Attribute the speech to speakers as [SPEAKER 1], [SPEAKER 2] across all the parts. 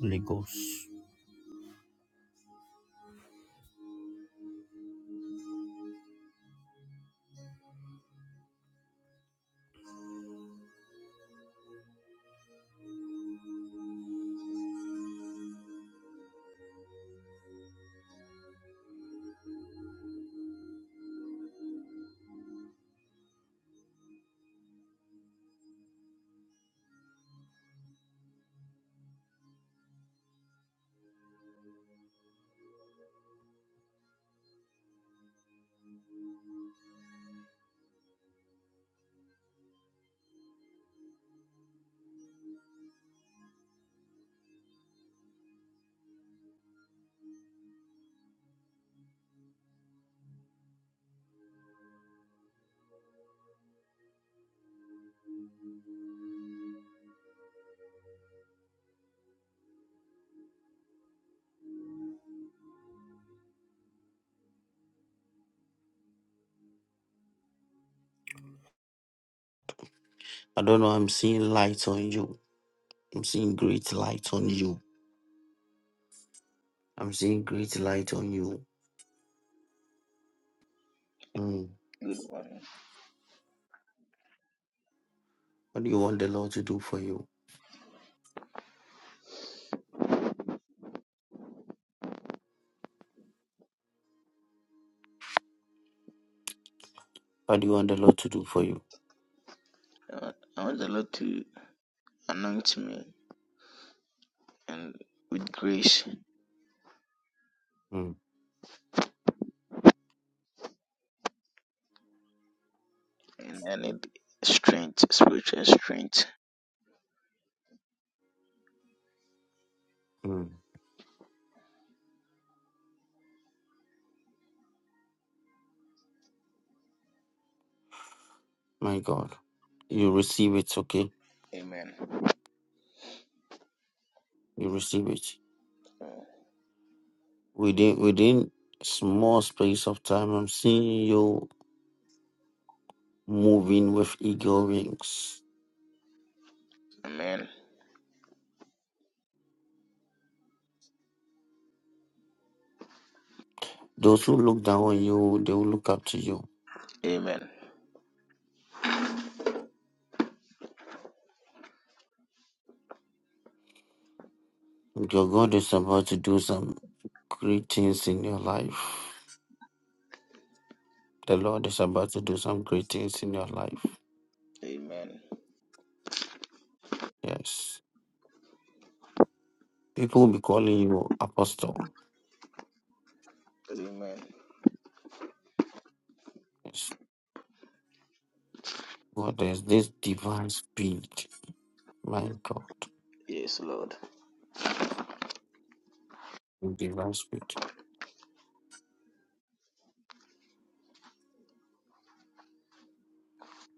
[SPEAKER 1] Holy Ghost. I don't know. I'm seeing light on you. I'm seeing great light on you. I'm seeing light on you. Mm.
[SPEAKER 2] good.
[SPEAKER 1] What do you want to do for you? What do you want the Lord to do for you?
[SPEAKER 2] Uh, I want the Lord to anoint me and with grace,
[SPEAKER 1] Mm.
[SPEAKER 2] and I need strength, spiritual strength.
[SPEAKER 1] Mm. My God, you receive it. Okay,
[SPEAKER 2] Amen.
[SPEAKER 1] you receive it
[SPEAKER 2] Uh,
[SPEAKER 1] within within small space of time. I'm seeing you moving with eagle wings.
[SPEAKER 2] Amen.
[SPEAKER 1] Those who look down on you, they will look up to you.
[SPEAKER 2] Amen.
[SPEAKER 1] Your God is about to do some great things in your life. The Lord is about to do some great things in your life.
[SPEAKER 2] Amen.
[SPEAKER 1] Yes. People will be calling you apostle.
[SPEAKER 2] Amen.
[SPEAKER 1] Yes. God, there's this divine speed. My God.
[SPEAKER 2] Yes, Lord.
[SPEAKER 1] Divine speed.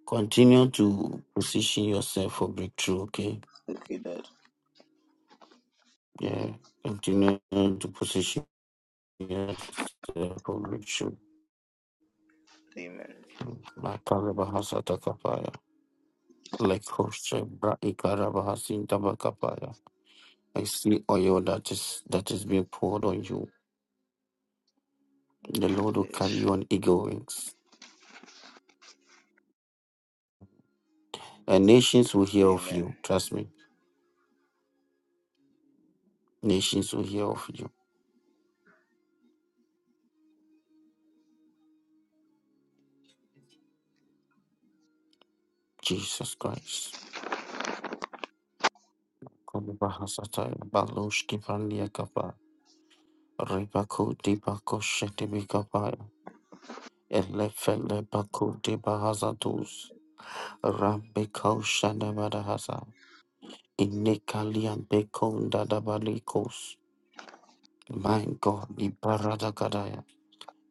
[SPEAKER 1] Continue to position yourself for breakthrough, okay?
[SPEAKER 2] Okay, Dad.
[SPEAKER 1] Yeah. Continue to position yourself for breakthrough.
[SPEAKER 2] Amen.
[SPEAKER 1] My Karabahasa Takapaya. Like Hoshe Bra Ikarabahasin Tabakapaya. I see oil that is that is being poured on you. The Lord will
[SPEAKER 2] Yes.
[SPEAKER 1] carry you on eagle wings. And nations will hear of
[SPEAKER 2] Amen.
[SPEAKER 1] you. Trust me. Nations will hear of you. Jesus Christ. Kolibahasataya, baloshkipandiakapa, ribakotibakoshetibikapaya, elefelebakotibahazatuz, rambekaushanabadahasa, inekaliambekondadabalikos. My God, Ibaradakadaya,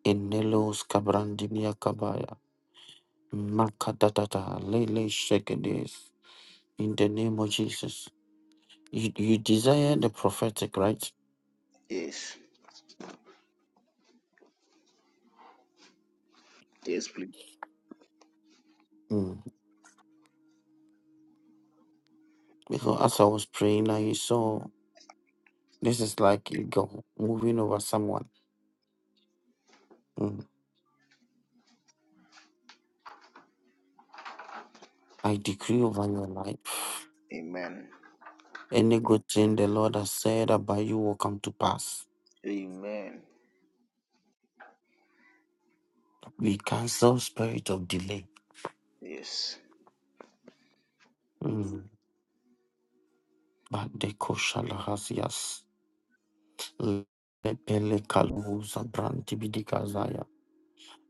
[SPEAKER 1] Inelos Kabrandimiakabaya. Makatatata, lele shake this In the name of Jesus. You, you desire the prophetic, right?
[SPEAKER 2] Yes. Yes, please.
[SPEAKER 1] Mm. Because as I was praying, I saw this is like eagle moving over someone. Mm. I decree over your life.
[SPEAKER 2] Amen.
[SPEAKER 1] Any good thing the Lord has said about you will come to pass.
[SPEAKER 2] Amen.
[SPEAKER 1] We cancel spirit of delay.
[SPEAKER 2] Yes.
[SPEAKER 1] Mm. But the koshalahasias. Lepele kaluza brantibidikazaya.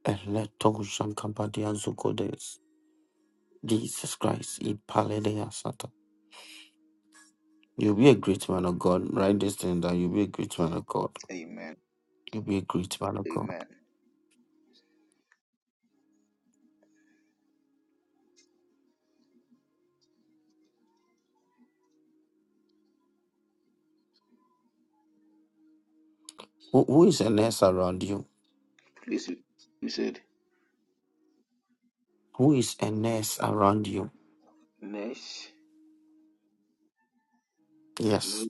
[SPEAKER 1] Eleto shankabadia zukodes. Jesus Christ. It paledeya sata. You'll be a great man of God. Write this thing down. You'll be a great man of God.
[SPEAKER 2] Amen.
[SPEAKER 1] You'll be a great man of God.
[SPEAKER 2] Amen.
[SPEAKER 1] Who, who is a nurse around you?
[SPEAKER 2] Please, you you said,
[SPEAKER 1] Who is a nurse around you?
[SPEAKER 2] Nesh, no,
[SPEAKER 1] Yes.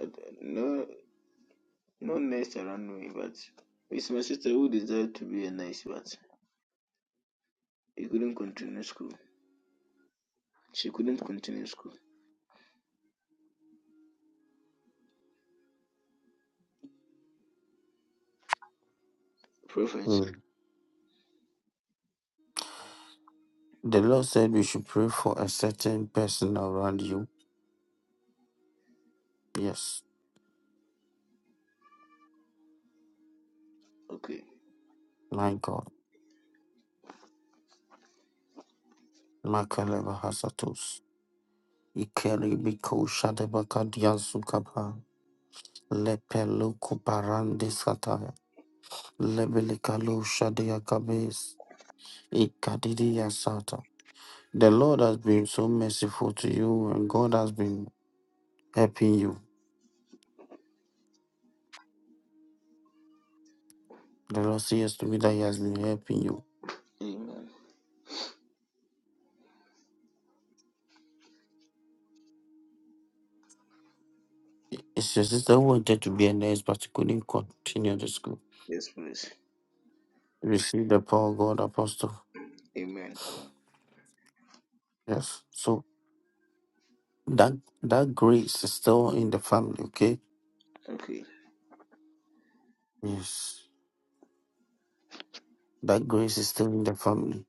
[SPEAKER 2] uh, no No messed around me, but it's my sister who desired to be a nice, but he couldn't continue school. She couldn't continue school. Prophet.
[SPEAKER 1] Mm. The Lord said we should pray for a certain person around you. Yes.
[SPEAKER 2] Okay.
[SPEAKER 1] My God. Makaleva hasatos. Ikeribiko shadebaka diazukaba. Lepeluku parandisataya. Lebelikalo shadeyakabes. Ikadidiyasata. The Lord has been so merciful to you, and God has been helping you. The Lord says to me that He has been helping you.
[SPEAKER 2] Amen.
[SPEAKER 1] It's your sister who wanted to be a nurse, but she couldn't continue the school.
[SPEAKER 2] Yes, please.
[SPEAKER 1] Receive the power of God, Apostle.
[SPEAKER 2] Amen.
[SPEAKER 1] Yes. So that that grace is still in the family, okay?
[SPEAKER 2] Okay.
[SPEAKER 1] Yes. That grace is still in the family.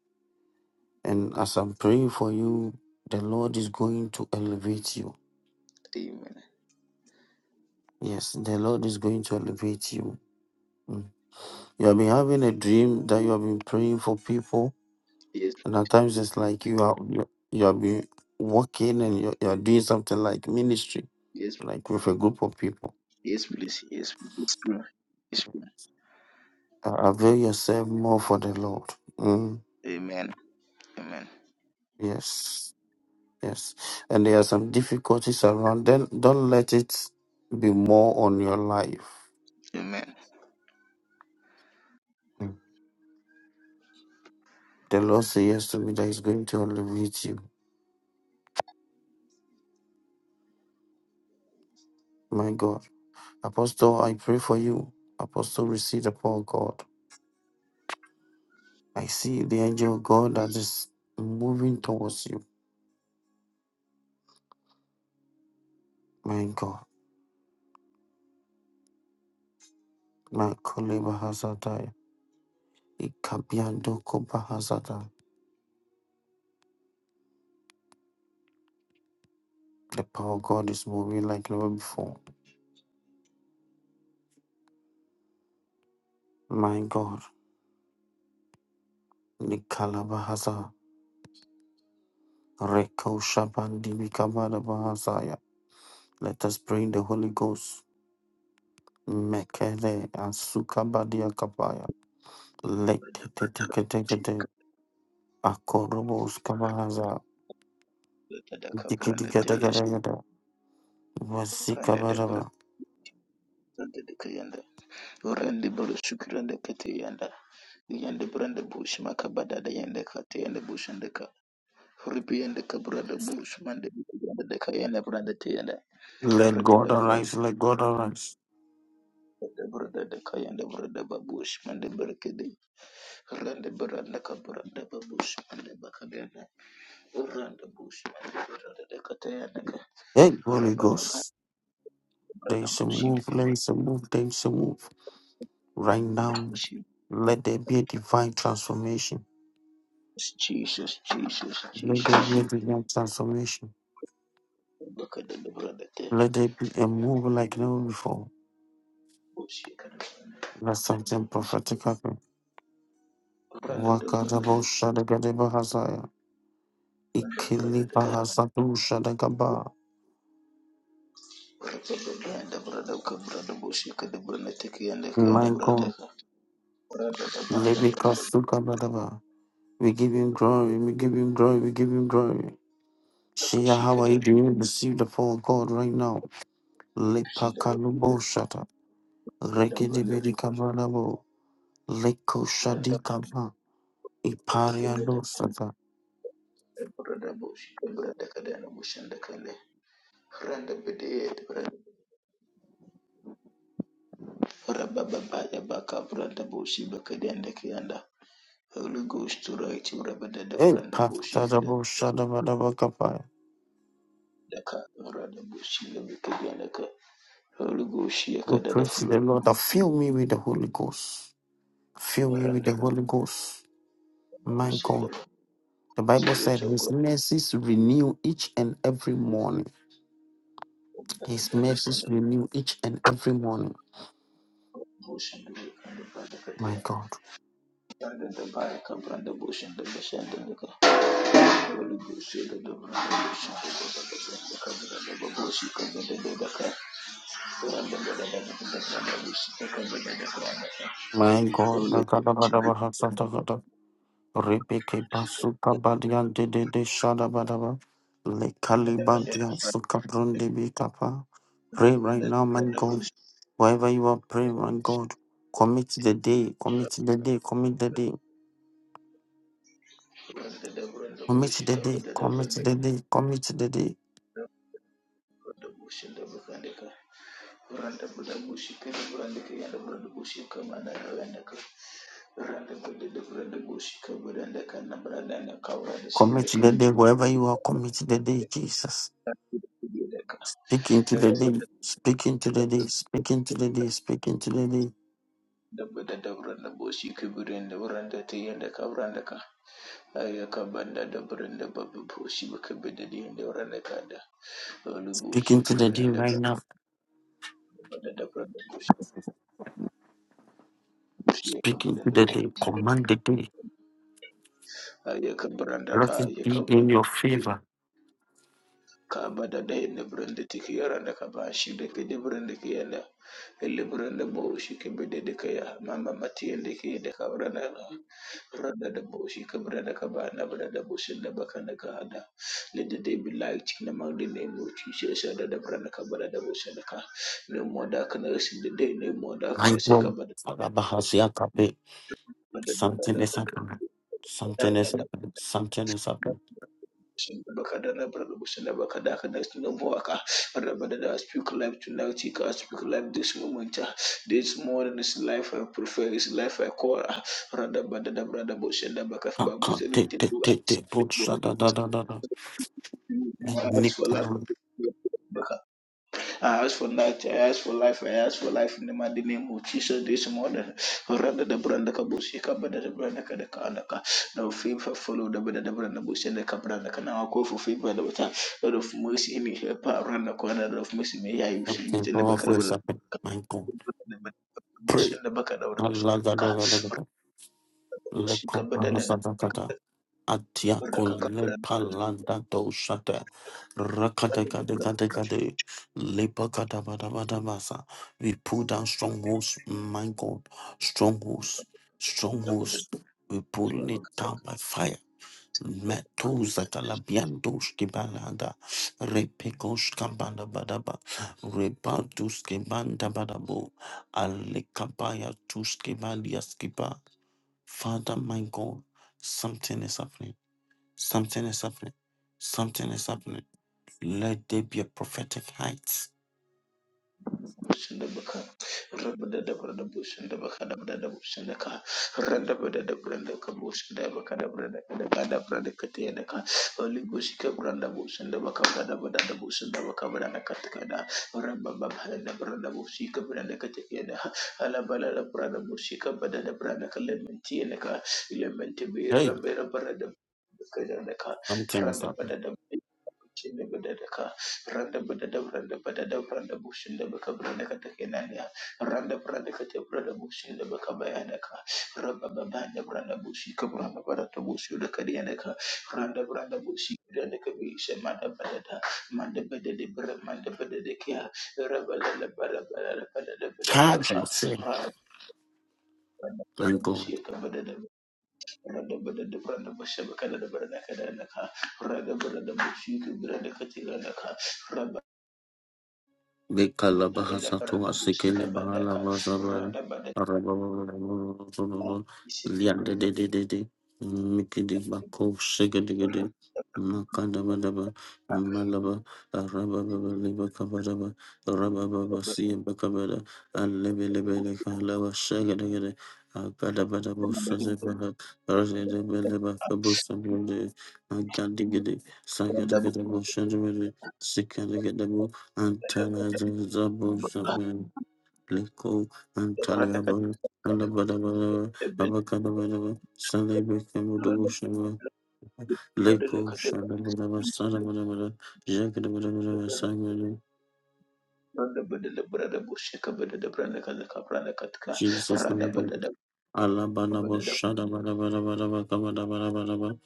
[SPEAKER 1] And as I'm praying for you, the Lord is going to elevate you.
[SPEAKER 2] Amen.
[SPEAKER 1] Yes, the Lord is going to elevate you. Mm. You have been having a dream that you have been praying for people,
[SPEAKER 2] Yes,
[SPEAKER 1] and at times it's like you are you, you have been working and you, you are doing something like ministry,
[SPEAKER 2] yes,
[SPEAKER 1] like with a group of people.
[SPEAKER 2] yes, please. Yes, yes, please. Yes, please.
[SPEAKER 1] Uh, avail yourself more for the Lord. Mm,
[SPEAKER 2] Amen. Amen.
[SPEAKER 1] yes, yes. And there are some difficulties around. Then don't let it be more on your life.
[SPEAKER 2] Amen.
[SPEAKER 1] Mm. The Lord says yes to me that He's going to elevate you. My God, Apostle, I pray for you. Apostle, receive the power of God. I see the angel of God that is moving towards you. My God. My Koleba Hazatai. Ikabiando Koba Hazata. The power of God is moving like never before. My God. Nikalaba Haza. Reko Shabandi Mikabada Bahazaya. Let us pray in the Holy Ghost. Mekele Asukabadia Kapaya. Let it Akorobos Kabahaza.
[SPEAKER 2] Tada yes.
[SPEAKER 1] Dikidikadagadaga. Vasikabaraba.
[SPEAKER 2] Ribiende kabrada bush mande brada de kayende brada tiende
[SPEAKER 1] Let
[SPEAKER 2] brada de
[SPEAKER 1] God
[SPEAKER 2] brada
[SPEAKER 1] arise, let God arise.
[SPEAKER 2] de brada de kayende brada babush mande berkede rande brada kabrada babush mande bakadene rande bush mande brada de katayende ka
[SPEAKER 1] Hey, Holy
[SPEAKER 2] rababa
[SPEAKER 1] Ghost, there
[SPEAKER 2] brada
[SPEAKER 1] is a
[SPEAKER 2] bush inde
[SPEAKER 1] move, there
[SPEAKER 2] kabrada
[SPEAKER 1] is a move, there is a move. Right now,
[SPEAKER 2] bush
[SPEAKER 1] let there be a divine transformation.
[SPEAKER 2] Jesus Jesus
[SPEAKER 1] Let there
[SPEAKER 2] Jesus
[SPEAKER 1] be a divine transformation.
[SPEAKER 2] bakadene brada te
[SPEAKER 1] Let there be a move like never before.
[SPEAKER 2] bush kada
[SPEAKER 1] Let something prophetic happen.
[SPEAKER 2] brada de
[SPEAKER 1] Wakadabo
[SPEAKER 2] brada
[SPEAKER 1] Shadagadeba Hazaya.
[SPEAKER 2] brada brada
[SPEAKER 1] Ikili
[SPEAKER 2] de
[SPEAKER 1] Bahazadu Shadagaba.
[SPEAKER 2] Yanda burada kabura da boshi kada burna take yanda ka
[SPEAKER 1] My
[SPEAKER 2] yanda bura ta the
[SPEAKER 1] God,
[SPEAKER 2] burada da ba da
[SPEAKER 1] Lady Kasukabadaba. We give him glory, we give him glory, we give him glory.
[SPEAKER 2] da
[SPEAKER 1] Shia,
[SPEAKER 2] boshi
[SPEAKER 1] how are you
[SPEAKER 2] kada
[SPEAKER 1] doing? Receive the phone call right now.
[SPEAKER 2] shi da
[SPEAKER 1] Lepakalubo shata.
[SPEAKER 2] da da burda
[SPEAKER 1] Rekedebede kabanabo. Leko
[SPEAKER 2] da
[SPEAKER 1] shadi kaba.
[SPEAKER 2] ka tin da
[SPEAKER 1] Ipariando shata.
[SPEAKER 2] burada boshi kabura da kada yana bushin da kale randa bide da burada baba ba ya ba ka burada boshi ba kada yanda ka yanda Holy Ghost to right you rabba da da burda boshi kada
[SPEAKER 1] Epatadabo shadabadaba kapaya.
[SPEAKER 2] da ka burada boshi da bi kada yanda ka Holy Ghost ya
[SPEAKER 1] We
[SPEAKER 2] kada da
[SPEAKER 1] pray to the
[SPEAKER 2] flow
[SPEAKER 1] Lord that fill me with the Holy Ghost. Fill me with the
[SPEAKER 2] randa
[SPEAKER 1] Holy Ghost. My
[SPEAKER 2] boshi
[SPEAKER 1] God. The Bible said
[SPEAKER 2] da
[SPEAKER 1] his mercies renew each and every morning.
[SPEAKER 2] the
[SPEAKER 1] His
[SPEAKER 2] bush and
[SPEAKER 1] mercies
[SPEAKER 2] the
[SPEAKER 1] renew each and every morning.
[SPEAKER 2] bush and the and the brother
[SPEAKER 1] My
[SPEAKER 2] Katia.
[SPEAKER 1] God.
[SPEAKER 2] Brother the Baraka, brother bush and the bush and the Nika. Holy bush, the brother bush and the brother the bush, the brother the car. Brother the brother the brother bush, the brother the brother.
[SPEAKER 1] My God,
[SPEAKER 2] Holy
[SPEAKER 1] the Gadabadaba Hasatakata, Ripiki Pasuka Badian de de de Shadabadaba, Le Kalibantia Suka Brundi Bikapa. Pray right now, my
[SPEAKER 2] brother
[SPEAKER 1] God.
[SPEAKER 2] bush,
[SPEAKER 1] Wherever you are praying, my God, commit the day, commit the day, commit the day,
[SPEAKER 2] brother the brother
[SPEAKER 1] commit
[SPEAKER 2] bush,
[SPEAKER 1] the
[SPEAKER 2] the
[SPEAKER 1] day,
[SPEAKER 2] brother the
[SPEAKER 1] commit
[SPEAKER 2] brother.
[SPEAKER 1] the day, commit the day,
[SPEAKER 2] Brother Bush and Double Brandika, Randa Brother Bush, Kenda Brandika, and Brother Bush, Commander da Randa Brother Brother Bush, Kabrandaka, and Brother and Kawra, the
[SPEAKER 1] commit
[SPEAKER 2] Simleka,
[SPEAKER 1] the day, wherever you are, commit the day, Jesus.
[SPEAKER 2] Yedaka,
[SPEAKER 1] Speak into the
[SPEAKER 2] Randa
[SPEAKER 1] day,
[SPEAKER 2] buda
[SPEAKER 1] speak into the day,
[SPEAKER 2] bushika
[SPEAKER 1] speak into the day, speak into the day,
[SPEAKER 2] da the Brother Brother Bush, Kubrin, the Randa T and the Kabrandaka, Ayakabanda, the Branda Babu bushika bada da Kabidi, and the Randakada,
[SPEAKER 1] speak
[SPEAKER 2] Olubushi,
[SPEAKER 1] into the day right
[SPEAKER 2] Kabrandaka,
[SPEAKER 1] now.
[SPEAKER 2] Brother
[SPEAKER 1] Speaking to
[SPEAKER 2] Brother
[SPEAKER 1] the
[SPEAKER 2] Bush,
[SPEAKER 1] day, command the day.
[SPEAKER 2] yaka branda
[SPEAKER 1] Let
[SPEAKER 2] ka
[SPEAKER 1] it
[SPEAKER 2] yaka
[SPEAKER 1] be in
[SPEAKER 2] branda
[SPEAKER 1] your favor.
[SPEAKER 2] ka bada da hinna branda tiki yaranda ka ba shi da ke da branda ke yana illi branda bo shi ke bada da ka ya mama mati yanda ke da ka branda ka branda da bo shi ka branda ka ba na branda bo shi da baka na ka hada let the day be light in the mighty name of Jesus da da branda ka bada da bo shi da ka no more darkness in the day no more
[SPEAKER 1] My
[SPEAKER 2] darkness sai ka
[SPEAKER 1] God.
[SPEAKER 2] bada bo shi da
[SPEAKER 1] Alabahasiakabe. Something
[SPEAKER 2] da
[SPEAKER 1] is
[SPEAKER 2] ka
[SPEAKER 1] happening.
[SPEAKER 2] bada
[SPEAKER 1] Something
[SPEAKER 2] da
[SPEAKER 1] is
[SPEAKER 2] da
[SPEAKER 1] happening. Something is happening.
[SPEAKER 2] Rabadada, speak life tonight, Ika, speak life this moment. ah. This morning is life I prefer, is life I call. ah. Radabadada, brother, Bushenda, Baka, Bamus,
[SPEAKER 1] Kaka, te
[SPEAKER 2] everything
[SPEAKER 1] te te sha da da da da da
[SPEAKER 2] That's for
[SPEAKER 1] Nikam.
[SPEAKER 2] life. I ask for life, I ask for life, I ask for life in the mighty name of Jesus this morning. Rada da branda ka bushi ka bada da branda ka da ka da ka. Now favor follow the bada da branda bushi da ka branda ka. Now I call for favor the bata. Lord of mercy in here, pa randa ko na Lord of mercy may I receive with
[SPEAKER 1] Something
[SPEAKER 2] in the back
[SPEAKER 1] powerful
[SPEAKER 2] of
[SPEAKER 1] is
[SPEAKER 2] the
[SPEAKER 1] happening.
[SPEAKER 2] ka.
[SPEAKER 1] My God.
[SPEAKER 2] Da bada da bushi
[SPEAKER 1] Pray.
[SPEAKER 2] da bushi
[SPEAKER 1] Allah da
[SPEAKER 2] ka.
[SPEAKER 1] da da da da.
[SPEAKER 2] Bushi
[SPEAKER 1] Leko,
[SPEAKER 2] Branda ka
[SPEAKER 1] Atiako
[SPEAKER 2] branda bushi.
[SPEAKER 1] lepalanda doshate rakatekadekadekade lepakadabadabadabasa. We pull down strongholds, my God, strongholds, strongholds. We pull it down by fire. Metuza kalabiandos kibalanda repekos kabanda badaba rebatus kibanda badabo alekabaya tus kibalia skiba. Father, my God, something is happening Something is happening. Something is happening. Let there be a prophetic height.
[SPEAKER 2] Bushanda baka, rabada da brada bushanda baka da brada bushanda ka, randa brada da brada ka bushanda baka da brada ka da brada brada ka te da ka, oli bushi ka brada baka brada brada da bushanda baka brada ka te ka da, ramba baba da brada bushi ka brada ka te ka da, ala bala da brada bushi ka brada da brada ka ka, lementi bi
[SPEAKER 1] Hey,
[SPEAKER 2] ramba ramba da ka da ka,
[SPEAKER 1] something is
[SPEAKER 2] randa
[SPEAKER 1] happening.
[SPEAKER 2] brada da bushi da ka. Randa Badada Branda Badada Branda Bushinda Bakabranda Katakinania Randa Branda Katabranda Bushinda Bakabayanaka Rabba Babanda Branda Bushi Kabranda Badata Bushi Lakadianaka Randa Branda Bushi Branda Kabisha Manda Badada Manda Badada Branda Manda Badada Kia Rabba Lala Bada Bada Badada Badada
[SPEAKER 1] Charge
[SPEAKER 2] Ha
[SPEAKER 1] yourself.
[SPEAKER 2] Randa Branda
[SPEAKER 1] and go.
[SPEAKER 2] Bushi Kabadada Randa Badada Branda Busha Bakada Branda Kadanaka Randa Branda Bushi Branda Katilanaka
[SPEAKER 1] Lekala
[SPEAKER 2] Dona ela
[SPEAKER 1] bahasa tua
[SPEAKER 2] baranda busika
[SPEAKER 1] sikele bahala
[SPEAKER 2] bandaka
[SPEAKER 1] bahasa bara
[SPEAKER 2] randa bandaka
[SPEAKER 1] araba bara bara bara bara
[SPEAKER 2] isi randa
[SPEAKER 1] liande de de de de mikidi bako shige de de makanda bara bara malaba araba bara liba kabara bara araba bara
[SPEAKER 2] bandaka
[SPEAKER 1] siya bakabara alebe lebe lekala bara shige de de akada bara busa de bara arze de bele baka busa de de agadi gede
[SPEAKER 2] randa
[SPEAKER 1] sagada gede busa de de sikada gede
[SPEAKER 2] bandaka
[SPEAKER 1] Antalazan Zabo Shaman Liko
[SPEAKER 2] randa katika
[SPEAKER 1] Antaliaban Alabadabadaba
[SPEAKER 2] ebel
[SPEAKER 1] Abakadabadaba Salebe
[SPEAKER 2] randa
[SPEAKER 1] Kemudu Shama
[SPEAKER 2] bandaka
[SPEAKER 1] Liko
[SPEAKER 2] katika
[SPEAKER 1] Shadabadaba Sadabadabada Jakadabadabadaba Simon
[SPEAKER 2] randa bandaka baranda busika bandaka baranda katika
[SPEAKER 1] Jesus
[SPEAKER 2] randa bandaka
[SPEAKER 1] Alabalabo shadabadabadabadabakabadabadabadaba.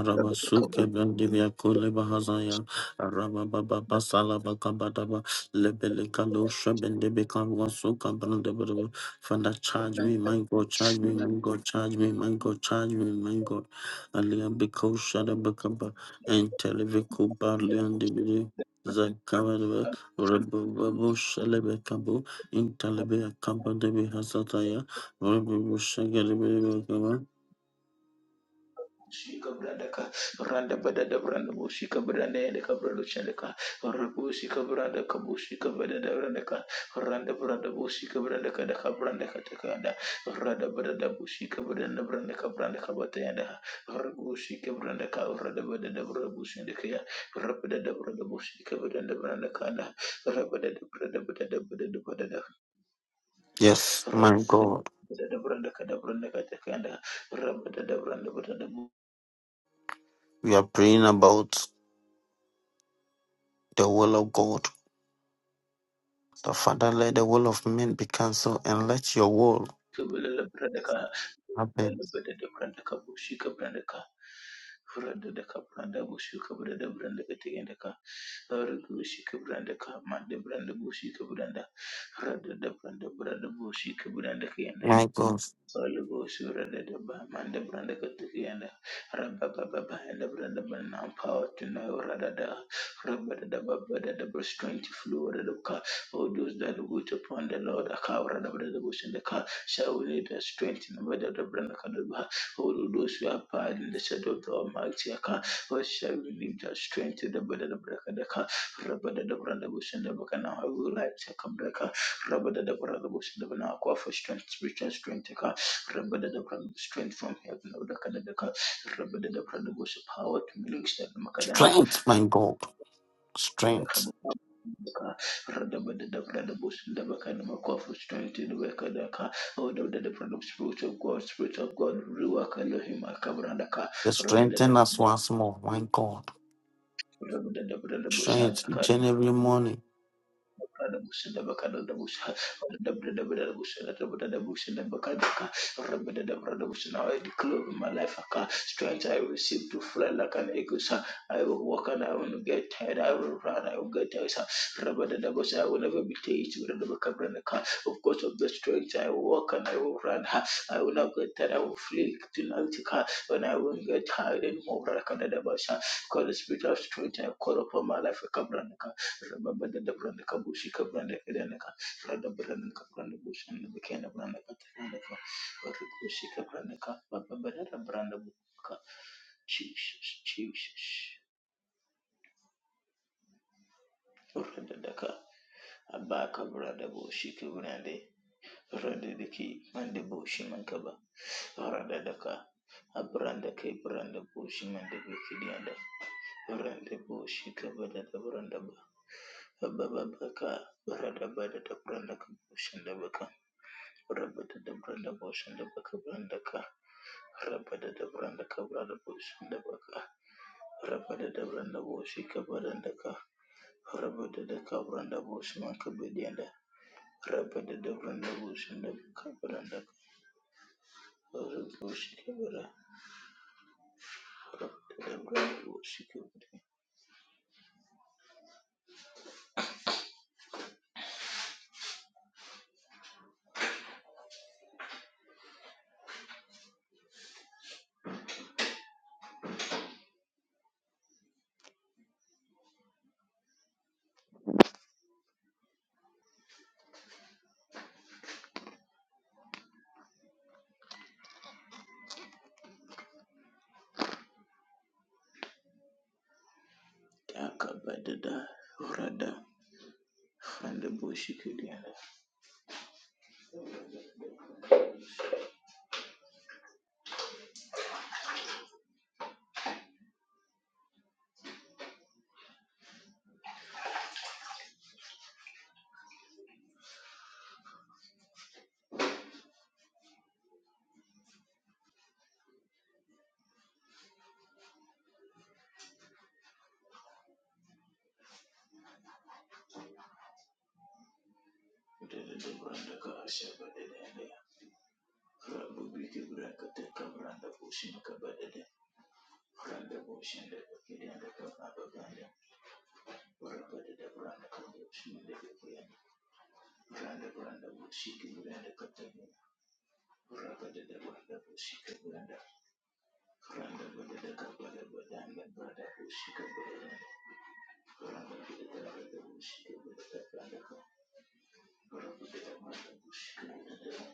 [SPEAKER 2] bandaka
[SPEAKER 1] brandivia kule bahazaya. Arabababa salabakabadaba. Lebelekalo shabendebekawasuka brandebadaba. Father, charge me, my God, charge me, my God, charge me, my God, charge me, my God. Aliabiko ba Enteleviku barliandibidi. Zakabadaba. Rebubabu shalebekabu. Intalebe akabadebe hazataya. Yes,
[SPEAKER 2] Shika branda ka randa bada da branda bo shika branda ya ka branda chale ka rabu shika branda ka bo shika bada da branda ka randa branda bo shika branda ka da ka branda ka ta ka da randa bada da bo shika branda branda ka branda ka bata ya da rabu shika branda ka randa bada da branda bo shika ka ya rabu da da branda bo shika branda branda ka da rabu da da branda bada da bada da bada da rabu
[SPEAKER 1] my
[SPEAKER 2] da da
[SPEAKER 1] God,
[SPEAKER 2] bada da branda ka da branda ka ta ka da rabu da da branda bada da
[SPEAKER 1] we are praying about the will of God. The Father, let the will of men be cancelled and let your will
[SPEAKER 2] Kabila Brandaka,
[SPEAKER 1] happen.
[SPEAKER 2] Elbeda Brandaka, Bushika Brandaka, Furada de Branda Bushika Branda Brandaka Tiendaka, Urgushika Brandaka, Manda Branda Bushika Branda, Rada de Branda Branda Bushika Brandaka
[SPEAKER 1] My God,
[SPEAKER 2] Soluble Sura de Manda Branda Katukiana Rabba Baba and the Branda Banam Power to know Radada Rabba da Baba da Dabra Strength flew Flu Radaka. All those that wait upon the Lord a Akara da the Bush and the car shall we need a strength in the weather the Branda Kadaba. All those who are part in the shadow of the Almighty Aka. What shall we need a strength in the weather the Branda Kadaka Rabba da Branda Bush and the Bakana. I will like to come back. Rabba da Branda Bush and the Banakwa for strength, spiritual strength. Rabada the Prana, strength from heaven, Odakada the Ka, Rabada the Prana was power to minister the Makadana,
[SPEAKER 1] strength, my God, strength.
[SPEAKER 2] Radabada the Prana was the Bakana Makwa for strength in the Wakadaka, Odabada the Prana of Spirit of God, Spirit of God, Ruaka Lohima Kabrandaka,
[SPEAKER 1] They
[SPEAKER 2] Rabada
[SPEAKER 1] strengthen us
[SPEAKER 2] the
[SPEAKER 1] once more, my God.
[SPEAKER 2] Rabada the
[SPEAKER 1] Strength
[SPEAKER 2] Prana
[SPEAKER 1] each and every morning.
[SPEAKER 2] Brother Bush and the Bacana de Bush, the Bush and the Bush and the Bacadaca, Rabbi the Brother Bush. Now I declare in my life, I strength I receive to fly like an eagle. sir. I will walk and I will not get tired. I will run. I will get tired. sir. Rabadabasa, I will never be tired. Rabakabrandaka. Of course, of the strength I will walk and I will run. ha. I will not get tired. I will flee tonight. ha. When I will not get tired anymore. Rakadadabasa. Because the spirit of strength I call upon my life. Cabranaka. Ba ba ba ba ka, branda daka daka de kaba rada daka abranda ke bara da ba da da, bara da ka bushin da baka. Rabada da branda boshin da baka branda ka. Rabada da branda ka branda boshin da baka. Rabada da branda boshi ka branda ka. Rabada da ka branda boshi man ka bediyanda. Rabada da branda boshin da baka branda ka. Rabada boshi ka branda. Rabada da branda boshi ka branda. Da ka bada da. Rada. Branda boshi ka diyanda. Da da da branda ka. Shabada da da. Rabu bi ka branda ka branda boshin ka bada Randa bushende kuyende kababa ganda. Rabada da branda kabo shende kuyende. Randa branda bushiki buranda katanya. Rabada da branda bushiki branda, Randa bada da kabada badanda branda bushiki branda, Randa bada da branda bushiki buranda branda ka. Rabada da branda bushiki buranda branda.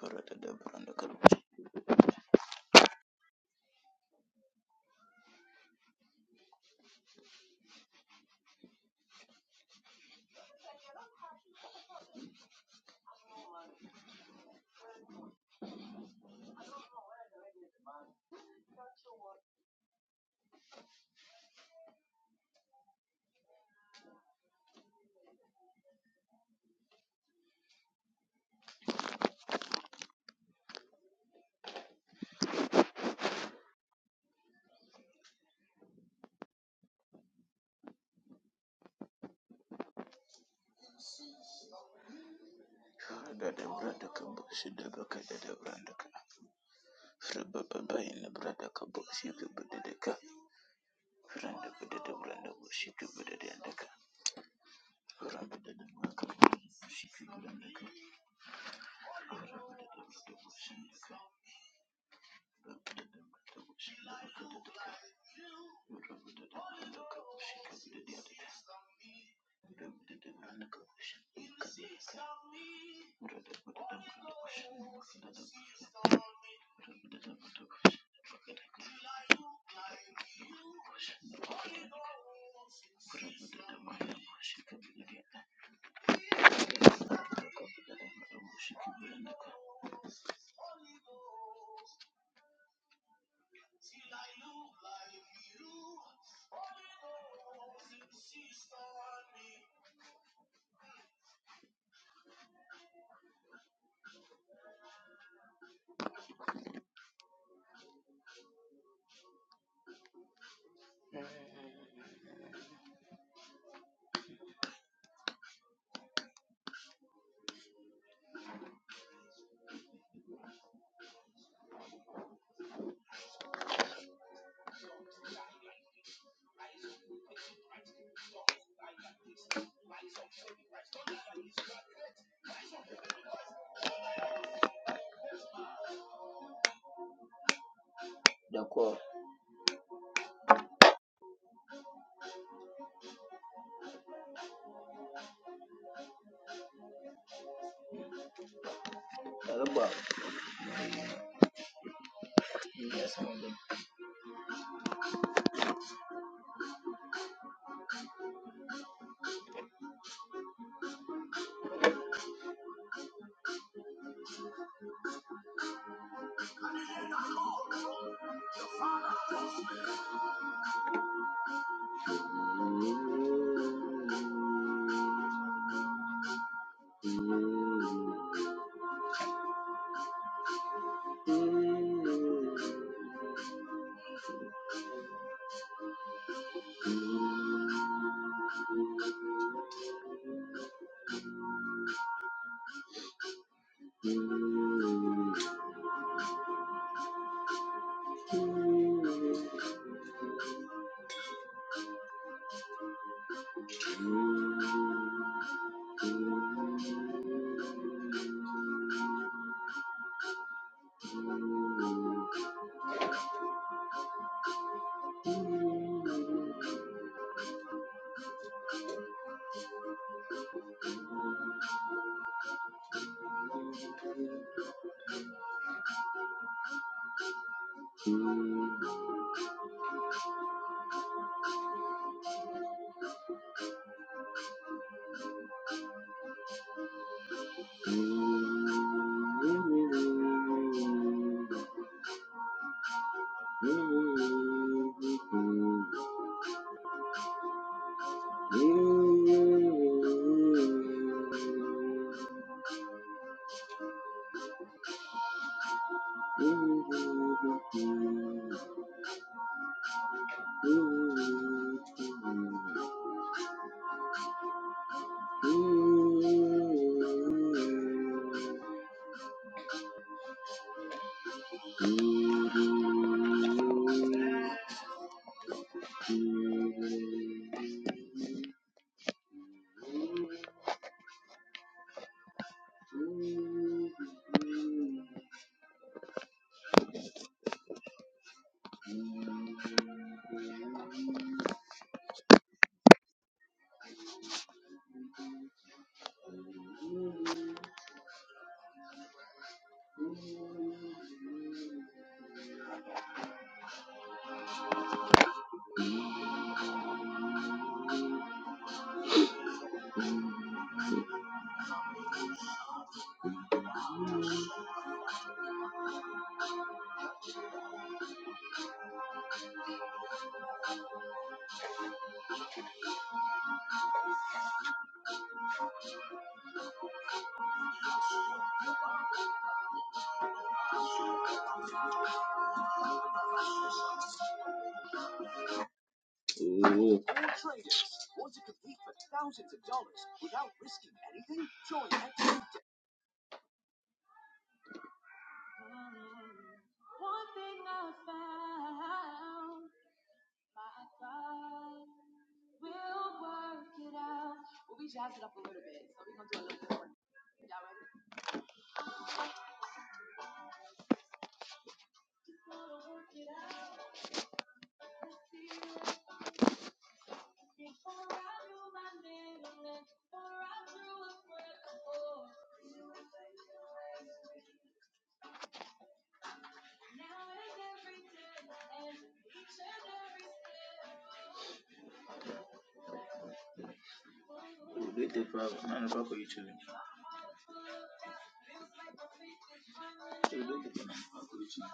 [SPEAKER 2] Randa da branda kabo. Randa da branda kabo shende bakada da branda ka. Rababa bayina branda kabo shiki buranda ka. Randa bada branda bo shika bada Randa da maka shika branda ka da randa da mata bo shanda Randa da da branda ka bo Randa da da branda ka Randa bada branda bo Randa da mata bo Randa da mata bo shika bada Randa ka mata bo shika branda ka. Da Yes, ma'am. Oh, oh, oh. Ulete YouTube?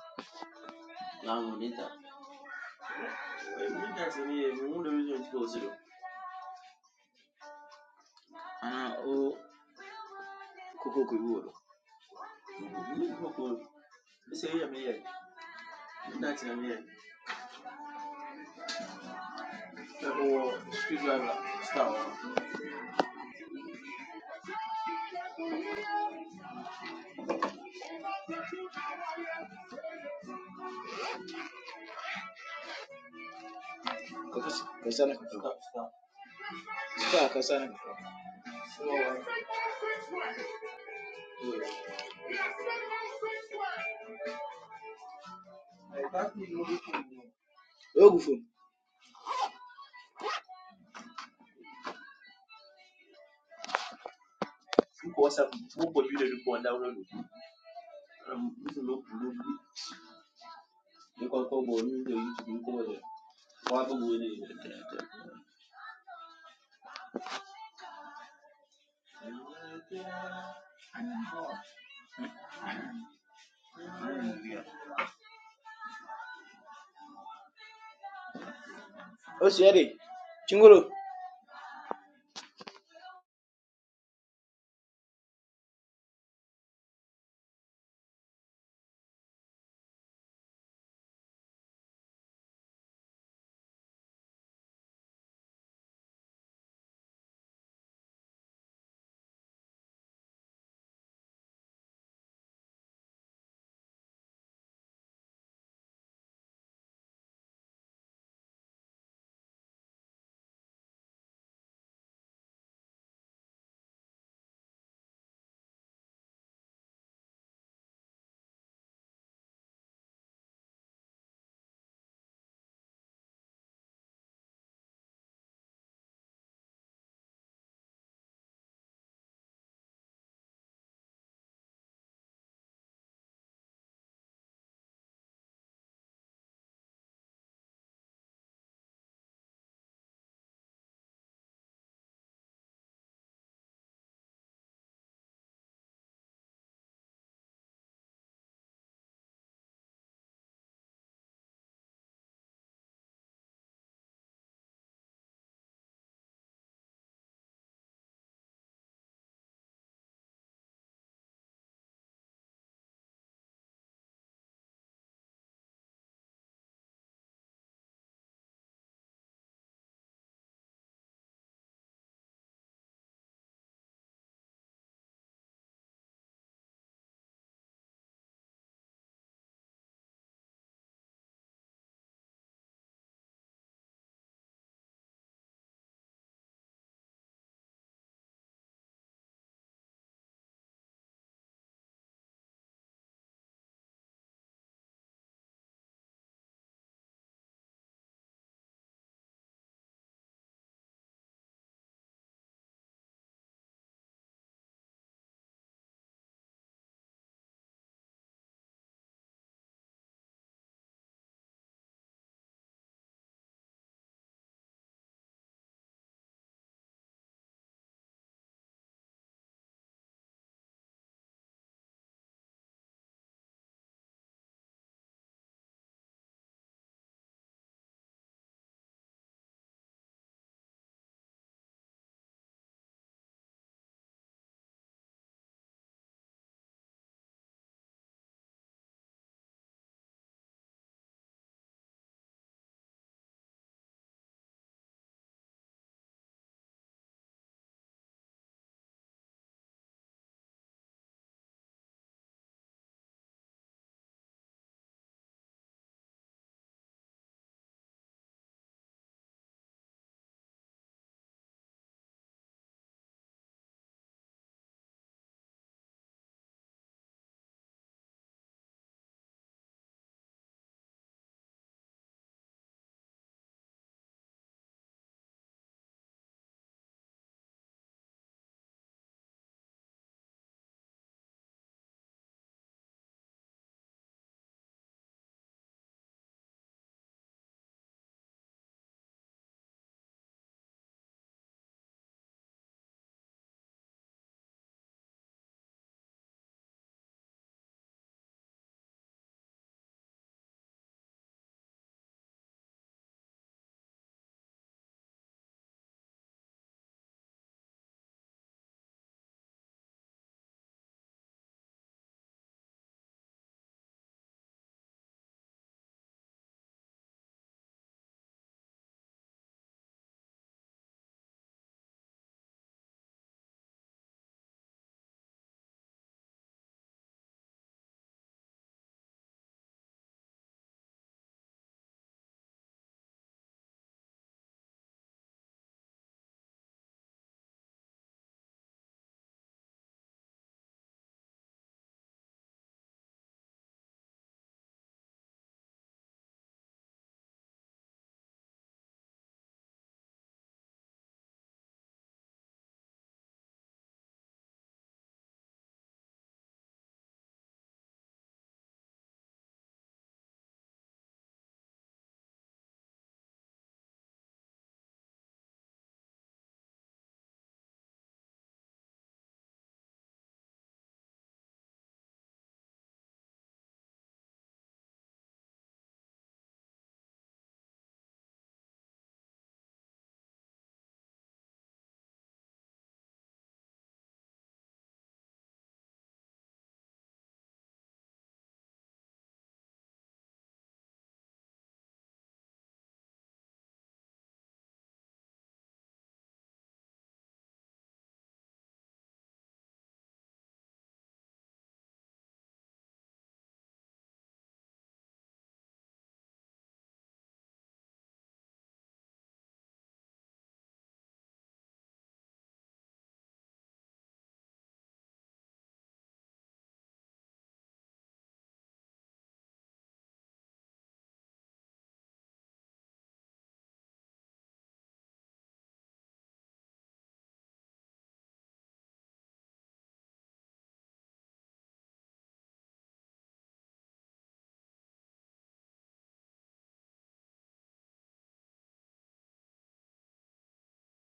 [SPEAKER 2] Oh, Sherry, Chinguru.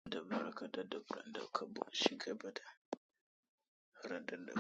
[SPEAKER 2] da barka da dabran da ka bo shiga bada rada da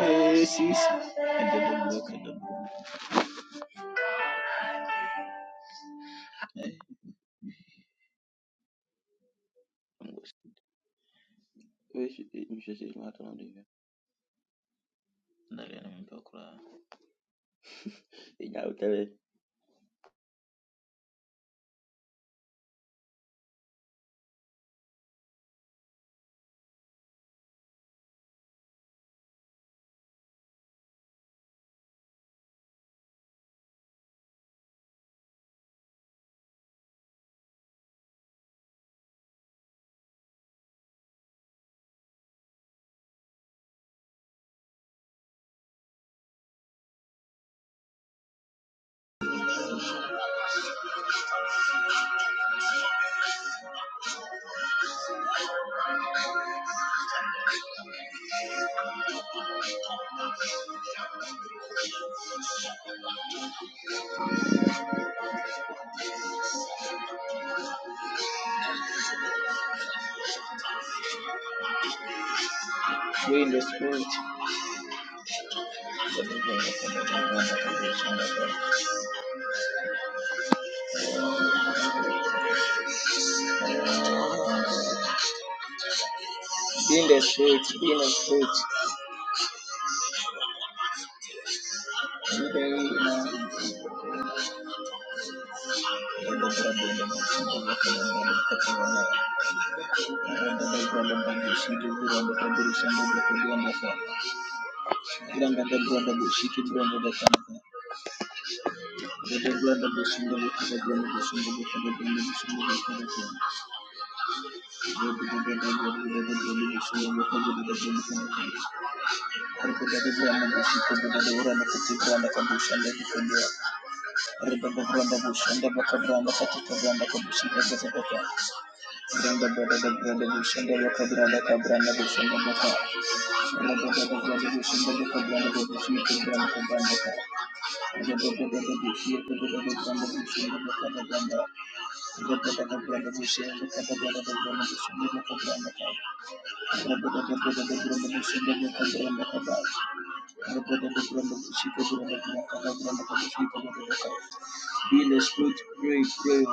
[SPEAKER 2] eh eh eh ndani na mwili wa kulala. Ija utewe. Be in the spirit. Be in the spirit. Be in the spirit. Be in the spirit. Thank you. Be in the spirit, pray, pray,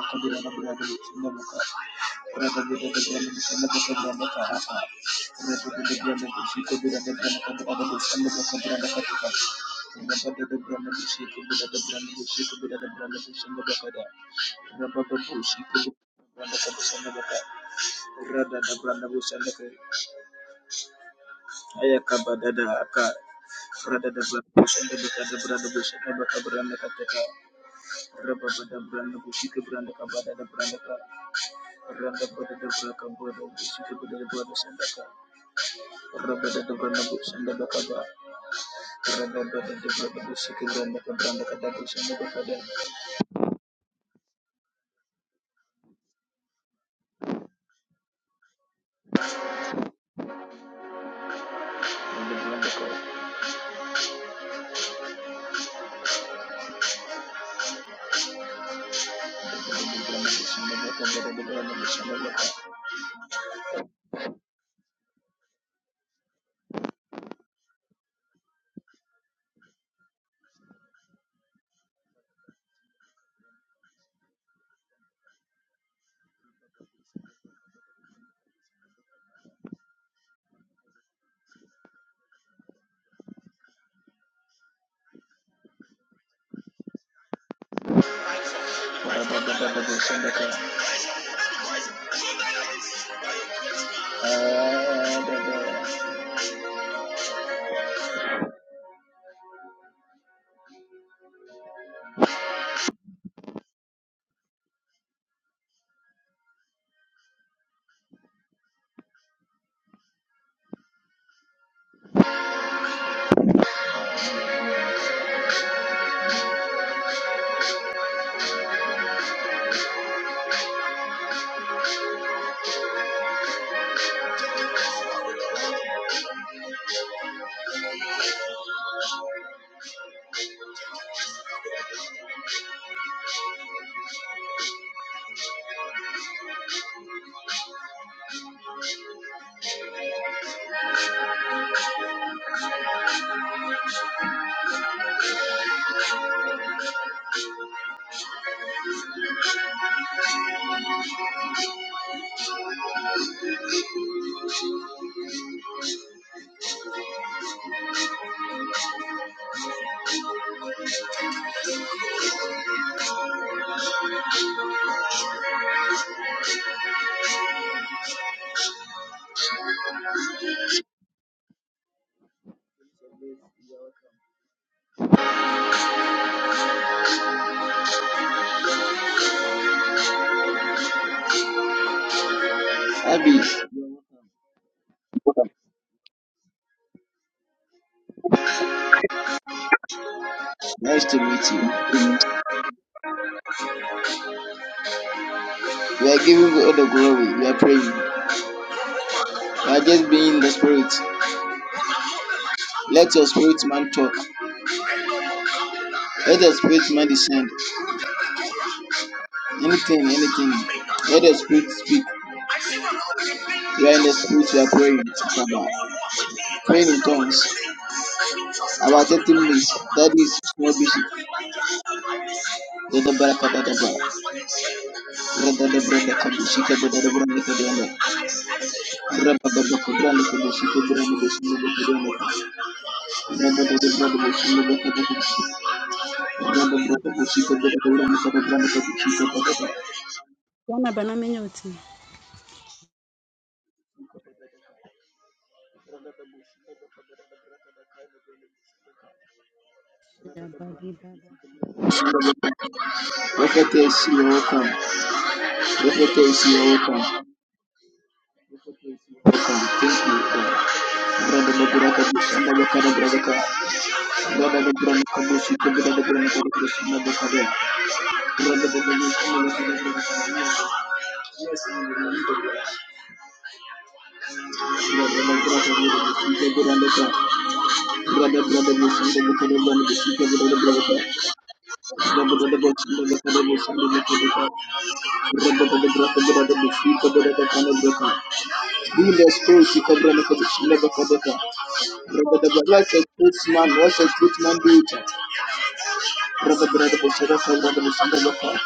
[SPEAKER 2] Rabba Ayakabadada Aka Ah, Nice to meet you. We are giving God all the glory. We are praying. by just being in the spirit. Let your spirit man talk. Let your spirit man descend. Anything, anything. Let the spirit speak. We are in the spirit, we are praying. Praying in tongues. About 30 minutes. That is no busy. Dada bara kada daba. Rada da
[SPEAKER 3] Wana banamenye uti shabadibada
[SPEAKER 2] Roboto isiyoruka ruka. Thank you, God. Brother the Buraka Bush and the Kada Braka. Brother the Branaka Bush, the Brother the Branaka Bush and the Kada. Brother the Bush and the Kada Braka. Yes, I remember. Brother the Braka Bush, the Brother the Kada. Brother Brother Bush and the Kada Braka, the Brother the Braka. Brother the Bush and the Kada Bush and the Kada. Brother the Braka Brother Bush, the Brother the Kada Braka. Be the spirit, the Brother the Bush, the Kada. Rabadaba, What's a truth man? What's a truth man? Do it. Rabadaba, Shadafa, Rabadaba, Shadafa.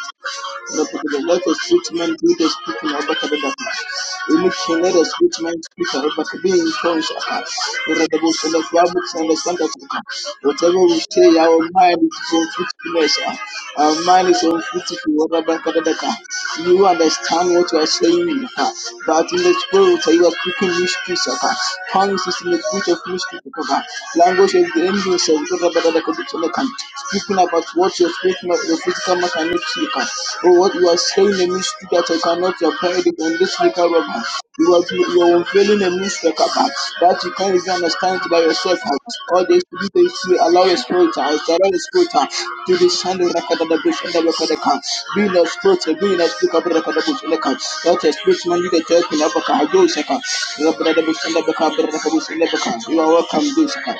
[SPEAKER 2] No, because let a sweet man be the speaking of Bakadabaka. Election, let a sweet man speak about being conscious of Bakadabi in tongues. Readable, so that one would understand that whatever we say, our mind is on fruitfulness. ah. Our mind is on fruitful. Bakadabaka. You understand what you are saying, ah. but in the spirit, ah, you are speaking mysteries. ah. Tongues is in the spirit of mystery. ah. Language of the angels. ah to look at, speaking about what your spiritual, your physical man cannot look at, or what you are saying a mystery that I cannot apply it on this legal rubber. You are you are unveiling a mystery about that you can't even understand it by yourself. All this to be to allow your spirit, to- allow your spirit uh, to descend the record of the bush and the record of the camp. Be not a spirit, be not a spirit of the record of the bush and the camp. Let a spirit man you get to open up a car, do a second. The record of the bush and the camp, the you are welcome, Bisaka.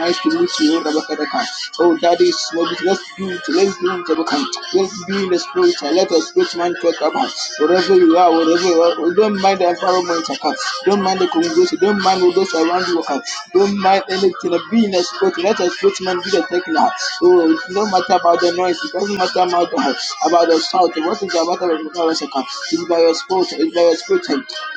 [SPEAKER 2] nice to meet you, Rabakadaka. Oh, that is what it- let's do it, let's do it, Rabaka. Let's be in the spirit, let us spirit man talk about wherever you are, wherever you are. Oh, Don't mind the environment, okay? Don't mind the congregation, don't mind all those around you, okay? Don't mind anything, be in the spirit, let us spirit man be the technical. Oh, it doesn't matter about the noise, it doesn't matter about the, about the shout, what is about the matter Barasaka, it's by your spirit, it's by your spirit.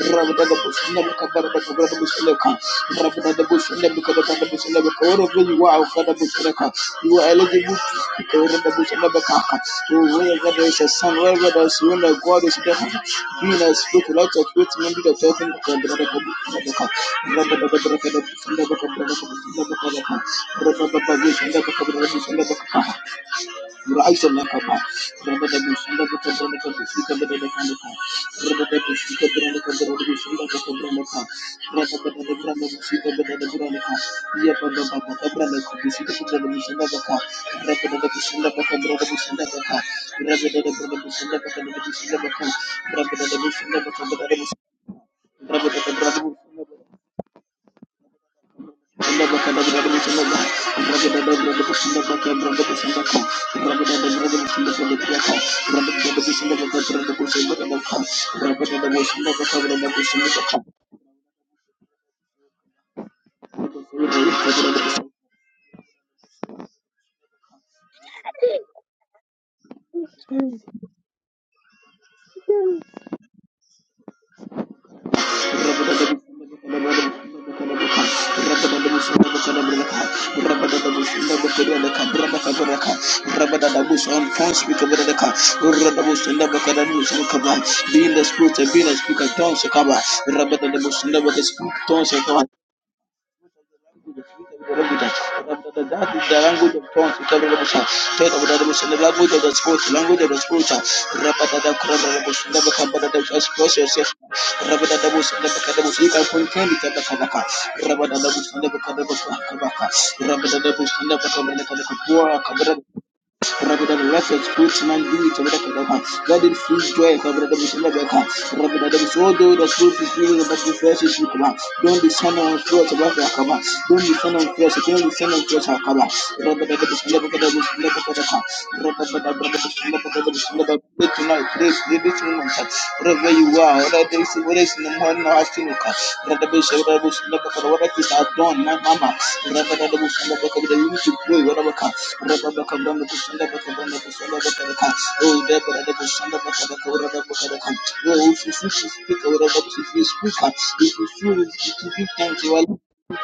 [SPEAKER 2] Rabada the bush, never cover the cover the bush, Leka, Rabada the bush, never cover the bush, never cover you are, for the bush, Leka. You are eligible to speak over the bush, never kaka. Wherever there is a sun, wherever there is wind, the God is there. Being a spirit, lots of great men that talking to the brother of the Leka. Rabada the brother of the bush, never cover the bush, never cover the bush, never cover the bush, never cover the bush, never cover the bush, Rise and lock up. Rubber the bush and the book of the cup, speak of the Kanaka. Rubber the bush, speak of the Kanaka, the bush and the book of Branaka. Rubber the Branda, speak of the Branaka. Yep, and the Baka, the Branaka, the speak of the bush and the Baka. Rubber the bush and the Baka, the bush and the Baka. Rubber the bush and the Baka, the bush and the Baka. Rubber the bush and the Baka, the bush and the Baka. Thank you. the spirit, Be in the spirit be in the speaker tongues, Rabba the Bush, never the speak tongues, that is The language of tones. The language of speech. The sports, the language of speech. Rabida blessed fruits man be it over the Kabaka. God in free joy over the Mishima Beka. Rabida the Sodo, the fruit is really the best fresh is Shukaba. Don't descend on fruits above the Akaba. Don't descend on fruits, don't descend on fruits Akaba. Rabida the Mishima Beka, the Mishima Beka. Rabida the Mishima Beka, the Mishima Beka. Tonight, this, this moment. Rabbi wherever you are, whether it's whether it's in the morning or afternoon, brother Bishop, brother Bishop, whatever it is I've done, my mama, brother brother Bishop, we need to pray, whatever can, brother Bishop, brother Bishop, brother Bishop, brother Bishop, brother Bishop, oh, there, brother Bishop, brother Bishop, brother Bishop, oh, if you feel to speak, whatever if you speak, if you feel to give thanks, you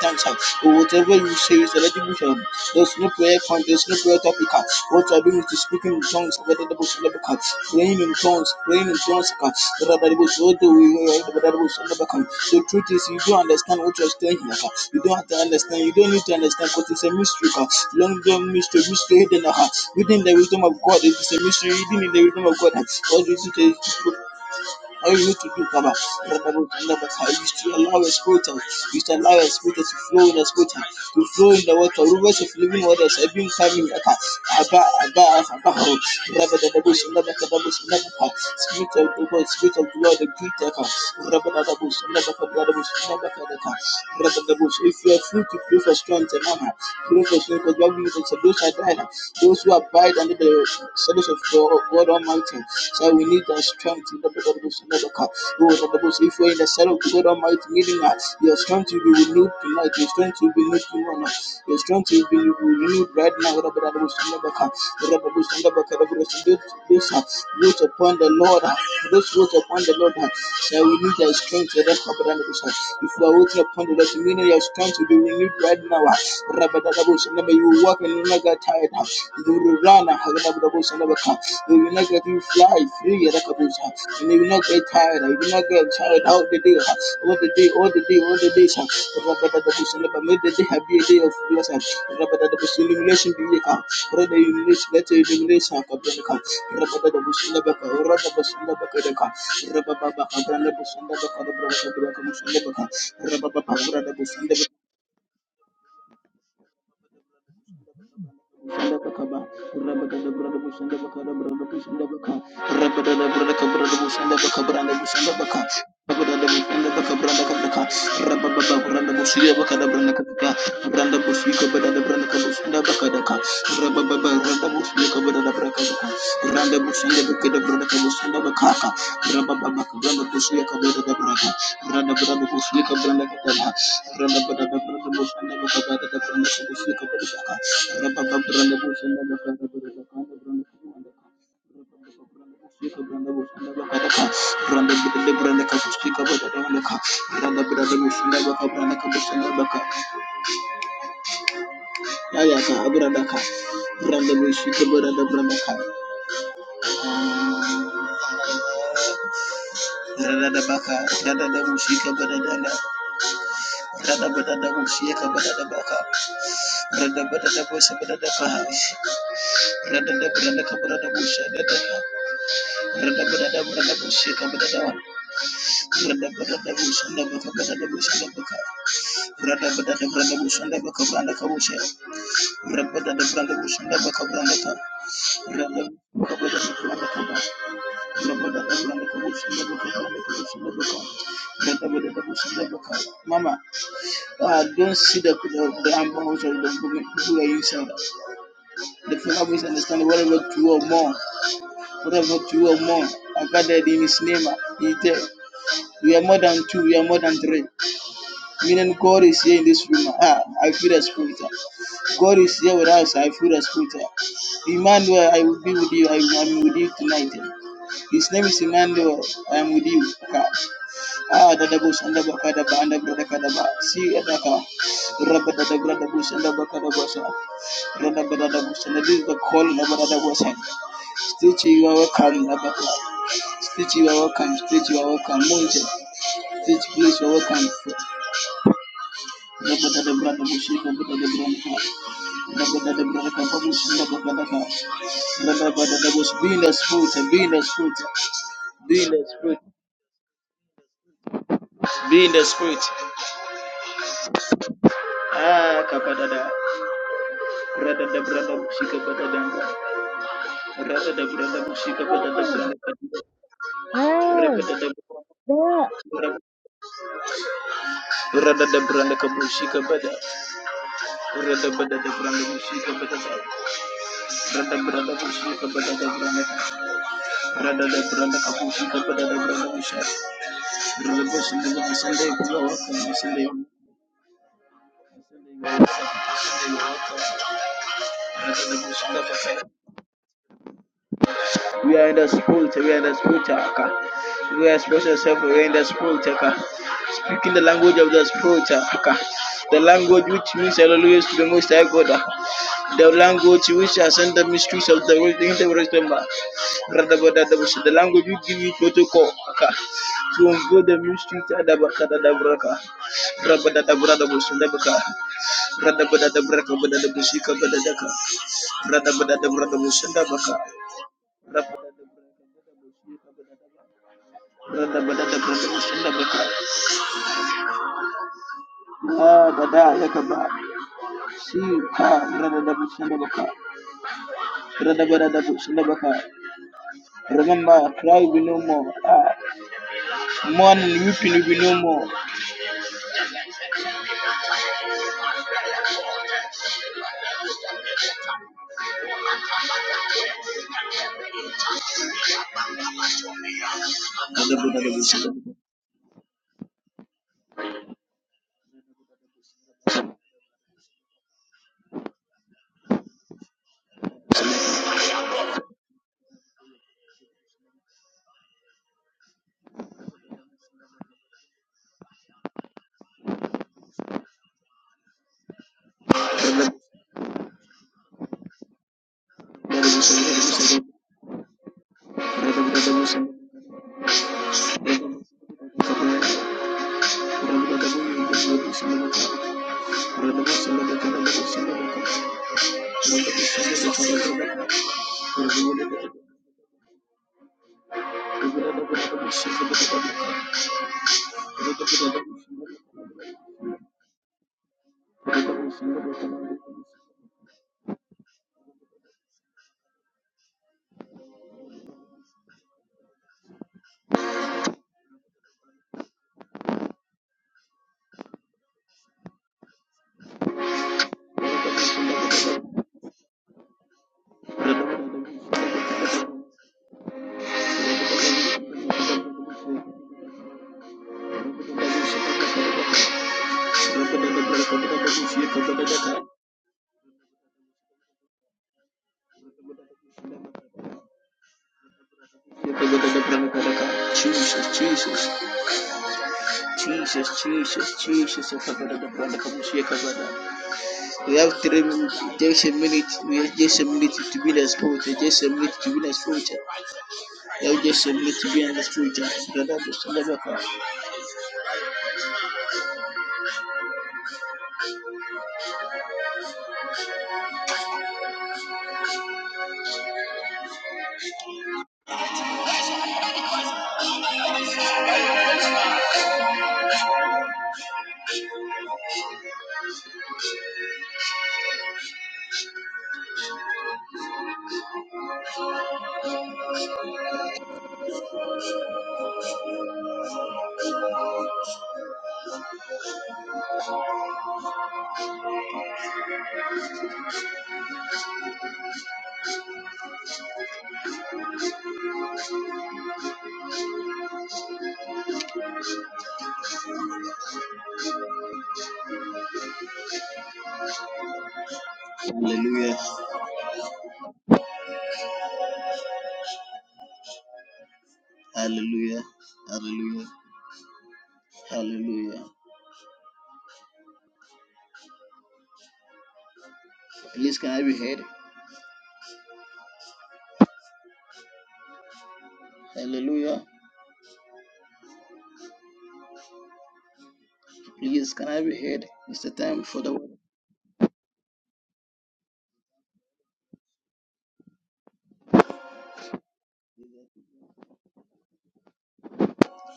[SPEAKER 2] Thanks, sir. Whatever you say is eligible. sir. There's no prayer point, there's no prayer topic. uh. What I do is to speak in tongues, the bush the praying in tongues, praying in tongues. uh. the bush, what the bush the back? uh. truth is, you don't understand what you're saying here. uh. You don't have to understand, you don't need to understand because it's a mystery. uh. Long term mystery, mystery hidden. uh. Within the wisdom of God, it is a mystery hidden in the wisdom of God. uh. What is it? I used to do Baba. I used to allow a spirit I used to allow a spirit to flow in the spirit to flow in the water. Rivers of living waters have been coming. Aka Aba Aba Aba Rabba the Dabus Never Kadabus Never Spirit of the Lord, Spirit of the Lord, the Great Aka Rabba the Dabus Never Kadabus Never Kadaka Rabba the Dabus. If you are free to pray for strength and honor, pray for strength because what we need is those who are dying, those who abide under the shadows of God. God God Almighty. So we need that strength in the blood of Jesus. Lord of the Lord, if we're in the cell of the God Almighty, meaning that your strength will be renewed tonight, your strength will be renewed tomorrow, your strength will be renewed right now. Lord of Jesus. the Lord, Lord of Jesus. the Lord, Lord of the Lord, those those are built upon the Lord, ah, those built upon the Lord. ah. So we need that strength, Lord of the Lord, Lord of the Lord. If we are waiting upon the Lord, meaning your strength will be renewed right now. ah. Lord of the Lord, of the Lord, you will walk in will not get tired. You will run. You will not get you fly free. And you will not get tired. You will not get tired all the day. All the day, all the day, all the day. May the day have be a day of blessing. Illumination be here. Rather illumination, let your illumination come. Rabba the Bushunabaka, or Rabba Bushunabaka, the car, Rabba Baba, Rabba Bushunabaka, the Bushunabaka, Rabba Baba, Rabba Bushunabaka, Shandabakaba, Rabadabradabus and Dabakadabradabus and Dabaka, Rabadabradakabradabus and Dabakabrandabus and Dabaka, Rabadabus and Dabakabrandakabaka, Rababababrandabusia Bakadabranakabaka, Brandabusika Badabranakabus and Dabakadaka, Randa busanda bekeda brada kabusanda bekaka. Ramba baba branda kusuya kabeda da brada. Randa branda kusuya kabranda kabela. Randa branda branda busanda bekabeda da branda kusuya kabeda da kaka. Ramba baba branda busanda bekabeda da kaka. Branda kabeda da kaka. Branda busanda bekabeda kaka. Randa branda branda kusuya kabeda da kaka. Randa branda busanda bekabeda da kabusanda bekaka. Yaya ka branda ka. Branda busuya kabeda da branda ka. Radabaka, Shadadabushika Badadana, Radabadabushika Badadabaka, Radabadabushika Badadabaha, Radabadabaka Badabusha, Radabadabushika Badadana, Radabadabushandabaka Badabushandabaka, Radabadabushandabaka Bandakabusha, Radabadabushandabaka Bandaka, I don't see the, the, amount of people who are inside. Therefore, help us understand whatever two or more, whatever two or more are gathered in His name, He is there. We are more than two, we are more than three. Meaning, God is here in this room. Ah, I feel the Spirit. God is here with us. I feel the Spirit. Emmanuel, I will be with you. I am with you tonight. His name is Emmanuel. I am with you. Ah, dada bus anda baka daba anda berada kada ba. Si adaka. Rabba dada berada bus anda baka daba sa. Rada berada bus anda this is the call of dada bus. Stay chihuahua welcome Labaka. Stay chihuahua welcome. Stay chihuahua welcome. Monte. Stay chihuahua welcome. Rabada de brada bushi. Rabada de branca. Rabada de branca. Babushi. Rabada de Rabada de bush. Be in the spirit. Be in the spirit. Be in the spirit. Be in the spirit. Ah, kapada da. Brada de brada bushi. Kapada de Rabada de brada bushi. Kapada de branca. Rabada de Rabada kabushi. Kapada. Rada bada da branda bushika bada da Rada branda bushika bada da branda Rada da branda kabushika bada da branda busha Rada bushika da bushande kula waka musande we are in the spirit, we are in the spirit, We are expressing ourselves, we are in the spirit, Speaking the language of the spirit, The language which means hallelujah to the most high God. The language which are standard mistreat the interface members The language you give it protocol. aka. To unfold the mystery, Adabaka, Adabraka, Rabadadabradabush, and Dabaka, Radabadabraka, Badabusika, Badadaka, Radabadabradabush, and Dabaka, Radabadabradabush, and Dabaka, Radada, Yakaba, See, Ha, Radadabush, and Dabaka. Remember, cry, be no more, ah, be no more. Jesus, Jesus, Jesus, Jesus, Jesus, I'm coming, I'm coming, I'm coming, I'm coming, I'm coming. We have three minutes, just a minute, we have just a minute to be the spirit, just a minute to be the spirit, we have just a minute to be the spirit. Hallelujah, hallelujah, hallelujah, hallelujah. Please, can I be heard? Hallelujah. Please, can I be heard? It's the time for the word.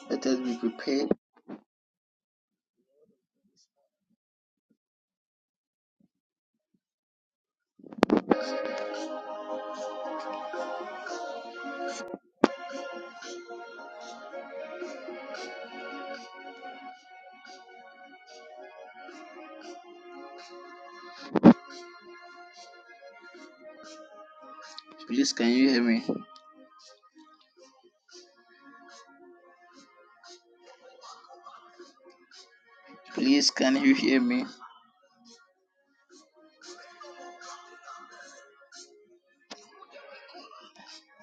[SPEAKER 2] Let us be prepared. Please, can you hear me? Please, can you hear me?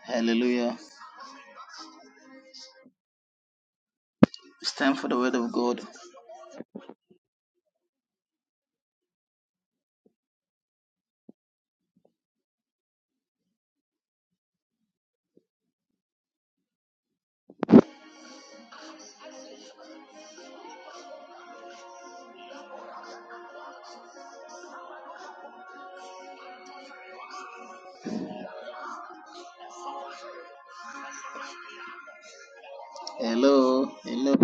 [SPEAKER 2] Hallelujah. It's time for the word of God. Hello, hello,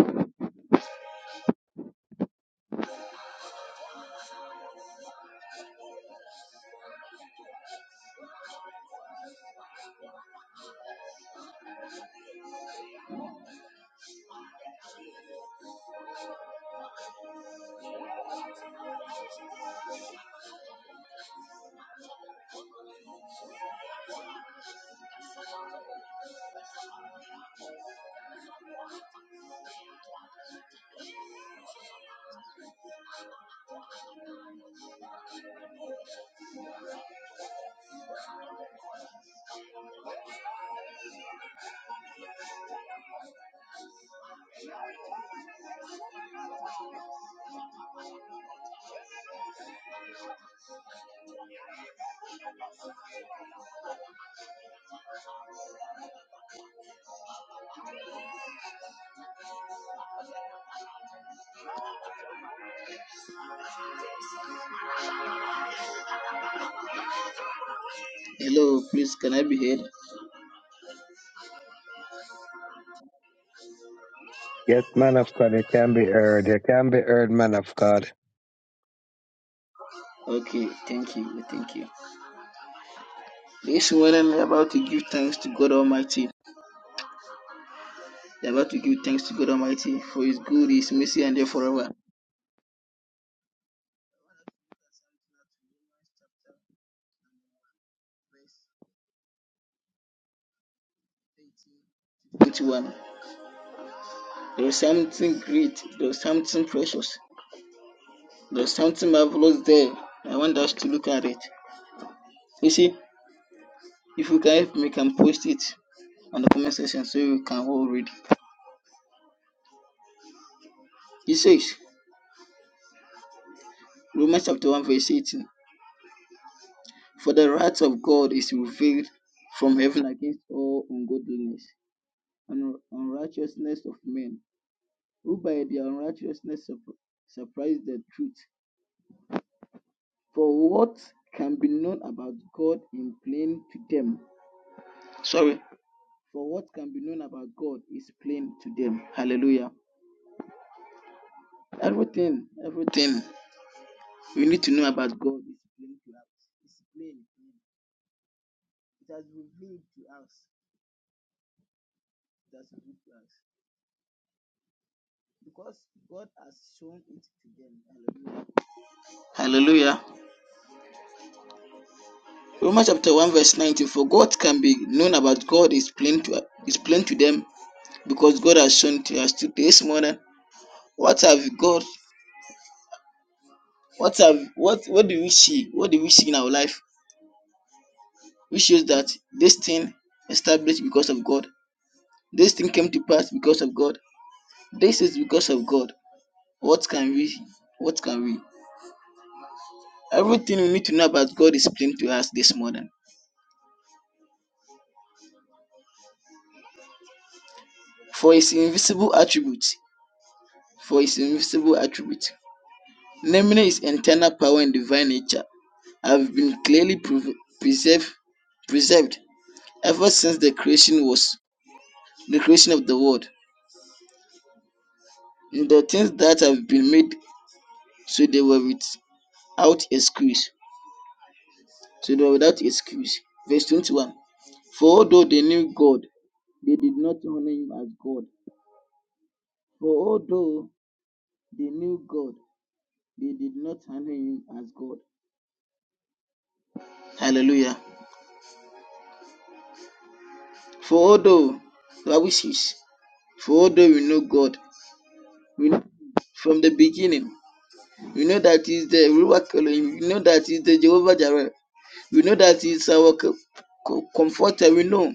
[SPEAKER 2] hello.
[SPEAKER 4] Yes, man of God, it can be heard. It can be heard, man of God.
[SPEAKER 2] Okay, thank you. Let's see. Thanks to God Almighty for His good, His mercy, and there forever. Twenty-one. There is something great, there is something precious, there is something marvelous there. I want us to look at it. You see, if you can help me, can post it on the comment section so you can all read. it. He says, Romans chapter 1, verse 18 For the wrath of God is revealed from heaven against all ungodliness and unrighteousness of men, who by their unrighteousness surprise the truth For what can be known about God is plain to them. Sorry. For what can be known about God is plain to them. Hallelujah. Everything, everything we need to know about God is plain to us. It's plain. It has been revealed to us. It has been revealed to us. Because God has shown it to them. Hallelujah. Hallelujah. Romans chapter 1, verse 19. For what can be known about God is plain to is plain to them because God has shown it to us. today, This morning What have God, what have, what, what do we see? What do we see in our life which shows that this thing established because of God? This thing came to pass because of God. This is because of God. What can we, what can we? Everything we need to know about God is plain to us this morning. For his invisible attributes, for his invisible attributes, namely his internal power and divine nature, have been clearly prov- preserved, preserved ever since the creation was the creation of the world. the things that have been made, so they were without excuse. So they were without excuse. Verse 21. For although they knew God, they did not honor him as God. For although they knew God, they did not honor him as God. Hallelujah. For although the Bible says, for although we know God, we know Him from the beginning. We know that He's the Ruach Elohim. We know that He's the Jehovah Jireh. We know that He's our co- co- comforter. We know.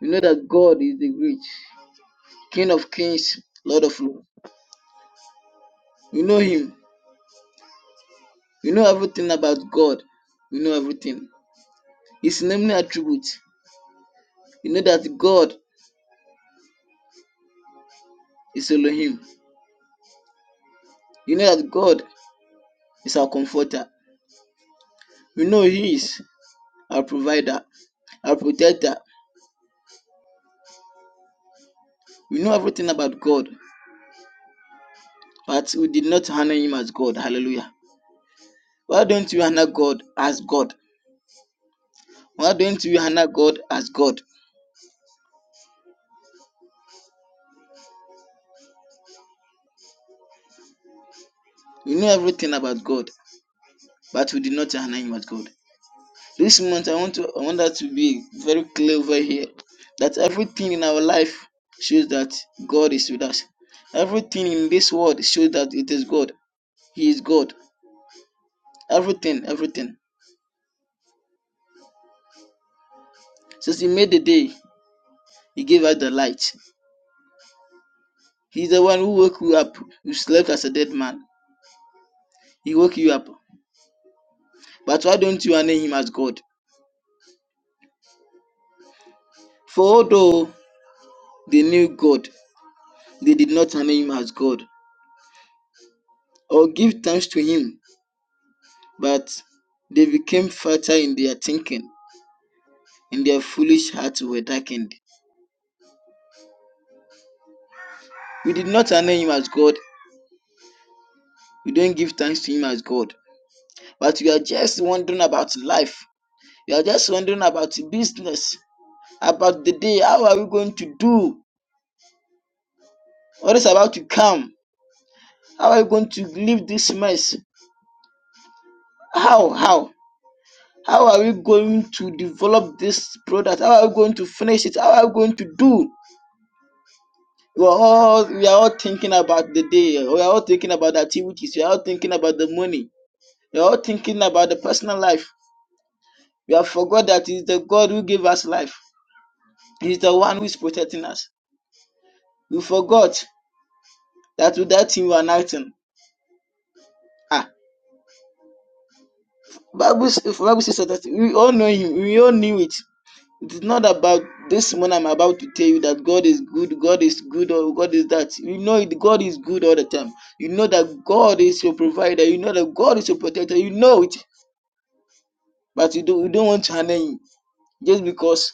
[SPEAKER 2] You know that God is the great King of kings, Lord of lords. You know Him. You know everything about God. You know everything. His name and attributes. You know that God is Elohim. You know that God is our comforter. You know He is our provider, our protector. We know everything about God, but we did not honor Him as God. Hallelujah. Why don't you honor God as God? Why don't you honor God as God? We know everything about God, but we did not honor Him as God. This month, I want to I want that to be very clear over here that everything in our life shows that God is with us. Everything in this world shows that it is God. He is God. Everything, everything. Since He made the day, He gave us the light. He's the one who woke you up. You slept as a dead man. He woke you up. But why don't you honor Him as God? For although they knew God, they did not honor Him as God or give thanks to Him, but they became fatter in their thinking and their foolish hearts were darkened. You did not honor him as God. You don't give thanks to him as God. But you are just wondering about life. You are just wondering about business, about the day. How are we going to do? What is about to come? How are we going to leave this mess? How? How? How are we going to develop this product? How are we going to finish it? How are we going to do? We are all we are all thinking about the day. We are all thinking about the activities. We are all thinking about the money. You're all thinking about the personal life. You have forgot that it's the God who gave us life. He's the one who is protecting us. You forgot that without him we are nothing. Ah, Bible, if Bible says that we all know him. We all knew it. It is not about this one I'm about to tell you that God is good, God is good, or God is that. You know it, God is good all the time. You know that God is your provider. You know that God is your protector. You know it, but you don't, you don't want to honor him just because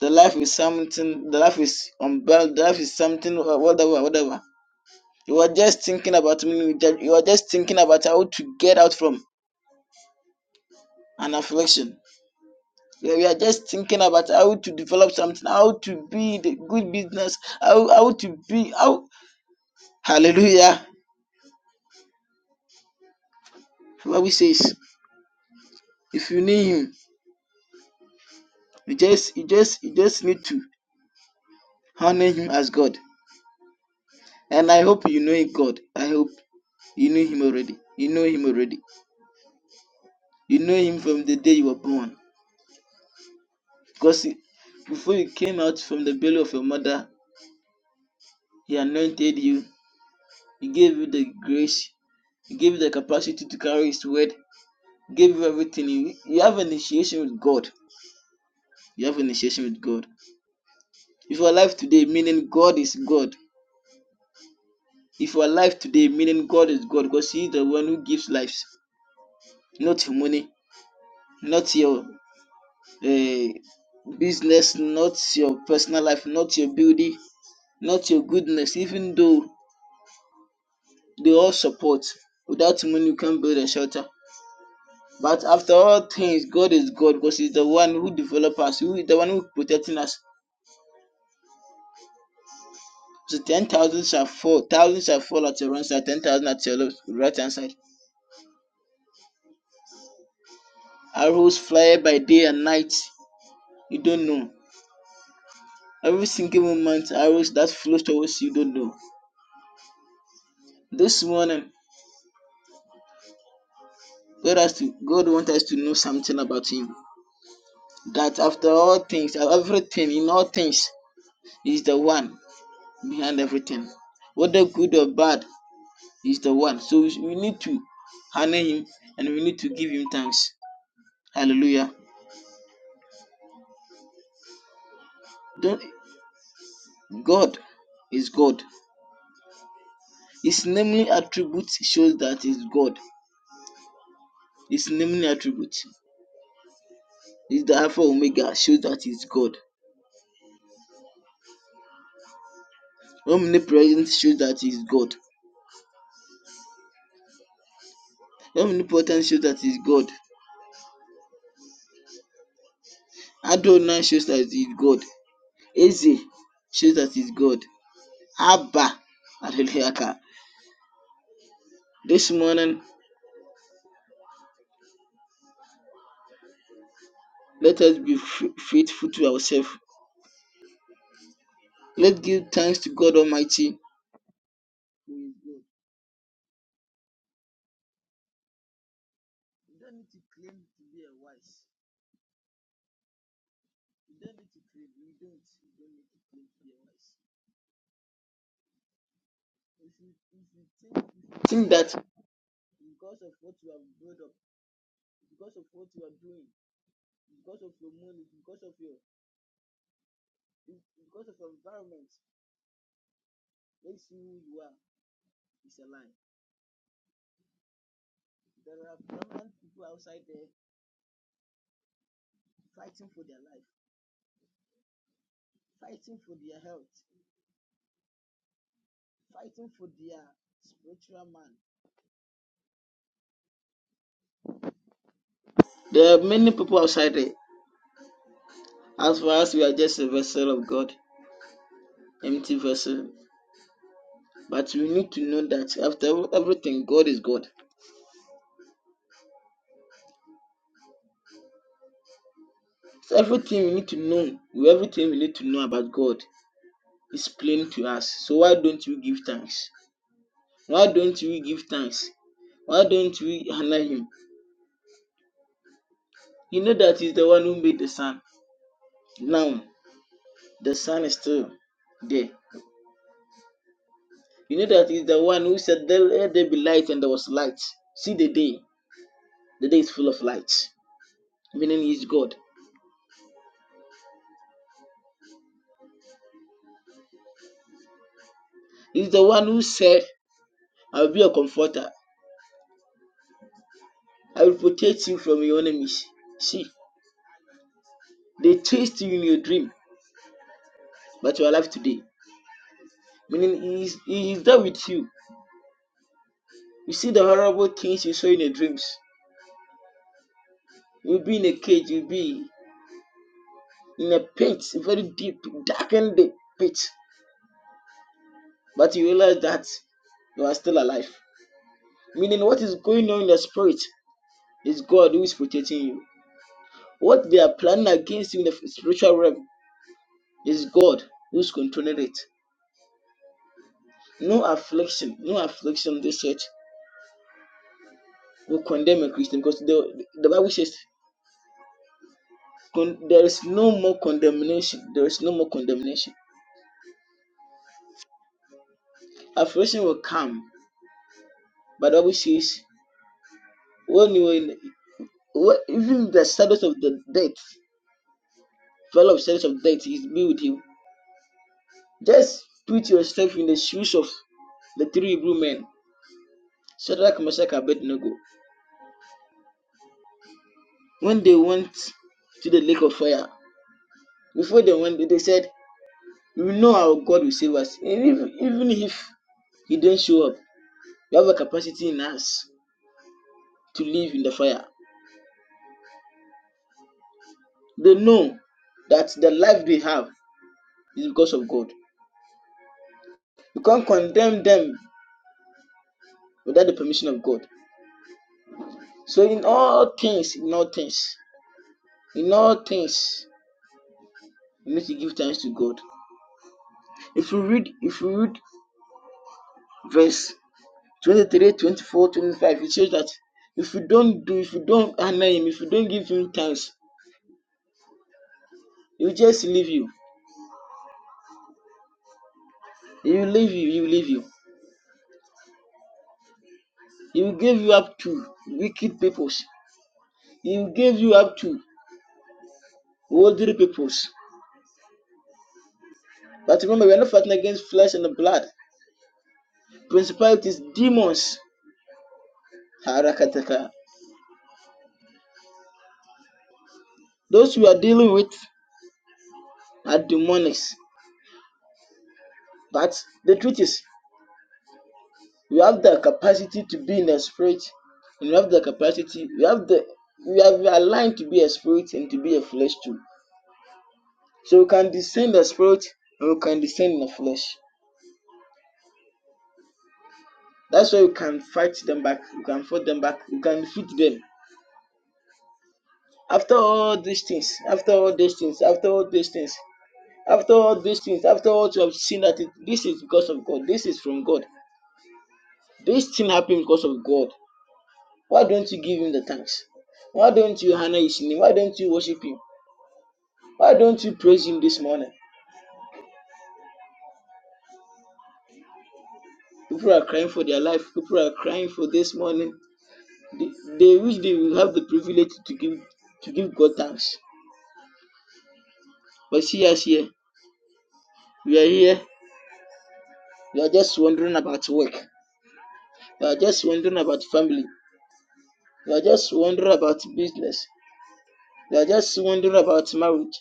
[SPEAKER 2] The life is something. The life is unbalanced. The life is something. uh, Whatever, whatever. You are just thinking about me. You are just thinking about how to get out from an affliction. You you are just thinking about how to develop something, how to be the good business, how how to be how. Hallelujah. What we says, if you need Him, you just you just you just need to honor Him as God. And I hope you know God. I hope you know Him already. You know Him already. You know Him from the day you were born. Because he, before you came out from the belly of your mother, He anointed you. He gave you the grace. He gave you the capacity to carry His word. He gave you everything. You you have initiation with God. You have initiation with God. If you are alive today, meaning God is God. If you are alive today, meaning God is God, because He is the one who gives lives, not your money, not your uh, business, not your personal life, not your beauty, not your goodness, even though They all support. Without money, you can't build a shelter. But after all things, God is God because He's the one who develops us, who is the one who is protecting us. So 10,000 shall fall, thousands shall fall at your right side, 10,000 at your left, right hand side. Arrows fly by day and night, you don't know. Every single moment, arrows that flows towards you, you don't know. This morning, God has to, God wants us to know something about Him. That after all things, everything, in all things, He's the one behind everything. Whether good or bad, He's the one. So we we need to honor Him and we need to give Him thanks. Hallelujah. Don't, God is God. His namely attributes shows that He's God. His namely attributes. is the Alpha Omega shows that He's God. Omnipresence shows that He's God. Omnipotence shows that He's God. Adonai shows that He's God. Eze shows that He's God. Abba. Hallelujah. This morning Let us be faithful to ourselves. Let's give thanks to God Almighty. You don't need to claim to be a wise. You don't need to claim. You don't. You don't need to claim to be a wise. If you, if you think, if you think that because of what you have built up, because of what you are doing, because of your money, because of your, because of your environment, makes you who you are, it's a lie. There are prominent people outside there fighting for their life, fighting for their health, fighting for their spiritual man, There are many people outside there. As for us, we are just a vessel of God, empty vessel. But we need to know that after everything, God is God. So everything we need to know, everything we need to know about God is plain to us. So why don't we give thanks? Why don't we give thanks? Why don't we honor Him? You know that He's the one who made the sun. Now, the sun is still there. You know that He's the one who said, "There- Let there be light, and there was light. See the day. The day is full of light, meaning He's God. is the one who said, I will be a comforter. I will protect you from your enemies. See, they chased you in your dream, but you are alive today. Meaning, he is, he is there with you. You see the horrible things you saw in your dreams. You'll be in a cage, you'll be in a pit, a very deep, darkened pit. But you realize that you are still alive. Meaning, what is going on in your spirit is God who is protecting you. What they are planning against you in the spiritual realm is God who's controlling it. No affliction, no affliction, they said, will condemn a Christian because the, the Bible says con- there is no more condemnation. There is no more condemnation. Affliction will come, but the Bible says when you were in, when, even the shadows of the death, fellow of shadows of death is be with you. Just put yourself in the shoes of the three Hebrew men, Shadrach, Meshach, and Abednego. When they went to the lake of fire, before they went, they said, "We know our God will save us, and even even if." He didn't show up. They have a capacity in us to live in the fire. They know that the life they have is because of God. You can't condemn them without the permission of God. So in all things, in all things, in all things, you need to give thanks to God. If you read, if you read verse 23, 24, 25, it shows that if you don't do, if you don't honor him, if you don't give him thanks, he will just leave you. He will leave you, he will leave you. He will give you up to wicked peoples. He will you up to worldly peoples. But remember, we are not fighting against flesh and blood. Principalities, demons. Harakataka. Those we are dealing with are demonics. But the truth is, we have the capacity to be in the spirit, and we have the capacity, we have the we are we are aligned to be a spirit and to be a flesh too. So we can descend the spirit and we can descend in the flesh. That's why we can fight them back, we can fight them back, we can defeat them. After all these things, after all these things, after all these things, after all, after all you have seen that it, this is because of God, this is from God, this thing happened because of God. Why don't you give him the thanks? Why don't you honor his name? Why don't you worship him? Why don't you praise him this morning? People are crying for their life. People are crying for this morning. They, they wish they will have the privilege to give to give God thanks. But see us here. We are here. We are just wondering about work. We are just wondering about family. They are just wondering about business. They are just wondering about marriage.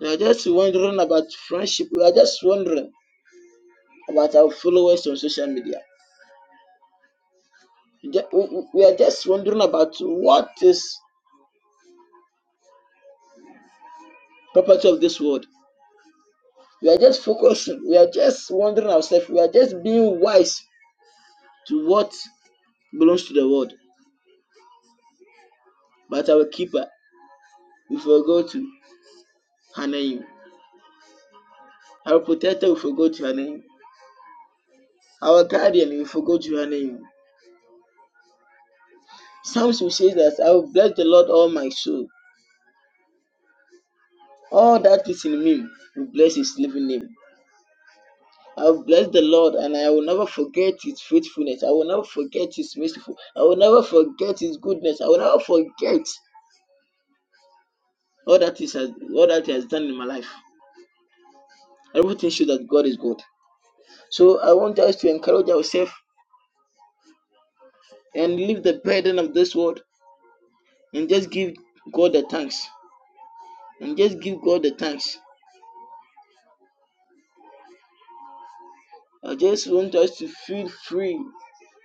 [SPEAKER 2] They are just wondering about friendship. We are just wondering about our followers on social media. We we- we are just wondering about what is property of this world. We are just focusing. We are just wondering ourselves. We are just being wise to what belongs to the world. But our keeper, we forgot to her name. Our protector, we forgot her name. Our guardian, we forgot her name. Psalms will say that I will bless the Lord all my soul All that is in me will bless his living name. I will bless the Lord and I will never forget his faithfulness. I will never forget his merciful. I will never forget his goodness. I will never forget all that is all that he has done in my life. Everything shows that God is good. So I want us to encourage ourselves and leave the burden of this world and just give God the thanks. And just give God the thanks. I just want us to feel free,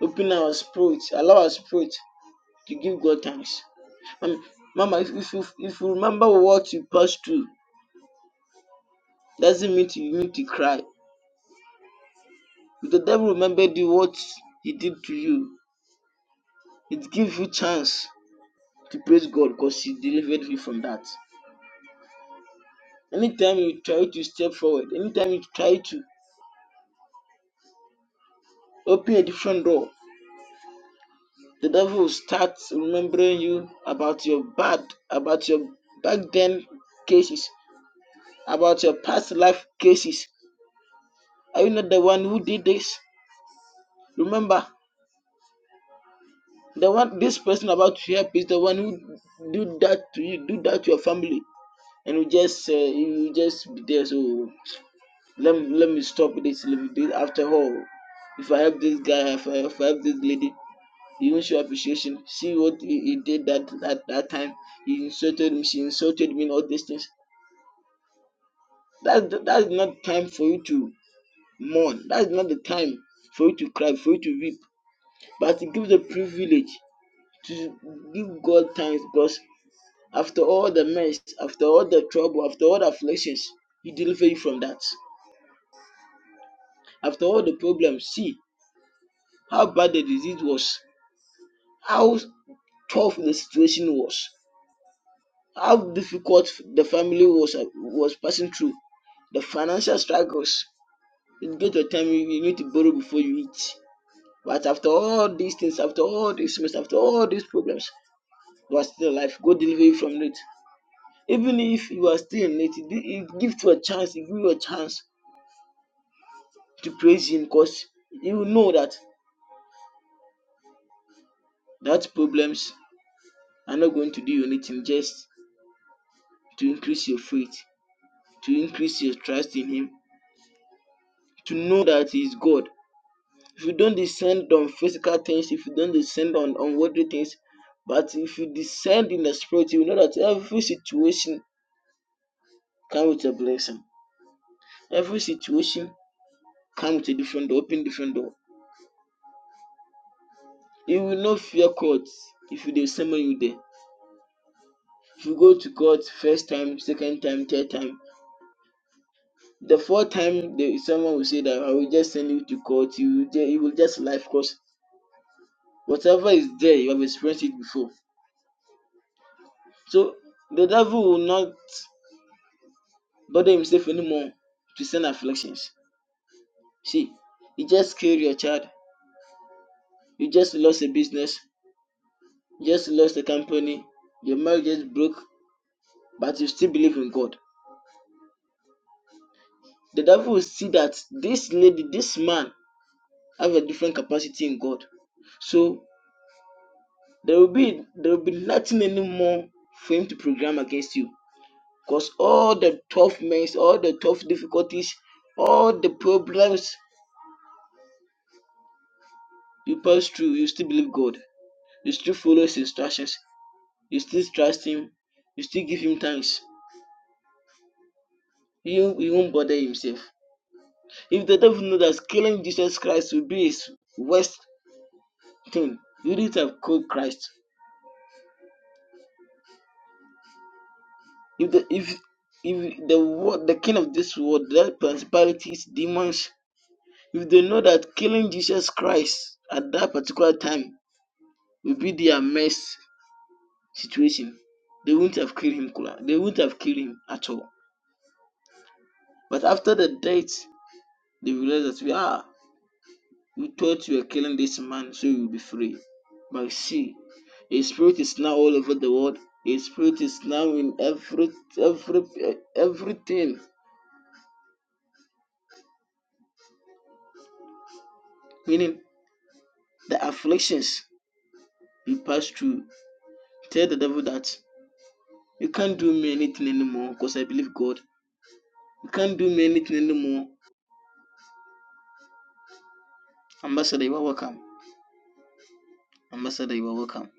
[SPEAKER 2] open our spirits, allow our spirit to give God thanks. Um, Mama, if, if you if you remember what you passed through, doesn't mean to- you need to cry. If the devil remembered you what he did to you, it gives you chance to praise God because he delivered you from that. Anytime you try to step forward, anytime you try to open a different door, the devil will start remembering you about your bad, about your back then cases, about your past life cases. Are you not the one who did this? Remember, The one this person about to help is the one who do that to you, do that to your family, and you just uh, you just be there. So let me, let me stop this. Let me do it. After all, if I help this guy, if I, if I help this lady, he won't show appreciation. See what he, he did that that that time. He insulted me. She insulted me. And all these things. That's that's not time for you to mourn. That's not the time for you to cry, for you to weep. But it gives the privilege to give God thanks because After all the mess, after all the trouble, after all the afflictions, He delivered you from that. After all the problems, see how bad the disease was, how tough the situation was, how difficult the family was was passing through, the financial struggles. It get to a time you you need to borrow before you eat. But after all these things, after all these mess, after all these problems, you are still alive. God deliver you from it. Even if you are still in it, He gives you a chance, He gives you a chance to praise him because you know that that problems are not going to do you anything just to increase your faith, to increase your trust in him, to know that he is God. If you don't descend on physical things, if you don't descend on unworldly things, but if you descend in the spirit, you know that every situation comes with a blessing. Every situation comes with a different door, open different door. You will not fear God if you dey summon you there. If you go to God first time, second time, third time, The fourth time the, someone will say that I will just send you to court, you will, ju- you will just life because whatever is there, you have experienced it before. So the devil will not bother himself anymore to send afflictions. See, you just killed your child, you just lost a business, you just lost a company, your marriage just broke, but you still believe in God. The devil will see that this lady, this man, have a different capacity in God. So There will be there will be nothing anymore for him to program against you. Because all the tough mess, all the tough difficulties, all the problems you pass through, you still believe God. You still follow his instructions. You still trust him. You still give him thanks. He, won't- he won't bother himself. If the devil knew that killing Jesus Christ would be his worst thing, he wouldn't have killed Christ. If the if if the world, the king of this world, the principalities, demons if they know that killing Jesus Christ at that particular time will be their mess situation, they wouldn't have killed him. They wouldn't have killed him at all. But after the death, they realized that we are. We thought you were killing this man, so you will be free. But see, his spirit is now all over the world. His spirit is now in every every everything. Meaning the afflictions you pass through. Tell the devil that you can't do me anything anymore because I believe God We can't do anything anymore. Ambassador, you are welcome. Ambassador, you are welcome.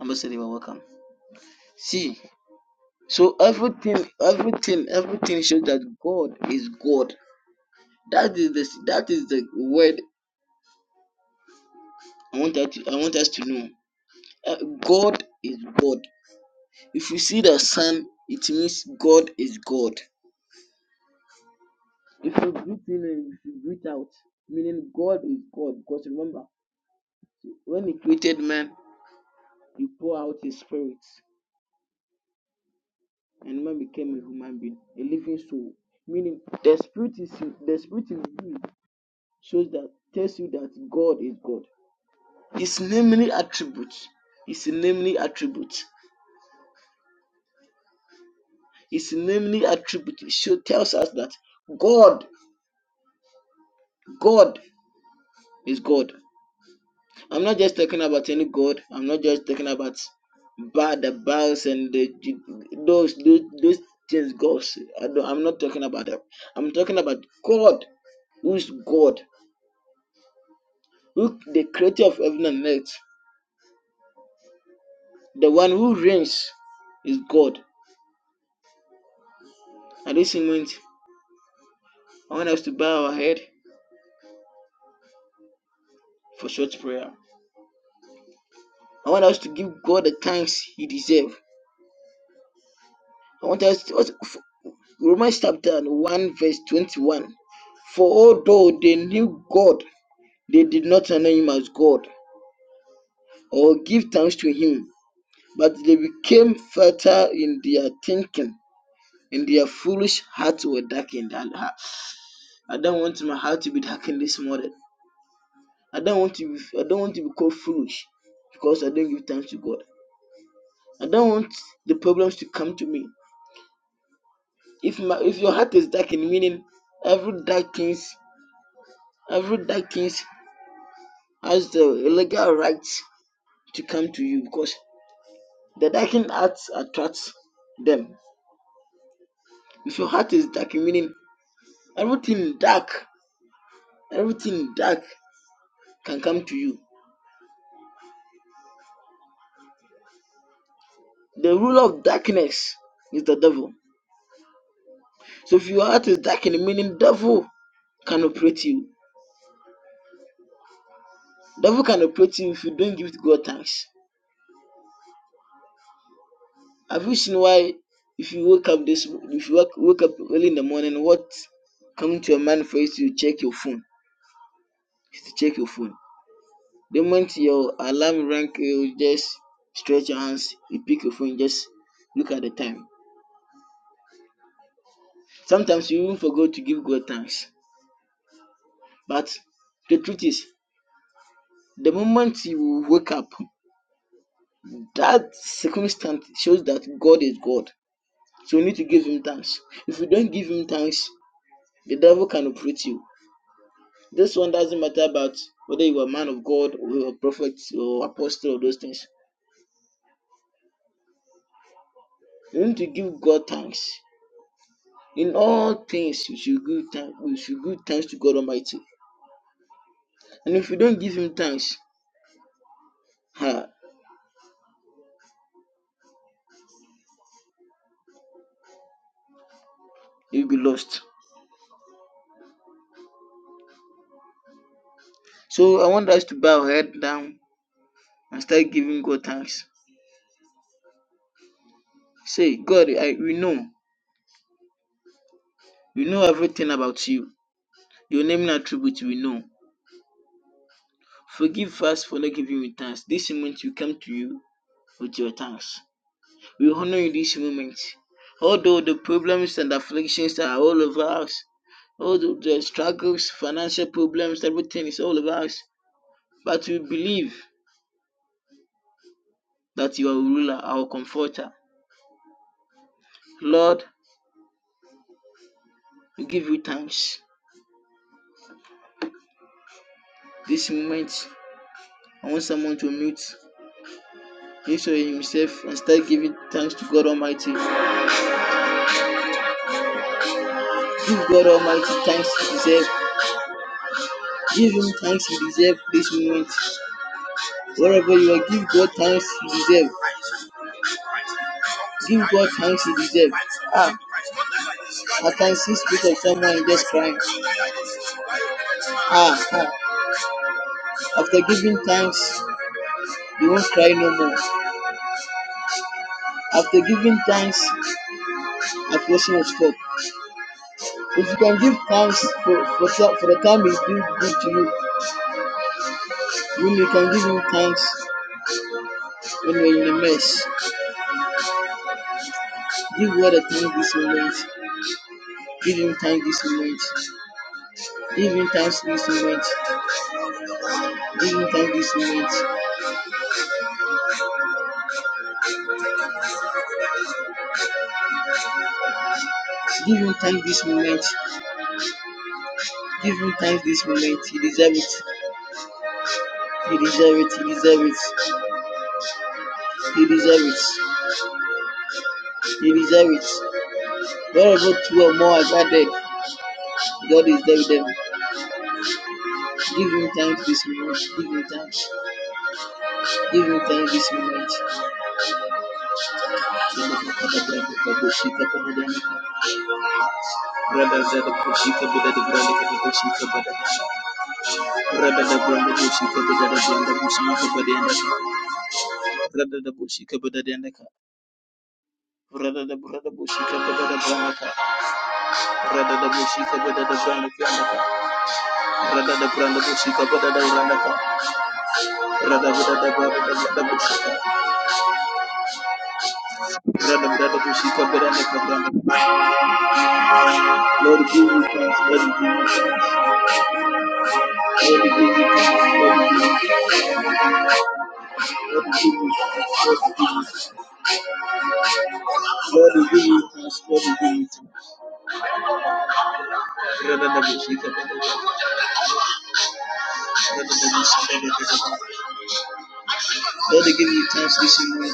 [SPEAKER 2] Ambassador, you are welcome. See, so everything, everything, everything shows that God is God. That is the that is the word I want that I want us to know. Uh, God is God. If you see the sun, it means God is God. If you breathe in and if you breathe out, meaning God is God. Because remember, when He created man, He poured out His spirit. and man became a human being, a living soul. Meaning, the spirit is the spirit in you shows that tells you that God is God. His namely attributes, his namely attributes, his namely attributes show tells us that God, God is God. I'm not just talking about any God. I'm not just talking about bad the Baals and the those those, those things gods. I don't, I'm not talking about them. I'm talking about God, who is God who the creator of heaven and earth, the one who reigns is God. At this moment, I want us to bow our head for short prayer. I want us to give God the thanks He deserves. I want us to, Romans chapter 1, verse 21. For although they knew God, they did not honor Him as God or give thanks to Him, but they became fertile in their thinking, and their foolish hearts were darkened. I I don't want my heart to be darkened this morning. I don't want to be, I don't want to be called foolish because I don't give thanks to God. I don't want the problems to come to me. If my if your heart is darkened, meaning every dark things, every dark things has the legal right to come to you because the darkened heart attracts them. If your heart is darkened, meaning everything dark, everything dark can come to you. The ruler of darkness is the devil. So if your heart is darkened, meaning devil can operate you Devil can operate you if you don't give God thanks. Have you seen why if you wake up this if you wake, wake up early in the morning, what come to your mind first you to check your phone? Is to check your phone. The moment your alarm rang, you just stretch your hands, you pick your phone, just look at the time. Sometimes you even forget to give God thanks. But the truth is, the moment you wake up, that circumstance shows that God is God. So you need to give him thanks. If you don't give him thanks, The devil can operate you. This one doesn't matter about whether you are a man of God or you are a prophet or apostle or those things. You need to give God thanks. In all things, you should give thanks. You should give thanks to God Almighty. And if you don't give Him thanks, ha, you'll be lost. So I want us to bow our head down and start giving God thanks. Say, God, I we know, we know everything about you. Your name and attributes we know. Forgive us for not giving you thanks. This moment we come to you with your thanks. We honor in this moment. Although the problems and afflictions are all over us, all the, the struggles, financial problems, everything is all over us. But we believe that you are our ruler, our comforter. Lord, we give you thanks. This moment, I want someone to mute his or himself and start giving thanks to God Almighty. Give God Almighty thanks he deserves. Give Him thanks he deserves this moment. Wherever you are, give God thanks he deserves. Give God thanks he deserves. I can see speak of someone and just crying. Ah, ah. After giving thanks, you won't cry no more. After giving thanks, affliction will stop. If you can give thanks for, for, so- for the time he's doing good to you, when you can give him thanks when you're in a mess. Give God a thanks this moment. Give him thanks this moment. Give him thanks this moment. Give him thanks this moment. Give him thanks this moment. Give him thanks this moment. You deserve, you deserve it. You deserve it. Wherever two or more, God is there with them. Give him thanks this morning. Give him thanks. Give him thanks this moment. Rabba zada kushika bada da branda kada kushika bada da. Rabba da branda kushika bada da branda kushika bada da ka. Rabba da kushika bada da ka. Rabba da branda kushika bada da branda ka. Rabba da kushika bada da branda ka. Rabba da branda kushika bada da branda ka. Rabba da branda branda kushika. Rabba da kushika bada da ka branda. Lord, give me thanks. Lord, give me thanks. Lord, give me thanks. Lord, give you thanks. Lord, give you thanks. Lord, give you thanks. Lord, we give you thanks this morning.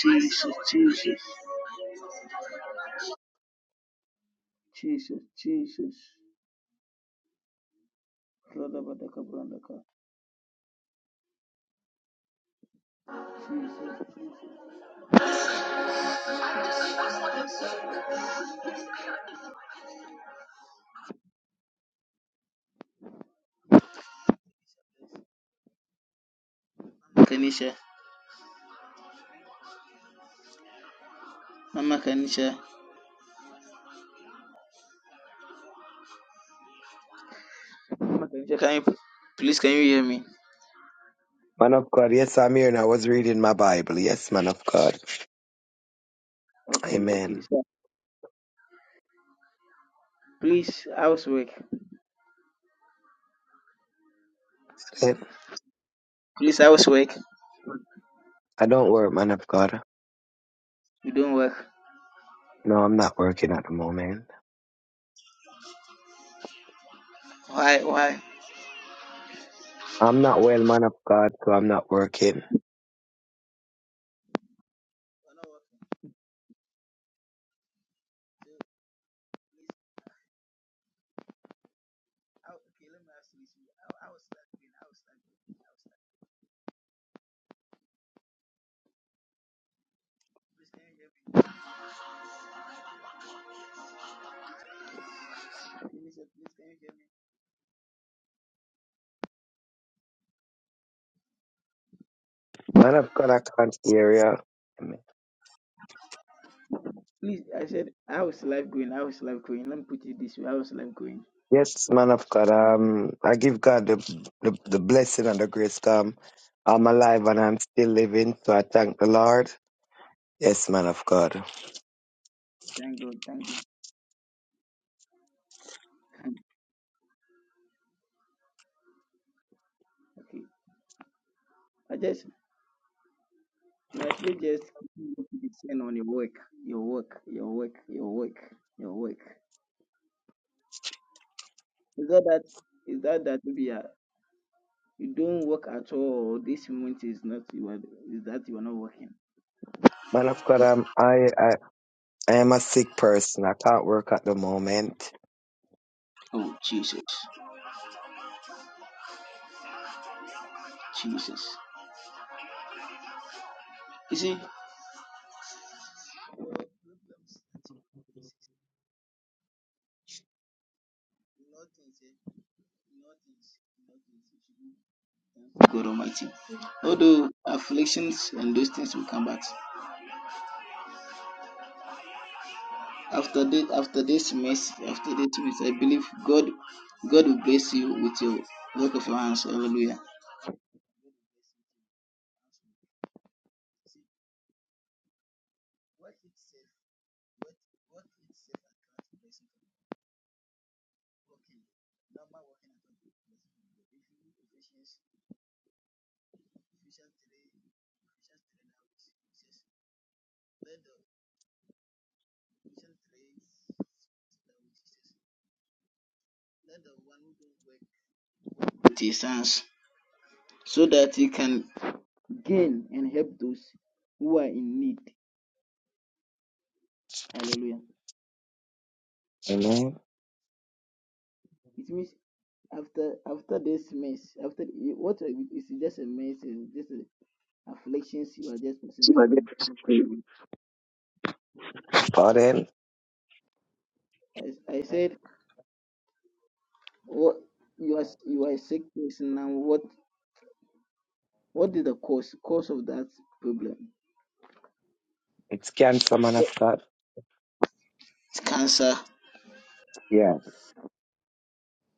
[SPEAKER 2] Jesus, Jesus, Jesus, Jesus. Lord, Abadaka, Brandaka. Kanisha, Mama Kanisha, Mama Kanisha, can you please can you hear me?
[SPEAKER 4] Man of God, yes, I'm here and I was reading my Bible. Yes, man of God.
[SPEAKER 2] Okay, okay.
[SPEAKER 4] Amen.
[SPEAKER 2] So please,
[SPEAKER 4] Eh,
[SPEAKER 2] like,
[SPEAKER 4] I don't work, man of God.
[SPEAKER 2] you don't work.
[SPEAKER 4] No, I'm not working at the moment. I'm not well, man of God, so I'm not working.
[SPEAKER 2] Okay, let me ask you this. I was like, I was like, I was like, please can you hear me?
[SPEAKER 4] Man of God, I can't hear you.
[SPEAKER 2] Please, I said, how is life going? How is life going? Let me put it this way. How is life going?
[SPEAKER 4] Yes, man of God. Um, I give God the, the, the blessing and the grace. Um, I'm alive and I'm still living, so I thank the Lord. Yes, man of God.
[SPEAKER 2] Thank God, thank God. thank God. Okay. I just, my spirit just keep saying on your work, your work, your work, your work, your work. Is that that, is that that maybe uh, you don't work at all? Or this moment is not, you are, is that you are not working?
[SPEAKER 4] Man of God, um, I, I, I am a sick person. I can't work at the moment.
[SPEAKER 2] Oh, Jesus, Jesus. You see, God Almighty. Although afflictions and those things will come back, After this, after this message, after this message, I believe God, God will bless you with your work of your hands. Hallelujah. With his hands, so that he can gain and help those who are in need. Hallelujah.
[SPEAKER 4] Amen.
[SPEAKER 2] It means after after this mess, after what is just a mess, is just a afflictions you are just passing through.
[SPEAKER 4] Pardon.
[SPEAKER 2] And I, I said, what you are you are a sick person now. What what is the cause cause of that problem?
[SPEAKER 4] it's cancer, man of
[SPEAKER 2] It's
[SPEAKER 4] God.
[SPEAKER 2] cancer.
[SPEAKER 4] Yeah.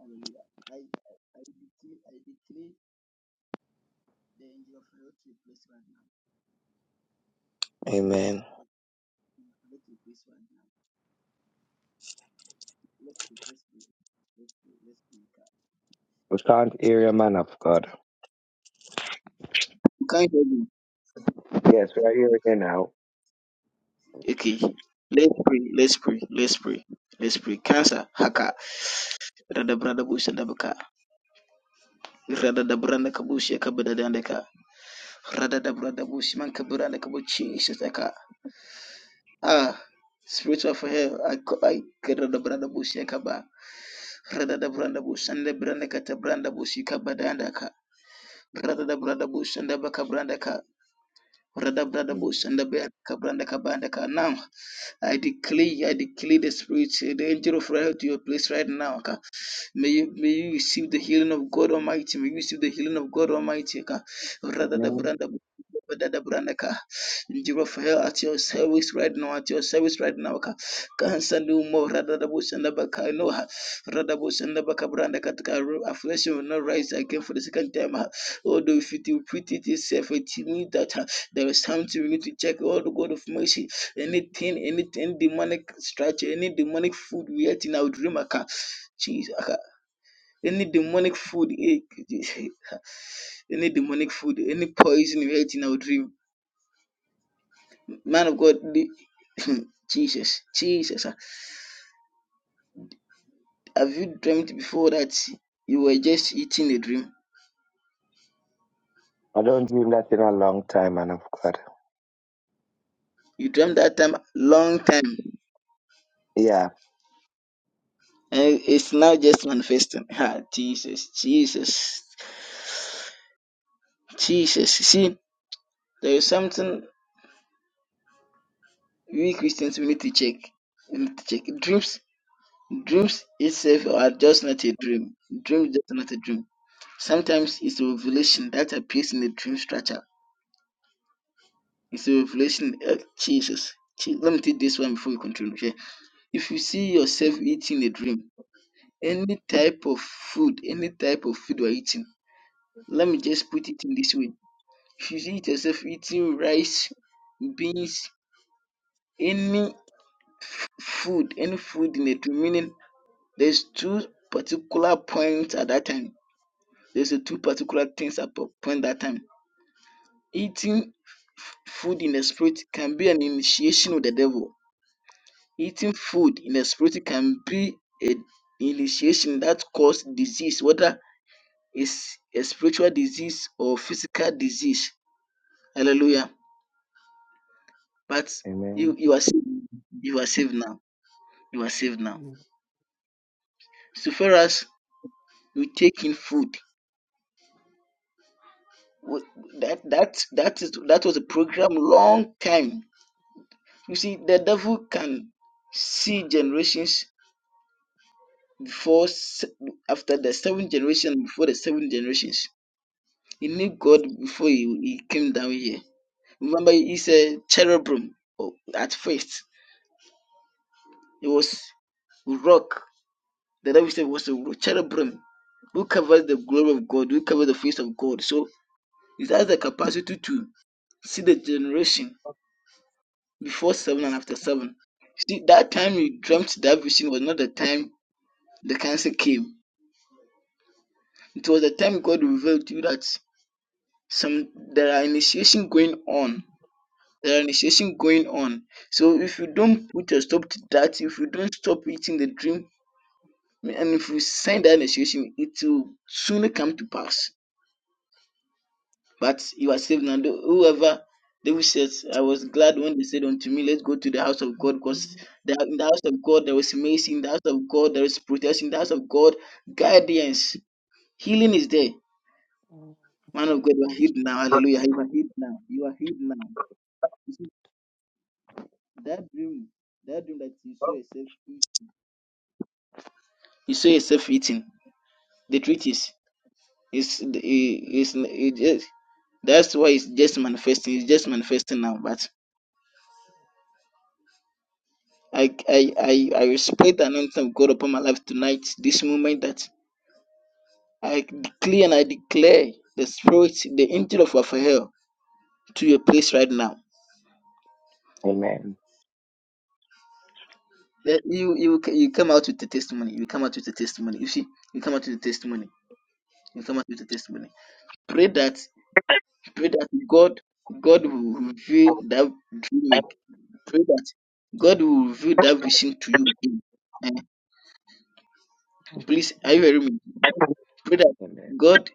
[SPEAKER 2] Hallelujah. I I decree I decree the angel of the Lord to place right now.
[SPEAKER 4] Amen.
[SPEAKER 2] Let it place right now. Let's pray. Let's pray. Let's pray.
[SPEAKER 4] We can't hear you, man of God.
[SPEAKER 2] Can you hear me?
[SPEAKER 4] Yes, we are hearing you now.
[SPEAKER 2] Okay. Let's pray. Let's pray. Let's pray. Let's pray. Kasa haka. Rada brada bushi dabaka. Rada da branda kabushi ya kabada dandaka. Rada da brada bushi man kabranda kabuchi shataka. Ah. Spiritual for hell. I co- I rada brada bushi ya kaba. Rada da branda bushi and branda kata branda bushi kabada andaka. Rada da brada bushi and baka branda ka. Now, I
[SPEAKER 4] Mm.
[SPEAKER 2] declare, I declare the spirit, the angel of right to your place right now. May you, may you receive the healing of God Almighty. May you receive the healing of God Almighty. Ka. Radada
[SPEAKER 4] Amen.
[SPEAKER 2] branda branda ka. Angel Raphael, at your service right now, at your service right now. Ka. Cancer no more. Radada bu- shanda ba ka. No. ha. Radada bu- shanda ba ka branda ka. Ka. Affliction will not rise again for the second time. ha. Although if it repeat it itself, it means that ha, there is something we need to check. Oh, the God of mercy anything, anything demonic structure, any demonic food we ate in our dream. Aka. Jesus. Any demonic food, eh, any demonic food, any poison you ate in our dream. Man of God, the, Jesus, Jesus. ah. Have you dreamt before that you were just eating a dream?
[SPEAKER 4] I don't do that in a long time, man of God.
[SPEAKER 2] You dreamt that time long time.
[SPEAKER 4] Yeah.
[SPEAKER 2] And it's now just manifesting. Ah, Jesus, Jesus, Jesus. See, there is something we Christians we need to check. We need to check. Dreams, dreams itself are just not a dream. Dreams just not a dream Sometimes it's a revelation that appears in the dream structure. It's a revelation. Uh, Jesus. Je- Let me take this one before we continue. Okay? If you see yourself eating a dream, any type of food, any type of food you're eating, let me just put it in this way. If you see yourself eating rice, beans, any food, any food in a dream, meaning there's two particular points at that time. There's a two particular things at po- point that time. Eating Food in the spirit can be an initiation with the devil. Eating food in the spirit can be initiation that cause disease, whether it's a spiritual disease or physical disease. Hallelujah. But you,
[SPEAKER 4] Amen.
[SPEAKER 2] you are saved. You are saved now. You are saved now. So far as you take in food, wh- that that that is that was a program long time. You see, the devil can see generations before se- after the seven generation before the seven generations. He knew God before he, he came down here. Remember, he said cherubim oh, at first. It was rock. The Bible said it was a ro- cherubim who covers the glory of God, who covers the face of God. So it has the capacity to see the generation before seven and after seven. See, that time you dreamt that vision was not the time the cancer came. It was the time God revealed to you that some there are initiation going on there are initiation going on. So if you don't put a stop to that, if you don't stop eating the dream, and if you send that initiation, it will soon come to pass. But you are saved now. Tho- Whoever David says, I was glad when they said unto me, Let's go to the house of God, because the, in the house of God there is mercy, in the house of God there is protection, in the house of God, guidance, healing is there. Man of God, you are healed now. Hallelujah. You are healed now. You are healed now. That dream, that dream that you saw yourself eat, you saw yourself eating. The truth is, is is is that's why it's just manifesting. It's just manifesting now. But I I I I respect the anointing of God upon my life tonight. This moment that I declare and I declare the spirit, the angel of Raphael, to your place right now.
[SPEAKER 4] Amen.
[SPEAKER 2] That you you you come out with the testimony. You come out with the testimony. You see, you come out with the testimony. You come out with the testimony. Pray that pray that God God will reveal that dream. Pray that God will reveal that vision to you Eh, please, are you hearing me? Pray that
[SPEAKER 4] Amen.
[SPEAKER 2] God,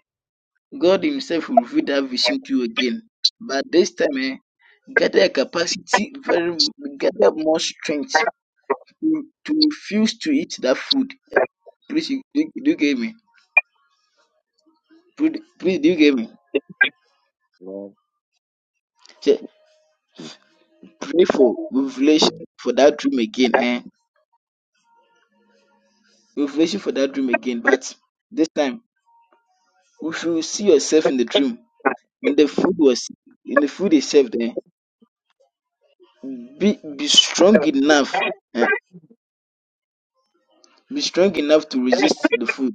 [SPEAKER 2] God Himself will reveal that vision to you again. But this time, eh, gather a capacity, very gather more strength to, to refuse to eat that food. Please, you- do, do you get me? Please, please, do you get me?
[SPEAKER 4] Well,
[SPEAKER 2] Say, Pray for revelation for that dream again. Eh, revelation for that dream again. But this time, if you see yourself in the dream and the food was in the food itself, there, be be strong enough. eh, Be strong enough to resist the food.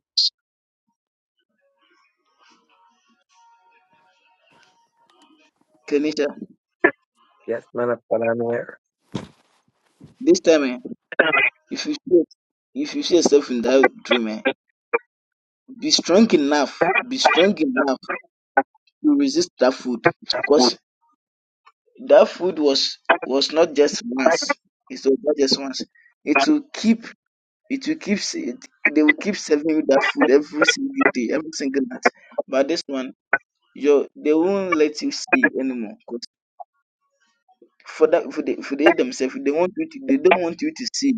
[SPEAKER 2] Kenisha,
[SPEAKER 4] Yes, man of God, I'm here.
[SPEAKER 2] this time, eh, if you see, if you see yourself in that dream, eh, be strong enough, be strong enough to resist that food, because that food was was not just once. It was not just once. It will keep. It will keep. se- They will keep serving you that food every single day, every single night. But this one, your they won't let you see anymore. 'Cause for that, for they, for they themselves, they want you. To, they don't want you to see.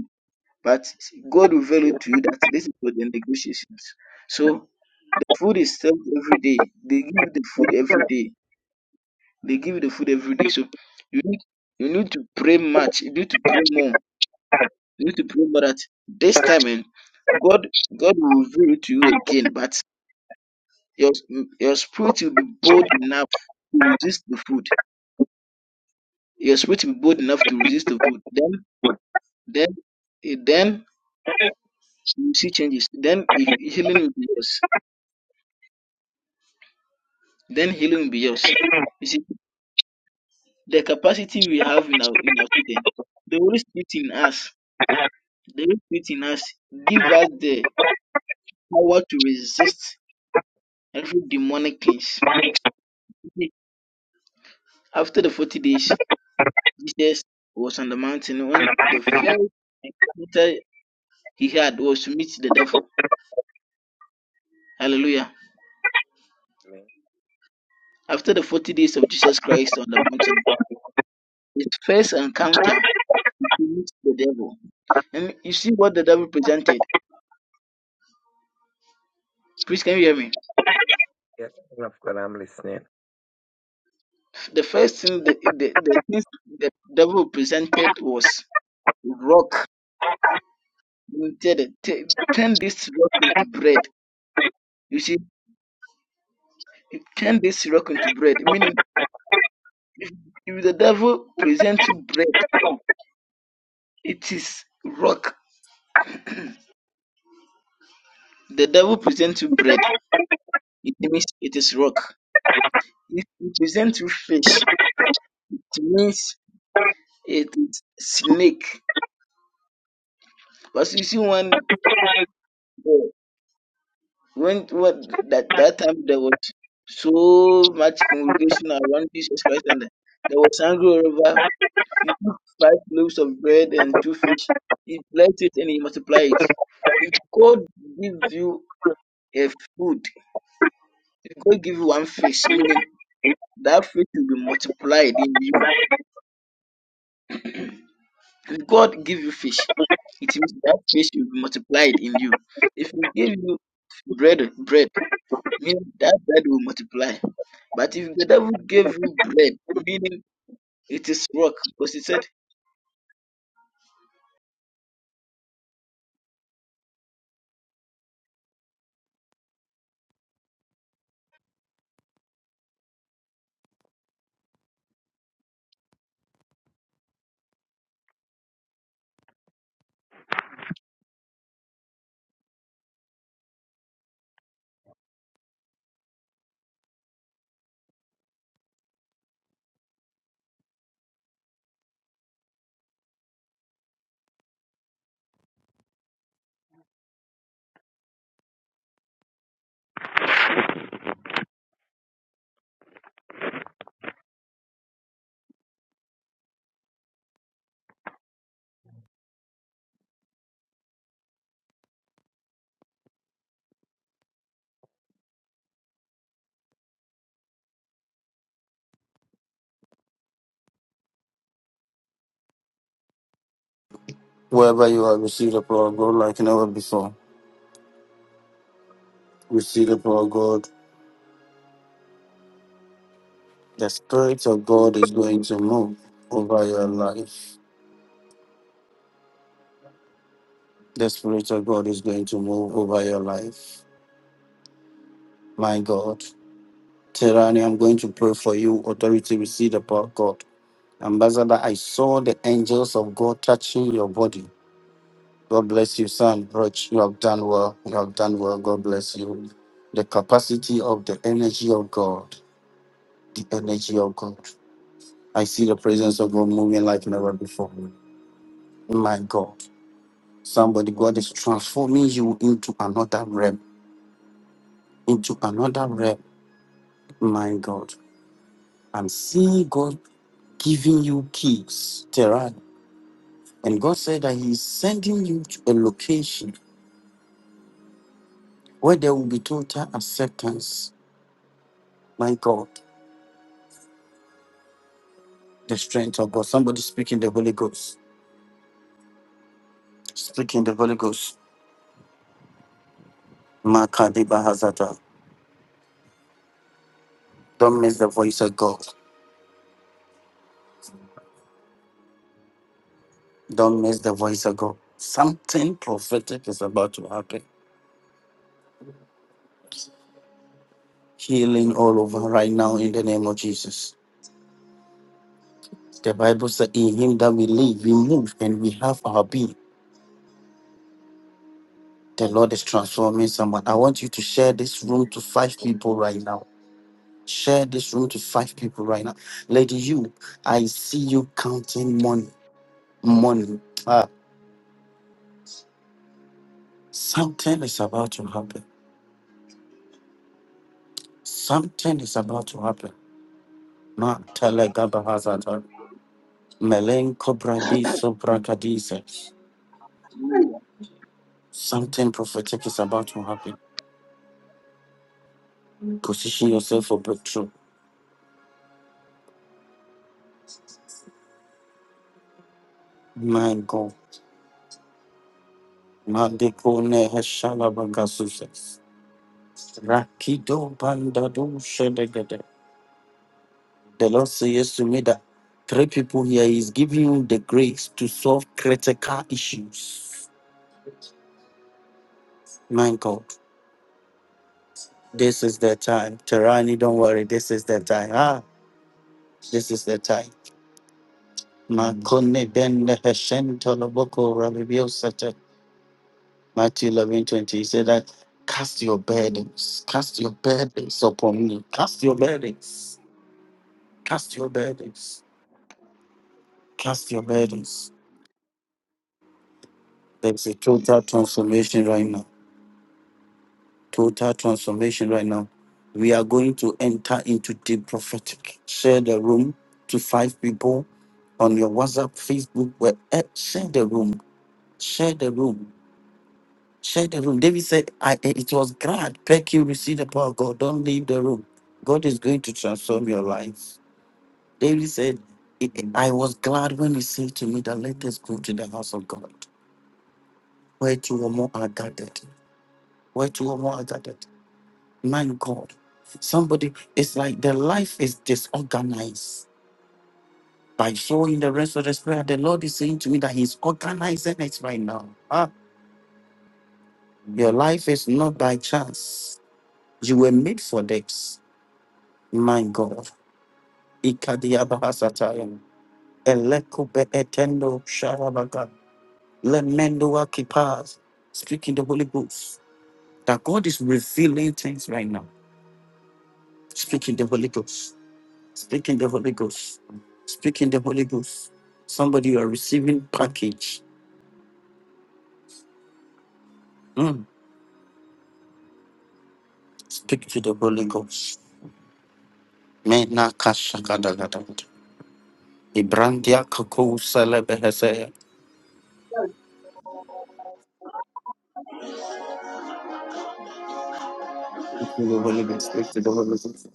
[SPEAKER 2] But God revealed it to you that this is for the negotiations. So food is served every day. They give you the food every day. They give you the food every day. So you need you need to pray much. You need to pray more. You need to pray more that this time and God God will reveal it to you again. But your your spirit will be bold enough to resist the food. You're bold enough to resist the food. Then then then you see changes. Then healing will be yours. Then healing will be yours. You see. the capacity we have in our in our students, the Holy Spirit in us, the Holy Spirit in us give us the power to resist every demonic things. After Jesus was after he had hallelujah.
[SPEAKER 4] Amen.
[SPEAKER 2] After the forty days of Jesus Christ on the mountain, his first encounter with the devil. And you see what the devil presented. Please can you hear me?
[SPEAKER 4] Yes, man of God, I'm listening.
[SPEAKER 2] The first thing the the, the things the devil presented was rock You tell it, t- turn this rock into bread. You see, it- turn this rock into bread. Meaning, if, if the devil presents you bread, it is rock. The devil presents you bread, it means it is rock. If he presents you fish, it means it is snake. But you see, one uh, when what that that time there was so much congregation around Jesus Christ, and there was angry over He took five loaves of bread and two fish. He blessed it and he multiplied it. If God gives you a food, if God give you one fish, meaning that fish will be multiplied in you. If God give you fish, it means that fish will be multiplied in you. If He give you bread, bread, meaning that bread will multiply. But if the devil gave you bread, meaning it is rock, because he said,
[SPEAKER 1] Wherever you are, receive the power of God like never before. Receive the power of God. The Spirit of God is going to move over your life. The Spirit of God is going to move over your life. My God. Terani, I'm going to pray for you. Authority, receive the power of God. Ambassador, I saw the angels of God touching your body. God bless you, son. Roach, you have done well. You have done well. God bless you. The capacity of the energy of God. The energy of God. I see the presence of God moving like never before. My God. Somebody, God is transforming you into another realm. Into another realm. My God. I'm seeing God giving you keys, Tehran. And God said that He is sending you to a location where there will be total acceptance. My God, the strength of God. Somebody speaking the Holy Ghost. Speaking the Holy Ghost. Makadiba Hazata. Don't miss the voice of God. Don't miss the voice of God. Something prophetic is about to happen. Healing all over right now in the name of Jesus. The Bible said, In Him that we live, we move, and we have our being. The Lord is transforming someone. I want you to share this room to five people right now. Share this room to five people right now. Lady, you, I see you counting money. Money. Ah, something is about to happen. Something is about to happen. Ma telegabahazata. Melenko brabi sobrakadise. Something prophetic is about to happen. Position yourself for breakthrough. My God. Madikone heshalabagasuses. Rakido Panda do Shedegede. The Lord says yes to me that three people here is giving you the grace to solve critical issues. My God, this is the time. Terani, don't worry. This is the time. Ah, this is the time. Makone ben heshen toloboko rabibio sete. Matthew 11 20. He said that cast your burdens, cast your burdens upon me. Cast your burdens, cast your burdens, cast your burdens. There's a total transformation right now. Total transformation right now. We are going to enter into deep prophetic. Share the room to five people on your WhatsApp, Facebook, where eh, share the room. Share the room. Share the room. David said, I eh, it was glad. Peck you receive the power of God. Don't leave the room. God is going to transform your life. David said, "I I was glad when he said to me that let us go to the house of God, where two or more are gathered. Where two or more are gathered. My God. Somebody, it's like their life is disorganized. By showing the rest of the spirit, the Lord is saying to me that He's organizing it right now. Ah, your life is not by chance. You were made for this. My God. Ikadiabahasatayam. Elekube etendo sharabaga. Lemendo akipas. Speaking the Holy Ghost. That God is revealing things right now. Speaking the Holy Ghost Speak in the Holy Ghost. Speak in the Holy Ghost. Somebody you are receiving package. Mm. Speak to the Holy Ghost. Mena kashakadagadagada. Ibrandia kakou selebehesea. Speak to the Holy Ghost. Speak to the Holy Ghost.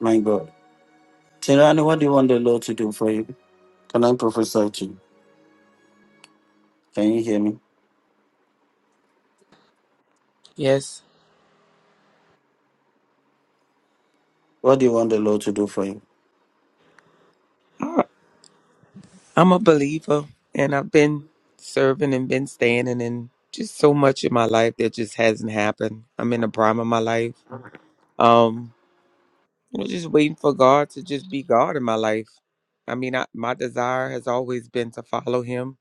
[SPEAKER 1] My God. Tirani, what do you want the Lord to do for you? Can I prophesy to you? Can you hear me?
[SPEAKER 5] Yes,
[SPEAKER 1] What do you want the Lord to do for you?
[SPEAKER 5] I- I'm a believer, and I've been serving and been standing, and just so much in my life that just hasn't happened. I'm in the prime of my life. Um, I'm just waiting for God to just be God in my life. I mean, I, my desire has always been to follow Him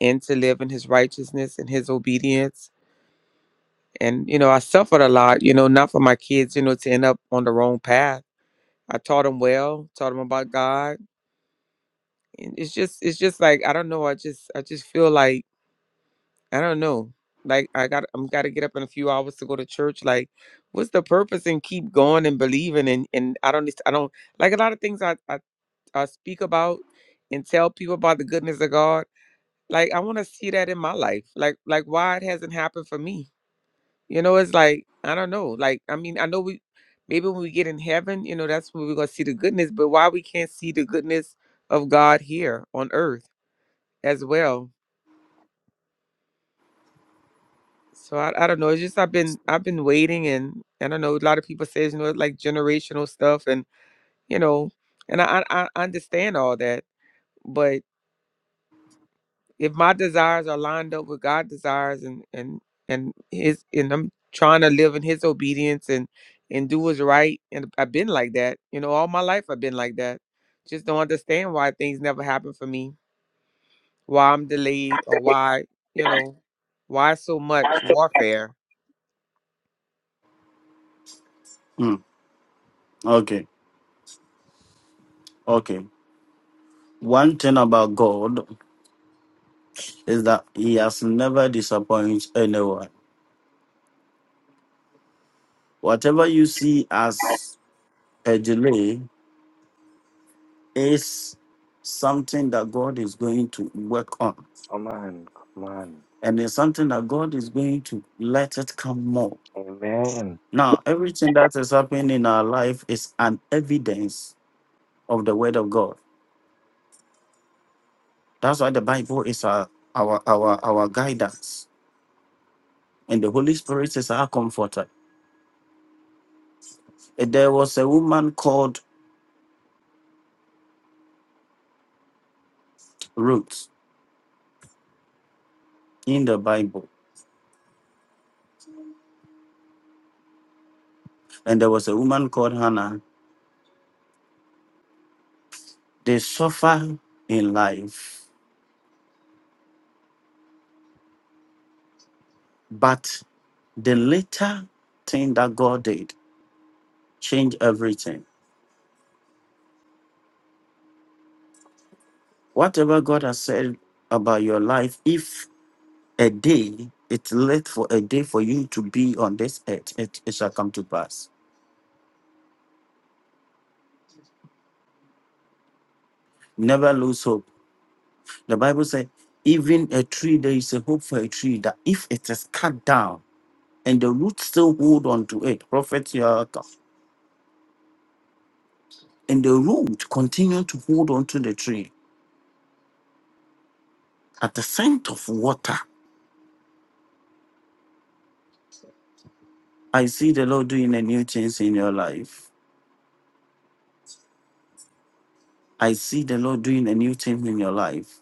[SPEAKER 5] and to live in His righteousness and His obedience. And you know, I suffered a lot. You know, not for my kids. You know, to end up on the wrong path. I taught them well, taught them about God. And it's just, it's just like I don't know. I just, I just feel like I don't know. Like I got I'm gotta get up in a few hours to go to church. Like, what's the purpose and keep going and believing and and I don't I don't like a lot of things I I, I speak about and tell people about the goodness of God. Like I wanna see that in my life. Like like why it hasn't happened for me. You know, it's like I don't know. Like I mean I know we maybe when we get in heaven, you know, that's when we're gonna see the goodness, but why we can't see the goodness of God here on earth as well. So I, I don't know. It's just I've been I've been waiting, and and I know a lot of people says you know like generational stuff, and you know, and I I I understand all that, but if my desires are lined up with God's desires, and and and His, and I'm trying to live in His obedience and and do what's right, and I've been like that, you know, all my life I've been like that. Just don't understand why things never happen for me, why I'm delayed, or why you know, why so much warfare.
[SPEAKER 1] Mm. Okay. Okay. One thing about God is that He has never disappointed anyone. Whatever you see as a delay is something that God is going to work on.
[SPEAKER 4] Come on, come on.
[SPEAKER 1] And it's something that God is going to let it come more.
[SPEAKER 4] Amen.
[SPEAKER 1] Now, everything that is happening in our life is an evidence of the word of God. That's why the Bible is our our our, our guidance. And the Holy Spirit is our comforter. And There was a woman called Ruth in the Bible, and there was a woman called Hannah. They suffer in life But the later thing that God did changed everything. Whatever God has said about your life, if a day it's late for a day for you to be on this earth, it, it shall come to pass. Never lose hope. The Bible says, even a tree, there is a hope for a tree that if it is cut down and the roots still hold on to it, Prophet Yaakov, and the root continue to hold on to the tree at the scent of water I see the Lord doing a new thing in your life. I see the Lord doing a new thing in your life.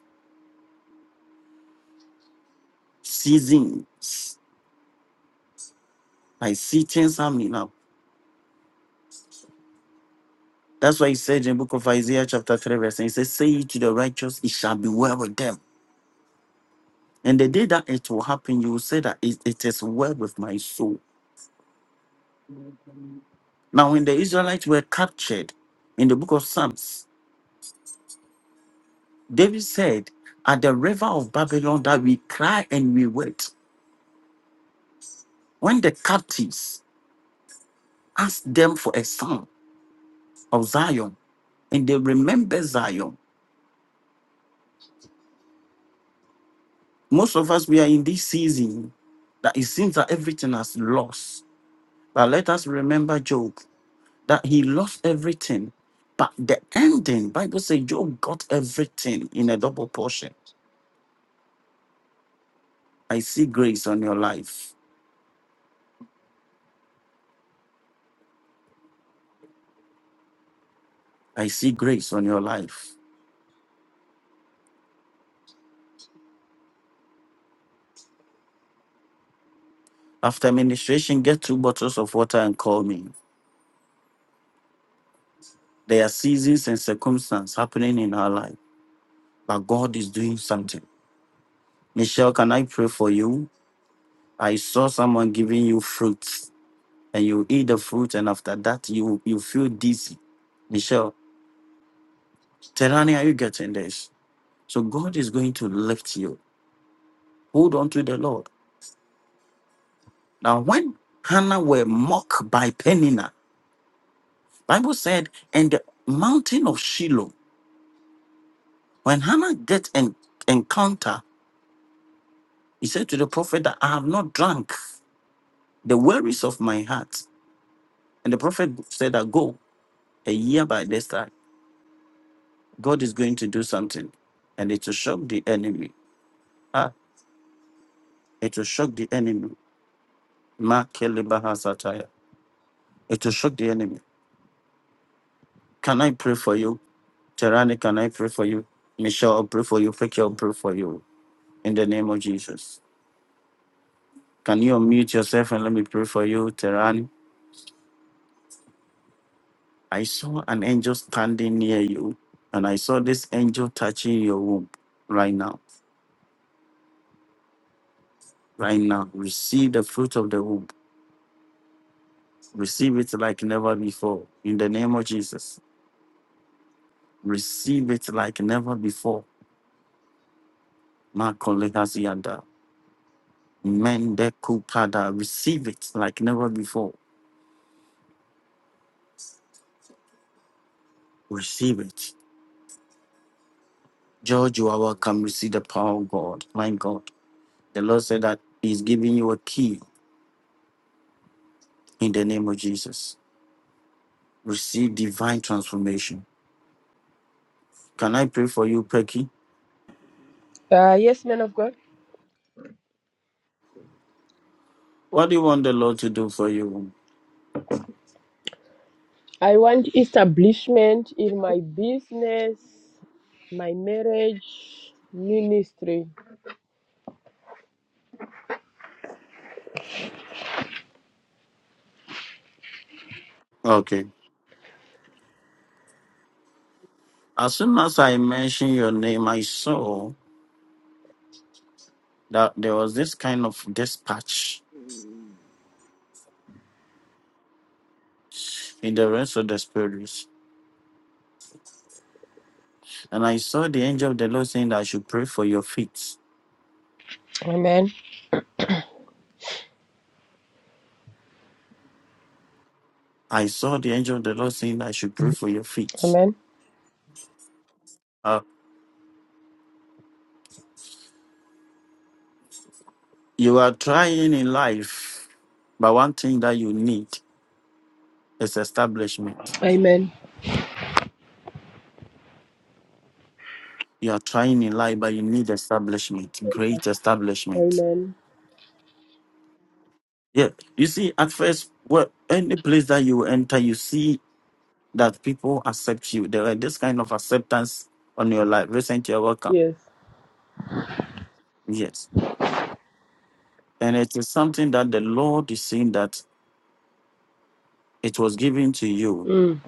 [SPEAKER 1] Seasons. I see things happening now. That's why he said in the book of Isaiah, chapter 3, verse 9, he says, Say to the righteous, it shall be well with them. And the day that it will happen, you will say that it, it is well with my soul. Now, when the Israelites were captured in the book of Psalms, David said, At the river of Babylon that we cry and we wait. When the captives asked them for a song of Zion, and they remember Zion. Most of us, we are in this season that it seems that everything has lost. But let us remember Job, that he lost everything. But the ending, Bible says Job got everything in a double portion. I see grace on your life. I see grace on your life. After ministration, get two bottles of water and call me. There are seasons and circumstances happening in our life, but God is doing something. Michelle, can I pray for you? I saw someone giving you fruits, and you eat the fruit and after that you you feel dizzy. Michelle, Terani, are you getting this? So God is going to lift you. Hold on to the Lord. Now, when Hannah were mocked by Penina, Bible said, and the mountain of Shiloh, when Hannah get an encounter, he said to the prophet that I have not drunk the worries of my heart. And the prophet said that go a year by this time. God is going to do something, and it will shock the enemy. Ah, it will shock the enemy. Ma kelebaha sataya. It will shock the enemy. Can I pray for you? Terani, can I pray for you? Michelle, I'll pray for you. Fake, I'll pray for you. In the name of Jesus. Can you unmute yourself and let me pray for you, Terani? I saw an angel standing near you, and I saw this angel touching your womb right now. Right now, receive the fruit of the womb. Receive it like never before. In the name of Jesus. receive it like never before. Makolehasianda. Mendekupada. Receive it like never before. Receive it. George, you are welcome. Receive the power of God. My God. The Lord said that He's giving you a key in the name of Jesus. Receive divine transformation. Can I pray for you, Pecky?
[SPEAKER 6] Uh, yes, man of God.
[SPEAKER 1] What do you want the Lord to do for you?
[SPEAKER 6] I want establishment in my business, my marriage, ministry.
[SPEAKER 1] Okay. As soon as I mentioned your name, I saw that there was this kind of dispatch in the rest of the spirit. And I saw the angel of the Lord saying that I should pray for your feet.
[SPEAKER 6] Amen.
[SPEAKER 1] I saw the angel of the Lord saying that I should pray for your feet.
[SPEAKER 6] Amen.
[SPEAKER 1] Uh, you are trying in life, but one thing that you need is establishment.
[SPEAKER 6] Amen.
[SPEAKER 1] You are trying in life, but you need establishment, great establishment.
[SPEAKER 6] Amen.
[SPEAKER 1] Yeah, you see, at first, well, any place that you enter, you see that people accept you. There are this kind of acceptance on your life. Recently, you're welcome.
[SPEAKER 6] Yes.
[SPEAKER 1] Yes. And it is something that the Lord is saying that It was given to you,
[SPEAKER 6] Mm.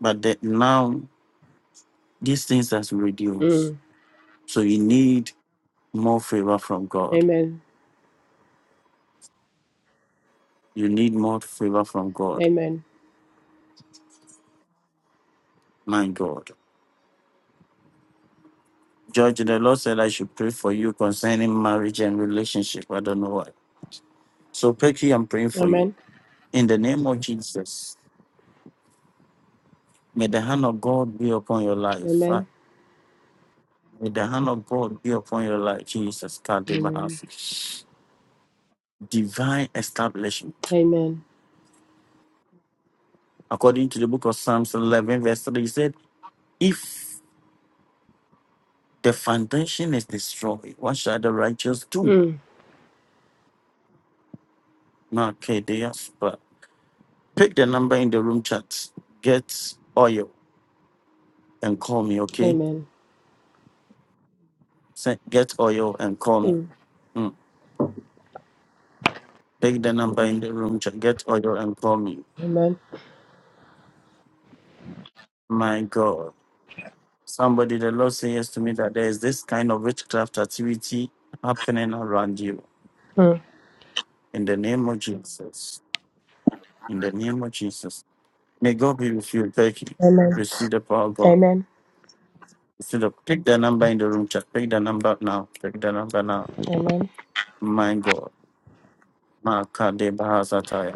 [SPEAKER 1] but that now these things has reduced.
[SPEAKER 6] Mm.
[SPEAKER 1] So you need more favor from God.
[SPEAKER 6] Amen.
[SPEAKER 1] You need more favor from God.
[SPEAKER 6] Amen.
[SPEAKER 1] My God. George, the Lord said I should pray for you concerning marriage and relationship. I don't know why. So, Pecky, I'm praying for you.
[SPEAKER 6] Amen.
[SPEAKER 1] In the name of Jesus, may the hand of God be upon your life. Ah,
[SPEAKER 6] Amen.
[SPEAKER 1] May the hand of God be upon your life, Jesus. God, they must
[SPEAKER 6] Amen.
[SPEAKER 1] Divine establishment.
[SPEAKER 6] Amen.
[SPEAKER 1] According to the book of Psalms 11, verse 3, he said, If the foundation is destroyed, what shall the righteous do?
[SPEAKER 6] Mm.
[SPEAKER 1] Markedeas, but pick the number in the room chat. Get oil and call me, okay?
[SPEAKER 6] Amen.
[SPEAKER 1] Say, get oil and call me.
[SPEAKER 6] Mm.
[SPEAKER 1] Mm. Pick the number in the room chat. Get oil and call me.
[SPEAKER 6] Amen.
[SPEAKER 1] My God. Somebody, the Lord says to me that there is this kind of witchcraft activity happening around you.
[SPEAKER 6] Mm.
[SPEAKER 1] In the name of Jesus. In the name of Jesus. May God be with you. Thank you.
[SPEAKER 6] Amen.
[SPEAKER 1] Receive the power of God.
[SPEAKER 6] Amen.
[SPEAKER 1] Instead of pick the number in the room chat, pick the number now, pick the number now.
[SPEAKER 6] Amen.
[SPEAKER 1] My God, Makade Bahasataya.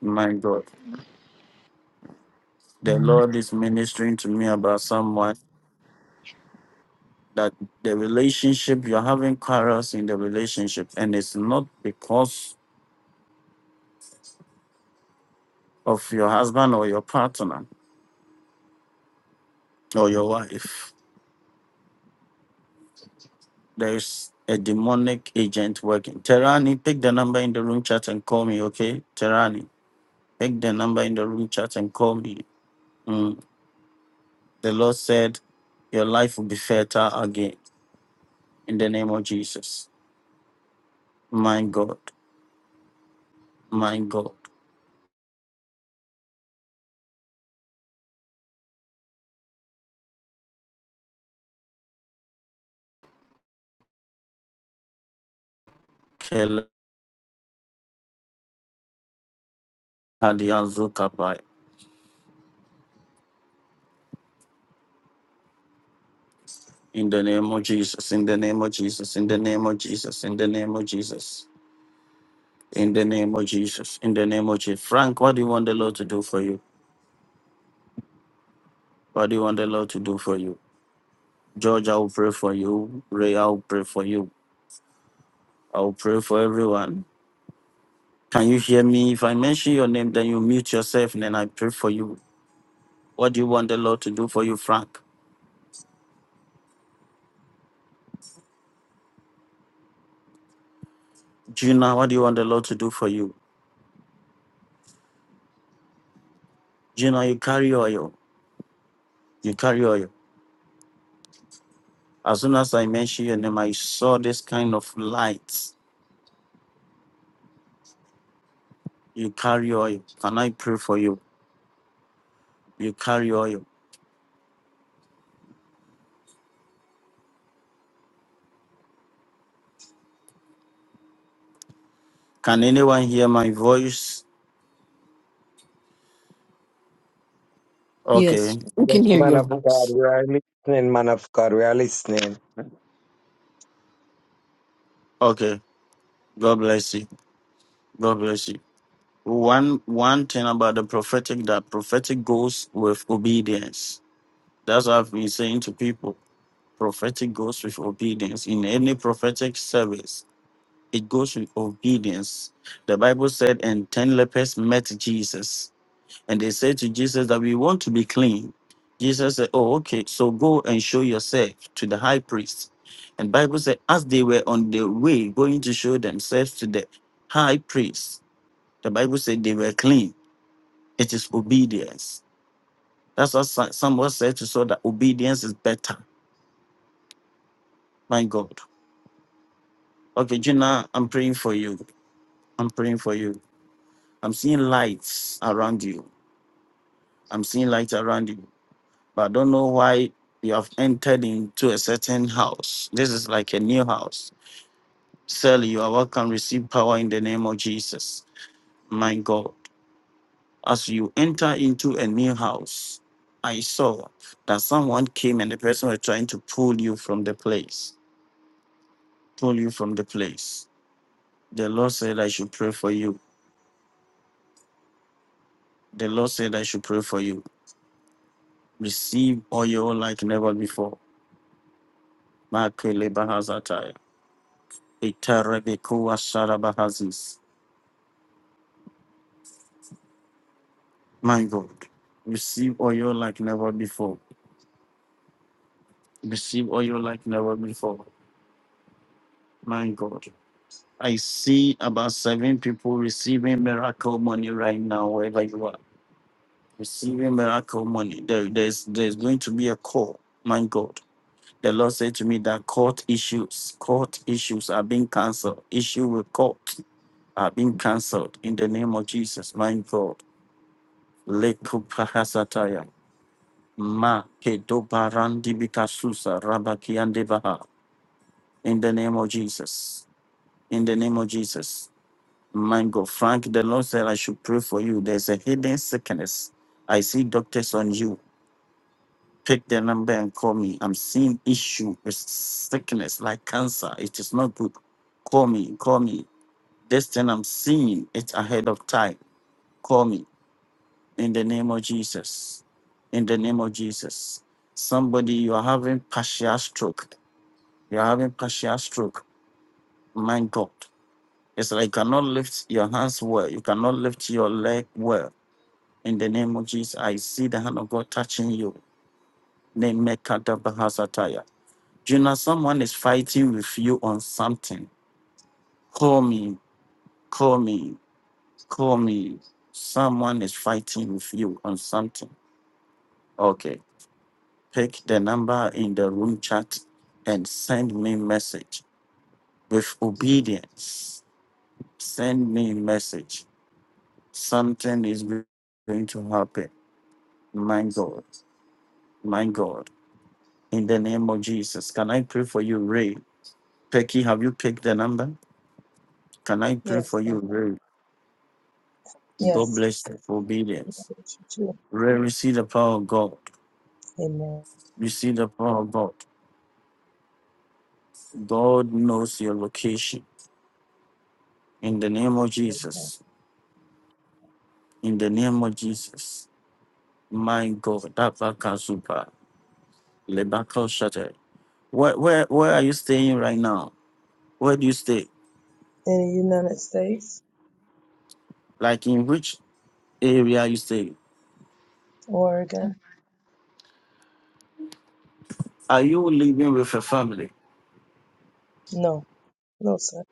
[SPEAKER 1] My God, the Lord is ministering to me about someone that the relationship you're having quarrels in the relationship, and it's not because of your husband or your partner or your wife. There's a demonic agent working. Terani, pick the number in the room chat and call me, okay? Terani, pick the number in the room chat and call me. Mm. The Lord said, Your life will be fertile again in the name of Jesus. My God, my God. Kele hadiazukabai. In the name of Jesus, in the name of Jesus, in the name of Jesus, in the name of Jesus, in the name of Jesus, in the name of Jesus. Frank, what do you want the Lord to do for you? What do you want the Lord to do for you? George, I will pray for you. Ray, I will pray for you. I will pray for everyone. Can you hear me? If I mention your name, then you mute yourself and then I pray for you. What do you want the Lord to do for you, Frank? Gina, what do you want the Lord to do for you? Gina, you carry oil. You carry oil. As soon as I mentioned your name, I saw this kind of light. You carry oil. Can I pray for you? You carry oil. Can anyone hear my voice? Okay.
[SPEAKER 7] Yes, we
[SPEAKER 4] Yes,
[SPEAKER 7] can hear
[SPEAKER 4] man
[SPEAKER 7] your
[SPEAKER 4] of God,
[SPEAKER 7] voice.
[SPEAKER 4] we are listening, man of God, we are listening.
[SPEAKER 1] Okay. God bless you. God bless you. One one thing about the prophetic that prophetic goes with obedience. That's what I've been saying to people. Prophetic goes with obedience. In any prophetic service, It goes with obedience. The Bible said, and 10 lepers met Jesus. And they said to Jesus that we want to be clean. Jesus said, Oh, okay, so go and show yourself to the high priest. And Bible said, as they were on their way going to show themselves to the high priest, the Bible said they were clean. It is obedience. That's what so- someone said to Saul that obedience is better. My God. Okay, Gina, I'm praying for you. I'm praying for you. I'm seeing lights around you. I'm seeing light around you, but I don't know why you have entered into a certain house. This is like a new house. Sally, you are welcome. Receive power in the name of Jesus. My God, as you enter into a new house, I saw that someone came and the person was trying to pull you from the place. Pull you from the place. The Lord said, I should pray for you. The Lord said, I should pray for you. Receive oil like never before. Mark Itarebekua Sarabahazis. My God, receive oil like never before. Receive oil like never before. My God. I see about seven people receiving miracle money right now, wherever you are. Receiving miracle money. There, there's there's going to be a call. My God. The Lord said to me that court issues, court issues are being cancelled. Issue with court are being cancelled in the name of Jesus. My God. Lekupahasataya. Ma ke do barandi bika susa rabaki ande baha. In the name of Jesus. In the name of Jesus. My God, Frank, the Lord said I should pray for you. There's a hidden sickness. I see doctors on you. Pick the number and call me. I'm seeing issue with sickness like cancer. It is not good. Call me. Call me. This thing I'm seeing it's ahead of time. Call me. In the name of Jesus. In the name of Jesus. Somebody, you are having partial stroke You're having partial stroke. My God. It's like you cannot lift your hands well. You cannot lift your leg well. In the name of Jesus, I see the hand of God touching you. Name Mekadabahasataya. Do you know someone is fighting with you on something? Call me, call me, call me. Someone is fighting with you on something. Okay. Pick the number in the room chat and send me message with obedience. Send me message Something is going to happen. My God. My God. In the name of Jesus. Can I pray for you, Ray? Pecky, have you picked the number? Can I pray
[SPEAKER 8] Yes,
[SPEAKER 1] for
[SPEAKER 8] God.
[SPEAKER 1] you, Ray? God
[SPEAKER 8] Yes.
[SPEAKER 1] bless you for obedience. Ray, receive the power of God.
[SPEAKER 8] Amen.
[SPEAKER 1] Receive the power of God. God knows your location. In the name of Jesus. In the name of Jesus. My God. That vaca super. Lebaco shutter. Where, where, where are you staying right now? Where do you stay?
[SPEAKER 8] In the United States,
[SPEAKER 1] Like in which? area you stay.
[SPEAKER 8] Oregon?
[SPEAKER 1] Are you living with a family?
[SPEAKER 8] No. No, sir.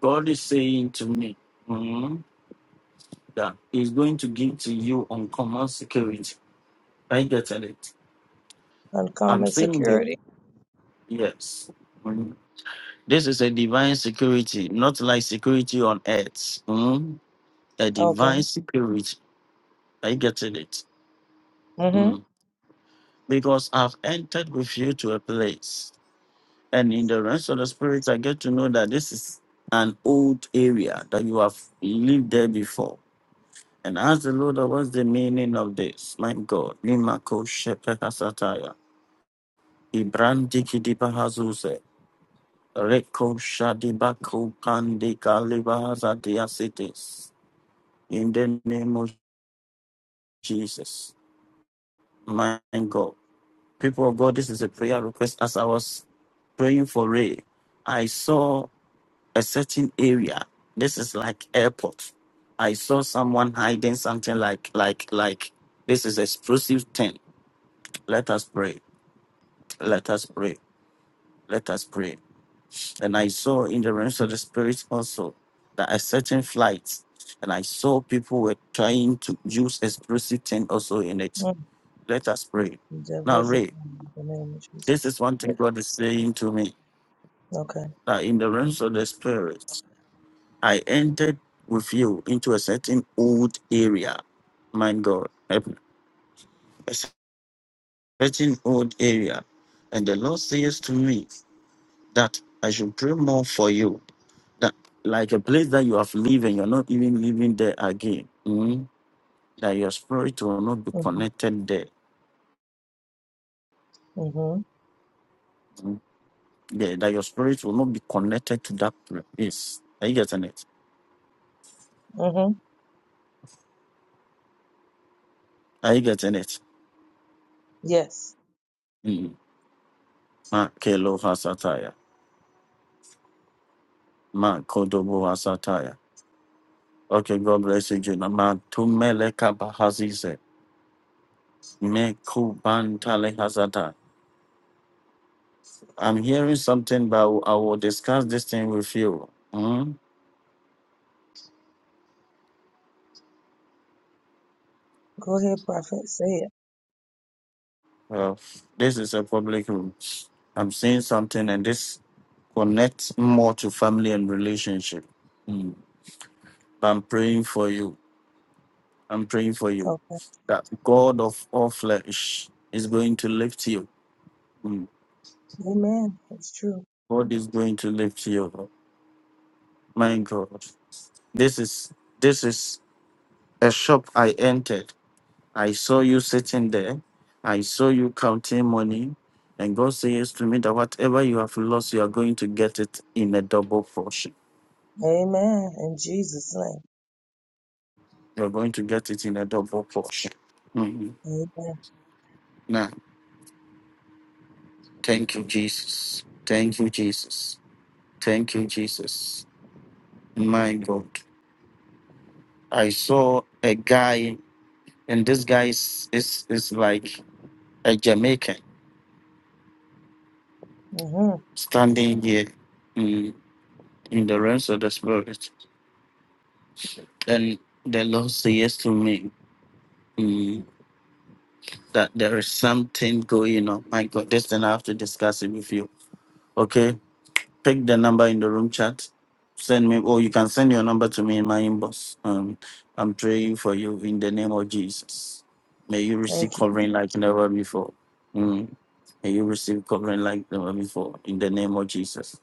[SPEAKER 1] God is saying to me mm, that He's going to give to you uncommon security. I get it. I'm
[SPEAKER 8] Uncommon
[SPEAKER 1] saying that
[SPEAKER 8] security?
[SPEAKER 1] yes. Mm. This is a divine security, not like security on earth. Mm. A
[SPEAKER 8] Okay.
[SPEAKER 1] divine security. I get it.
[SPEAKER 8] Mm-hmm.
[SPEAKER 1] Mm. Because I've entered with you to a place. And in the rest of the spirit, I get to know that this is an old area that you have lived there before And ask the Lord, what's the meaning of this? My God. Nimako Shepehasataya. Ibrandiki Dibahazuse. Reko Shadibako Pandika Libahazadiasitis. In the name of Jesus. My God. People of God, this is a prayer request. As I was praying for Ray, I saw a certain area. This is like airport. I saw someone hiding something like like like this is explosive thing. Let us pray. Let us pray. Let us pray. And I saw in the realms of the spirit also that a certain flight, and I saw people were trying to use explosive thing also in it.
[SPEAKER 8] Mm-hmm.
[SPEAKER 1] Let us pray. Now,
[SPEAKER 8] Divisible
[SPEAKER 1] Ray,
[SPEAKER 8] in the name of
[SPEAKER 1] this
[SPEAKER 8] Jesus.
[SPEAKER 1] is one thing
[SPEAKER 8] Yep.
[SPEAKER 1] God is saying to me
[SPEAKER 8] Okay.
[SPEAKER 1] that in the realms of the spirit, I entered with you into a certain old area. My God, a a certain old area. And the Lord says to me that I should pray more for you that like a place that you have lived and you're not even living there again. mm, That your spirit will not be
[SPEAKER 8] Mm-hmm.
[SPEAKER 1] connected there.
[SPEAKER 8] Mm-hmm.
[SPEAKER 1] mm, yeah, that your spirit will not be connected to that place. Are you getting it?
[SPEAKER 8] Mm-hmm.
[SPEAKER 1] Are you getting it?
[SPEAKER 8] Yes.
[SPEAKER 1] Mm. Ma kelo hasataya. Ma kodobo hasataya. Okay, God bless you, Juna. Ma tumele kabahazize. Me kubantale hasata. I'm hearing something, but I will I will discuss this thing with you. mm.
[SPEAKER 8] Go ahead, prophet. Say it.
[SPEAKER 1] Well, this is a public room. I'm seeing something, and this connects more to family and relationship. Mm. But I'm praying for you. I'm praying for you
[SPEAKER 8] Okay.
[SPEAKER 1] that God of all flesh is going to lift you. Mm.
[SPEAKER 8] Amen. It's true.
[SPEAKER 1] God is going to lift you. My God, this is this is a shop I entered. I saw you sitting there. I saw you counting money. And God says to me that whatever you have lost, you are going to get it in a double portion.
[SPEAKER 8] Amen. In Jesus'
[SPEAKER 1] You are going to get it in a double portion. Mhm.
[SPEAKER 8] name. Amen.
[SPEAKER 1] Now, thank you, Jesus. Thank you, Jesus. Thank you, Jesus. My God. I saw a guy, and this guy is, is, is like a Jamaican
[SPEAKER 8] Mm-hmm.
[SPEAKER 1] standing here mm, in the realms of the spirit. And the Lord says to me. Mm, that there is something going on. My God, this thing I have to discuss it with you. Okay, pick the number in the room chat. Send me, or you can send your number to me in my inbox. Um, I'm praying for you in the name of Jesus. May you receive
[SPEAKER 8] Thank you.
[SPEAKER 1] covering like never before. Mm. May you receive covering like never before in the name of Jesus.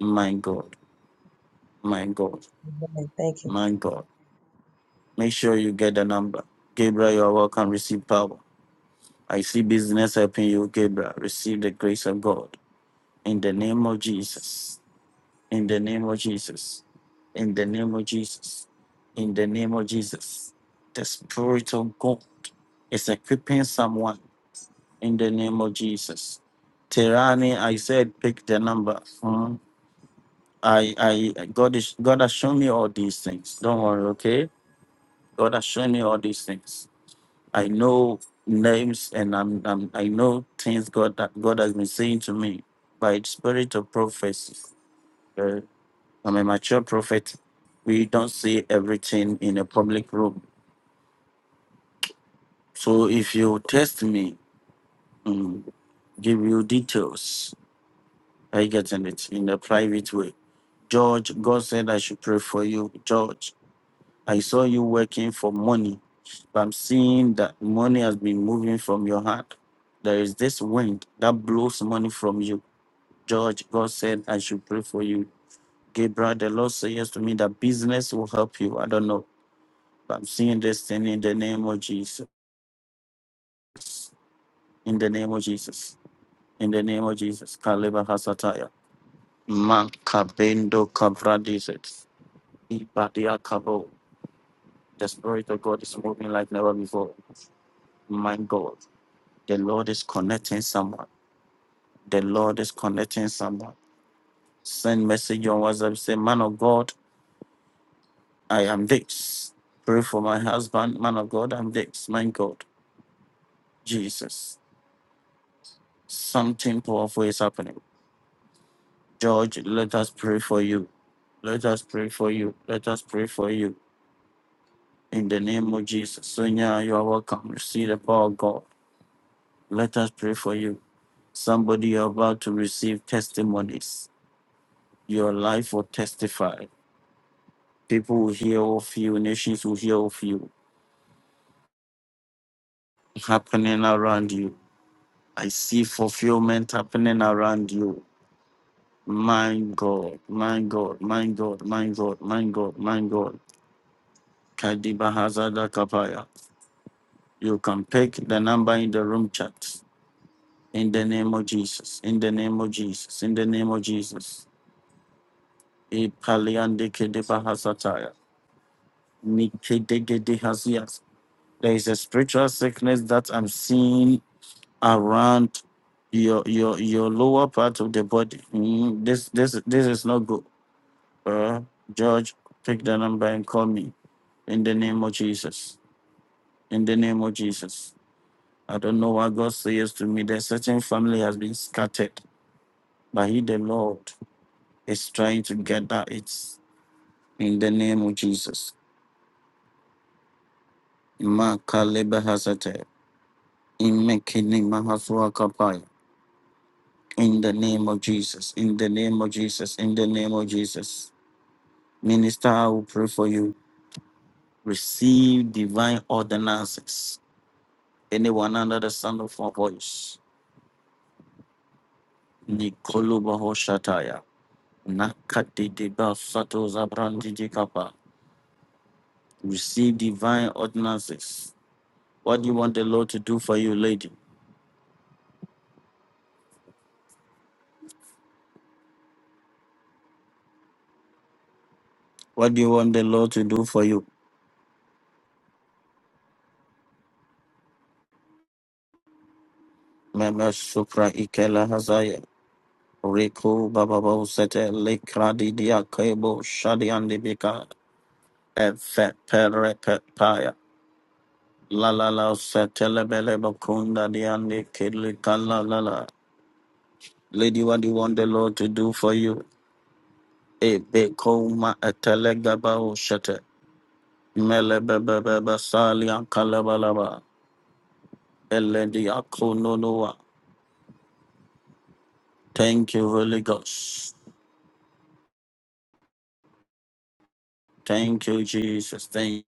[SPEAKER 1] My God, my God,
[SPEAKER 8] Amen. Thank you.
[SPEAKER 1] my God. Make sure you get the number. Gabriel, you are welcome. Receive power. I see business helping you, Gabriel. Receive the grace of God in the name of Jesus. In the name of Jesus. In the name of Jesus. In the name of Jesus. The Spirit of God is equipping someone in the name of Jesus. Terani, I said pick the number. Hmm. I I God is God has shown me all these things. Don't worry, okay? God has shown me all these things. I know names and I'm, I'm I know things God that God has been saying to me by the spirit of prophecy. Uh, I'm a mature prophet. We don't say everything in a public room. So if you test me, mm, give you details. I get in it in a private way. George, God said I should pray for you, George. I saw you working for money, but I'm seeing that money has been moving from your heart. There is this wind that blows money from you. George, God said I should pray for you. Gabriel, the Lord says to me that business will help you. I don't know, but I'm seeing this thing in the name of Jesus. In the name of Jesus. In the name of Jesus. Kaleba Hasataya. Man kabendo kabradizet. Ibadia kabo. The Spirit of God is moving like never before. My God. The Lord is connecting someone. The Lord is connecting someone. Send message on WhatsApp. Say, man of God, I am this. Pray for my husband. Man of God, I'm this. My God, Jesus. Something powerful is happening. George, let us pray for you. Let us pray for you. Let us pray for you. In the name of Jesus. Sonia, you are welcome. Receive the power of God. Let us pray for you. Somebody you're about to receive testimonies. Your life will testify. People will hear of you, nations will hear of you happening around you. I see fulfillment happening around you. My God, my God, my God, my God, my God, my God. Kadiba Hazada Kapaya. You can pick the number in the room chat. In the name of Jesus. In the name of Jesus. In the name of Jesus. Ipaliande Kediba Hazataya. Nikedegede Hazias. There is a spiritual sickness that I'm seeing around your your your lower part of the body. Mm, This this this is not good. Uh, George, pick the number and call me in the name of Jesus. In the name of Jesus. I don't know what God says to me. That certain family has been scattered, but He, the Lord, is trying to gather it in the name of Jesus. Makaleba hasate. Imekini mahasua kapaya. In the name of Jesus. In the name of Jesus. In the name of Jesus. Minister, I will pray for you. Receive divine ordinances. Anyone under the sound of my voice. Nikolo Baho Shataya. Nakati Deba Sato Zabrandi Dikapa. Receive divine ordinances. What do you want the Lord to do for you, lady? What do you want the Lord to do for you? Meme Supra Ikela Hazaya. Reko Bababo Sete Lekradi Diakebo Shadiandibika. Efe Pere Pepaya. La la la satelebele bakunda diande kidli kala la la. Lady, what do you want the Lord to do for you? E bekoma etelegaba o shete. Mele bebe bebe sali ankalabalaba. Eledi akononoa. Thank you, Holy Ghost. Thank you, Jesus. Thank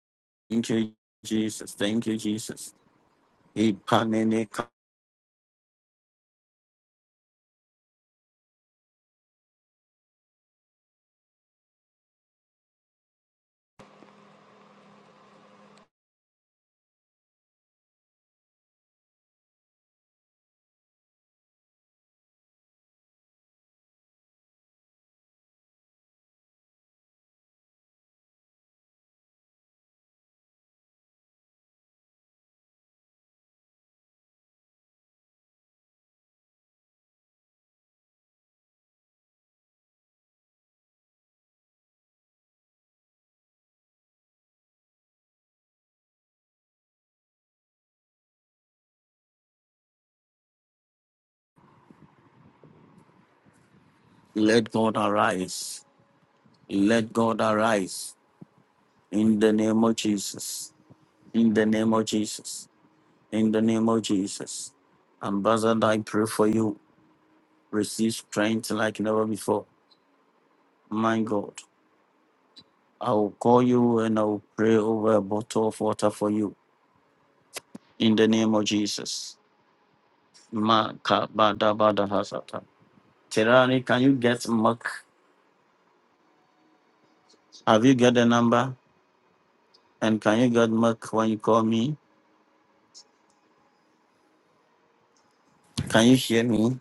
[SPEAKER 1] you, Jesus. Thank you, Jesus. Ipanene Let God arise. Let God arise. In the name of Jesus. In the name of Jesus. in the name of Jesus. Ambassador, I pray for you. Receive strength like never before. My God, I will call you and I will pray over a bottle of water for you in the name of Jesus. Maka bada bada hasata. Terani, can you get milk? Have you got the number? And can you get milk when you call me? Can you hear me?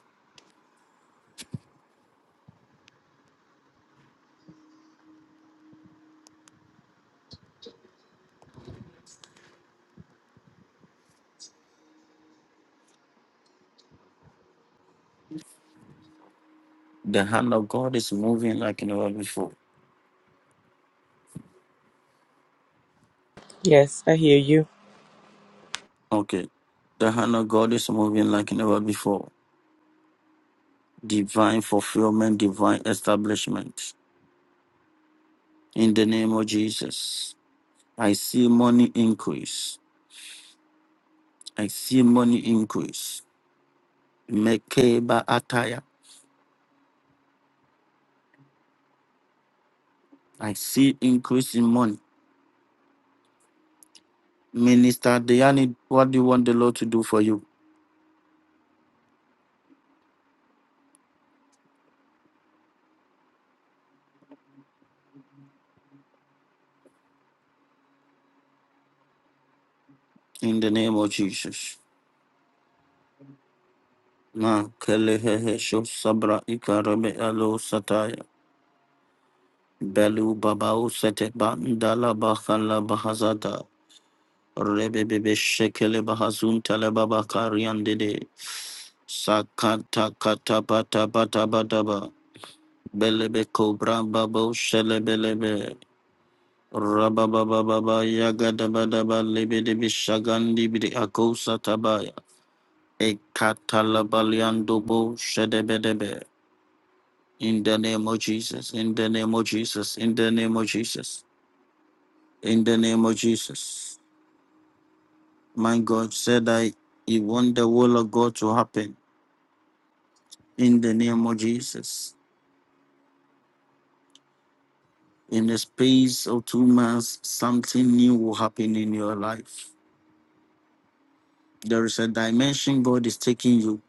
[SPEAKER 1] The hand of God is moving like never before.
[SPEAKER 5] Yes, I hear you.
[SPEAKER 1] Okay. The hand of God is moving like never before. divine fulfillment, divine establishment. In the name of Jesus, I see money increase. I see money increase. Mekeba ataya. I see increase in money. Minister Diani, what do you want the Lord to do for you? In the name of Jesus. Ma kelehehe sho sabra ikarame alo sataya. Belu babao sete bandala bakala bahazada. Rebebebe Shekele Bahazun Talababa Karian Dede Sakata Kata Bata Bata Badaba Belebe Cobra Babo Shelebelebe Rabababa Yagadabadaba Lebedebi Shagandi Bidi Akosa Tabaya Ekatalabaliandobo Shedebedebe In the name of Jesus, in the name of Jesus, in the name of Jesus, in the name of Jesus. My God said I, He want the will of God to happen. in the name of Jesus. In the space of two months, something new will happen in your life. There is a dimension God is taking you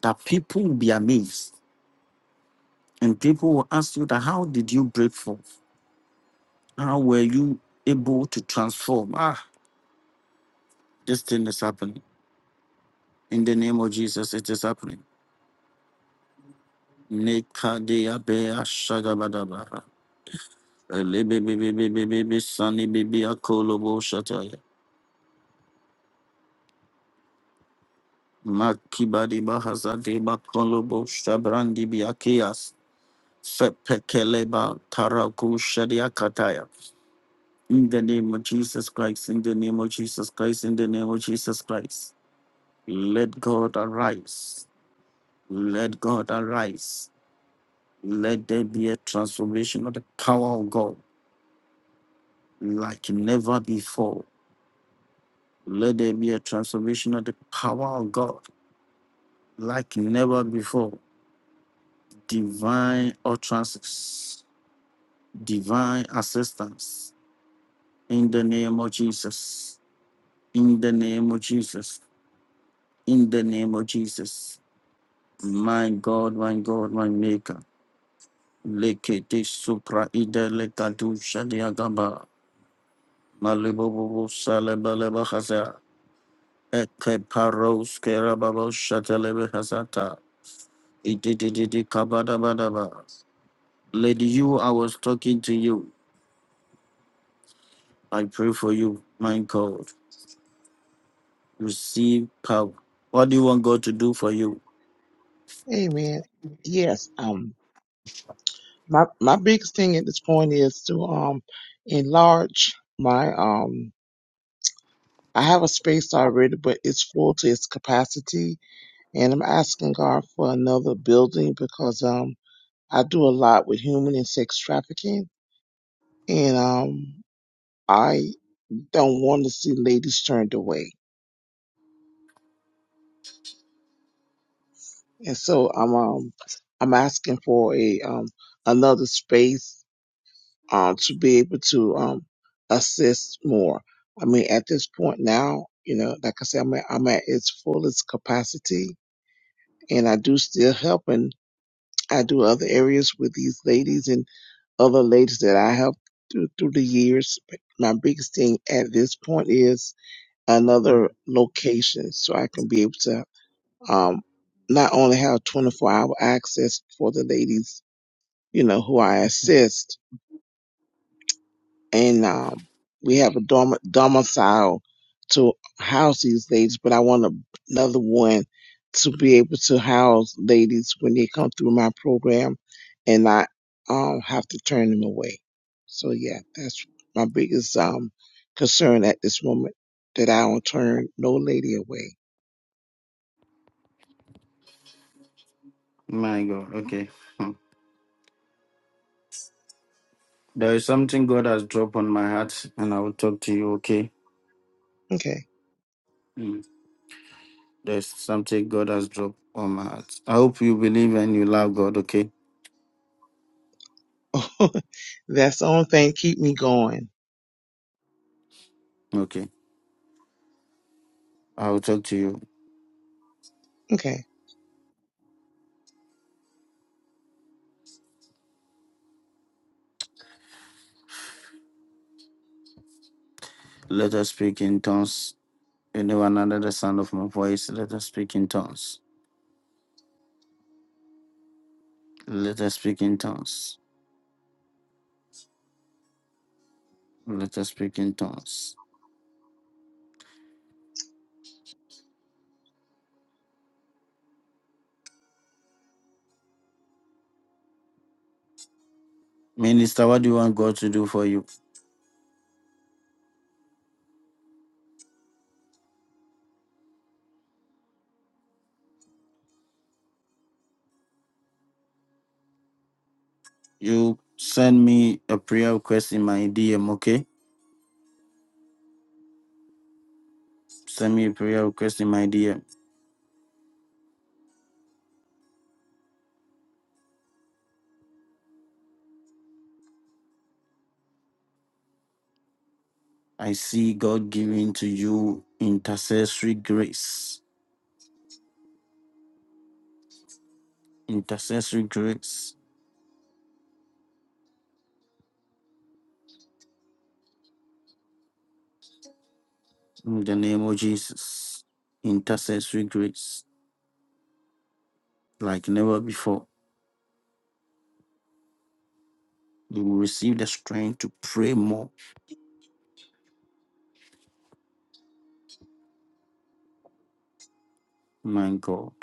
[SPEAKER 1] that people will be amazed. And people will ask you that how did you break forth? How were you able to transform? Ah, this thing is happening. In the name of Jesus, it is happening. Nekadeabea shagabadaba. Elebebebebebebe sanibibia kolobo shataya. Makibadi Bahazade Bakolobo Shabrandi Biakias Fepekeleba Taraku Shadia In the name of Jesus Christ, in the name of Jesus Christ, in the name of Jesus Christ. Let God arise. Let God arise. Let there be a transformation of the power of God like never before. Let there be a transformation of the power of God like never before. Divine utterances divine assistance in the name of Jesus. In the name of Jesus. In the name of Jesus. My God, my God, my Maker. Lekete supra ide lekadu shadiagamba. Malibobo salebaleba haza. Eke paros kerababo shatelebe hazata. Idididi kabadabadaba. Lady, you, I was talking to you. I pray for you, my God. receive power. What do you want God to do for you?
[SPEAKER 9] Amen. Yes. Um. My my biggest thing at this point is to um enlarge my um. I have a space already, but it's full to its capacity, and I'm asking God for another building because um I do a lot with human and sex trafficking, and um I don't want to see ladies turned away, and so I'm um I'm asking for a um another space um, to be able to um, assist more. I mean, at this point now, you know, like I said, I'm at, I'm at its fullest capacity, and I do still help, and I do other areas with these ladies and other ladies that I help through, through the years. But my biggest thing at this point is another location, so I can be able to um, not only have 24 hour access for the ladies, you know, who I assist and um, we have a dorm- domicile to house these ladies, but I want a, another one to be able to house ladies when they come through my program and not um, have to turn them away. So, yeah, that's my biggest um, concern at this moment that I don't turn no lady away.
[SPEAKER 1] My God, okay. Hmm. There is something God has dropped on my heart, and I will talk to you, okay?
[SPEAKER 9] Okay.
[SPEAKER 1] Hmm. There's something God has dropped on my heart. I hope you believe and you love God, okay?
[SPEAKER 9] that's the only thing keep me going.
[SPEAKER 1] Okay. I will talk to you.
[SPEAKER 9] Okay.
[SPEAKER 1] Let us speak in tongues. Anyone under the sound of my voice, let us speak in tongues. Let us speak in tongues. Let us speak in tongues. Minister, what do you want God to do for you? You send me a prayer request in my DM, okay? Send me a prayer request in my DM. I see God giving to you intercessory grace. Intercessory grace in the name of Jesus. Intercessory grace like never before. You will receive the strength to pray more. My God.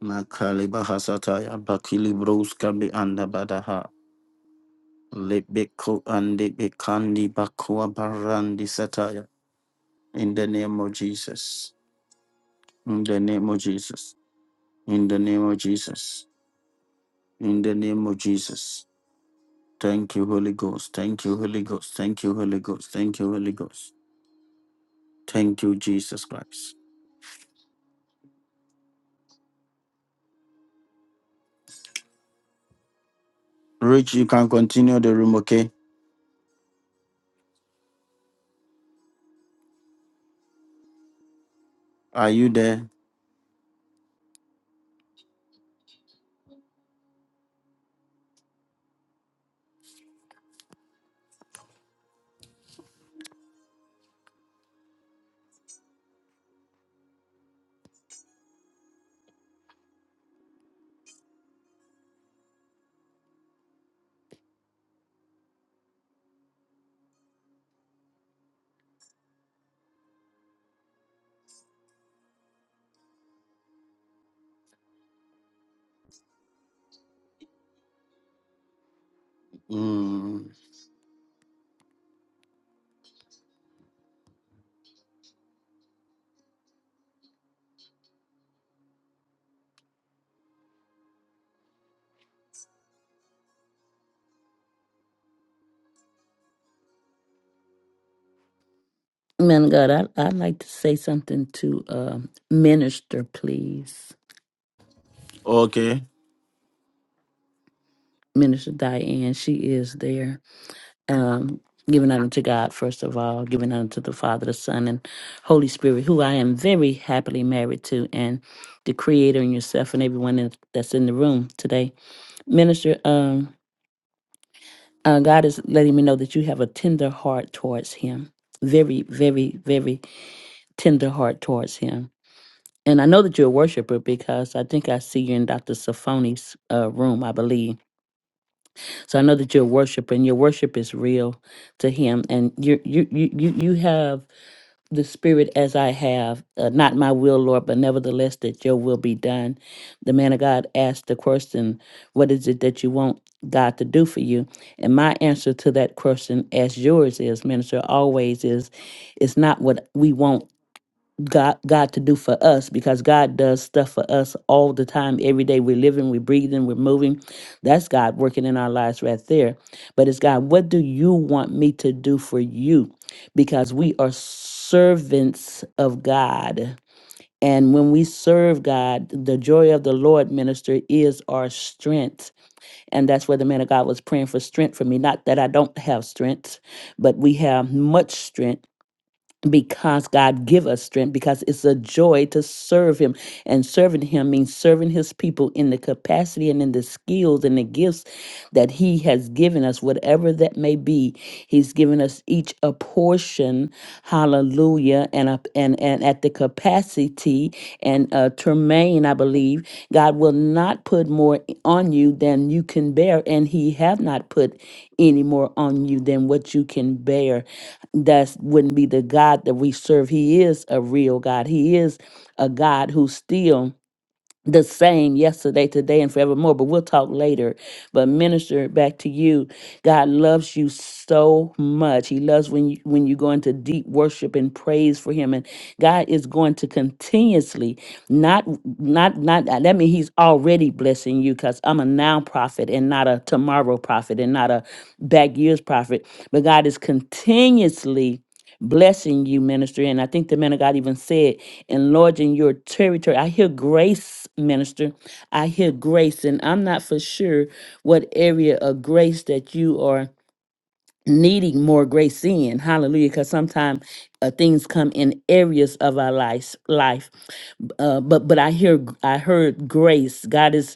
[SPEAKER 1] Nakaliba hasataya bakili broska be andabadaha. Lebeko and bekandi bakwa barandi sataya. In the name of Jesus. In the name of Jesus. In the name of Jesus. In the name of Jesus. Thank you, Holy Ghost. Thank you, Holy Ghost. Thank you, Holy Ghost. Thank you, Holy Ghost. Thank you, Jesus Christ. Rich, you can continue the room, okay? Are you there? Mm,
[SPEAKER 7] Man of God, I, I'd like to say something to um Minister, please.
[SPEAKER 1] okay.
[SPEAKER 7] Minister Diane, she is there. Um, giving honor to God, first of all, giving honor to the Father, the Son, and Holy Spirit, who I am very happily married to, and the Creator and yourself and everyone in, that's in the room today. Minister, um, Uh, God is letting me know that you have a tender heart towards Him. Very, very, very tender heart towards Him. And I know that you're a worshiper because I think I see you in Dr. Safoni's uh, room, I believe. So I know that you're a worshiper, and your worship is real to Him. And you, you, you, you, you have the spirit as I have, uh, not my will, Lord, but nevertheless that your will be done. The man of God asked the question, What is it that you want God to do for you? And my answer to that question, as yours is, minister, always is, it's not what we want God God to do for us because God does stuff for us all the time, every day. We're living, we're breathing, we're moving. That's God working in our lives right there. But it's God, what do you want me to do for you? Because we are servants of God. And when we serve God, the joy of the Lord minister is our strength. And that's where the man of God was praying for strength for me. Not that I don't have strength, but we have much strength because God give us strength because it's a joy to serve him and serving him means serving his people in the capacity and in the skills and the gifts that he has given us whatever that may be he's given us each a portion hallelujah and up and and at the capacity and uh Tremaine I believe God will not put more on you than you can bear and he have not put any more on you than what you can bear that wouldn't be the God that we serve. He is a real God. He is a God who's still the same yesterday, today, and forevermore. But we'll talk later. But minister, back to you. God loves you so much. He loves when you when you go into deep worship and praise for him. And God is going to continuously, not not not uh, that mean, he's already blessing you because I'm a now prophet and not a tomorrow prophet and not a back years prophet. But God is continuously blessing you, minister. And I think the man of God even said, enlarging your territory. I hear grace, minister. I hear grace. And I'm not for sure what area of grace that you are needing more grace in. Hallelujah. Because sometimes uh, things come in areas of our life. life. Uh, but but I hear I heard grace. God is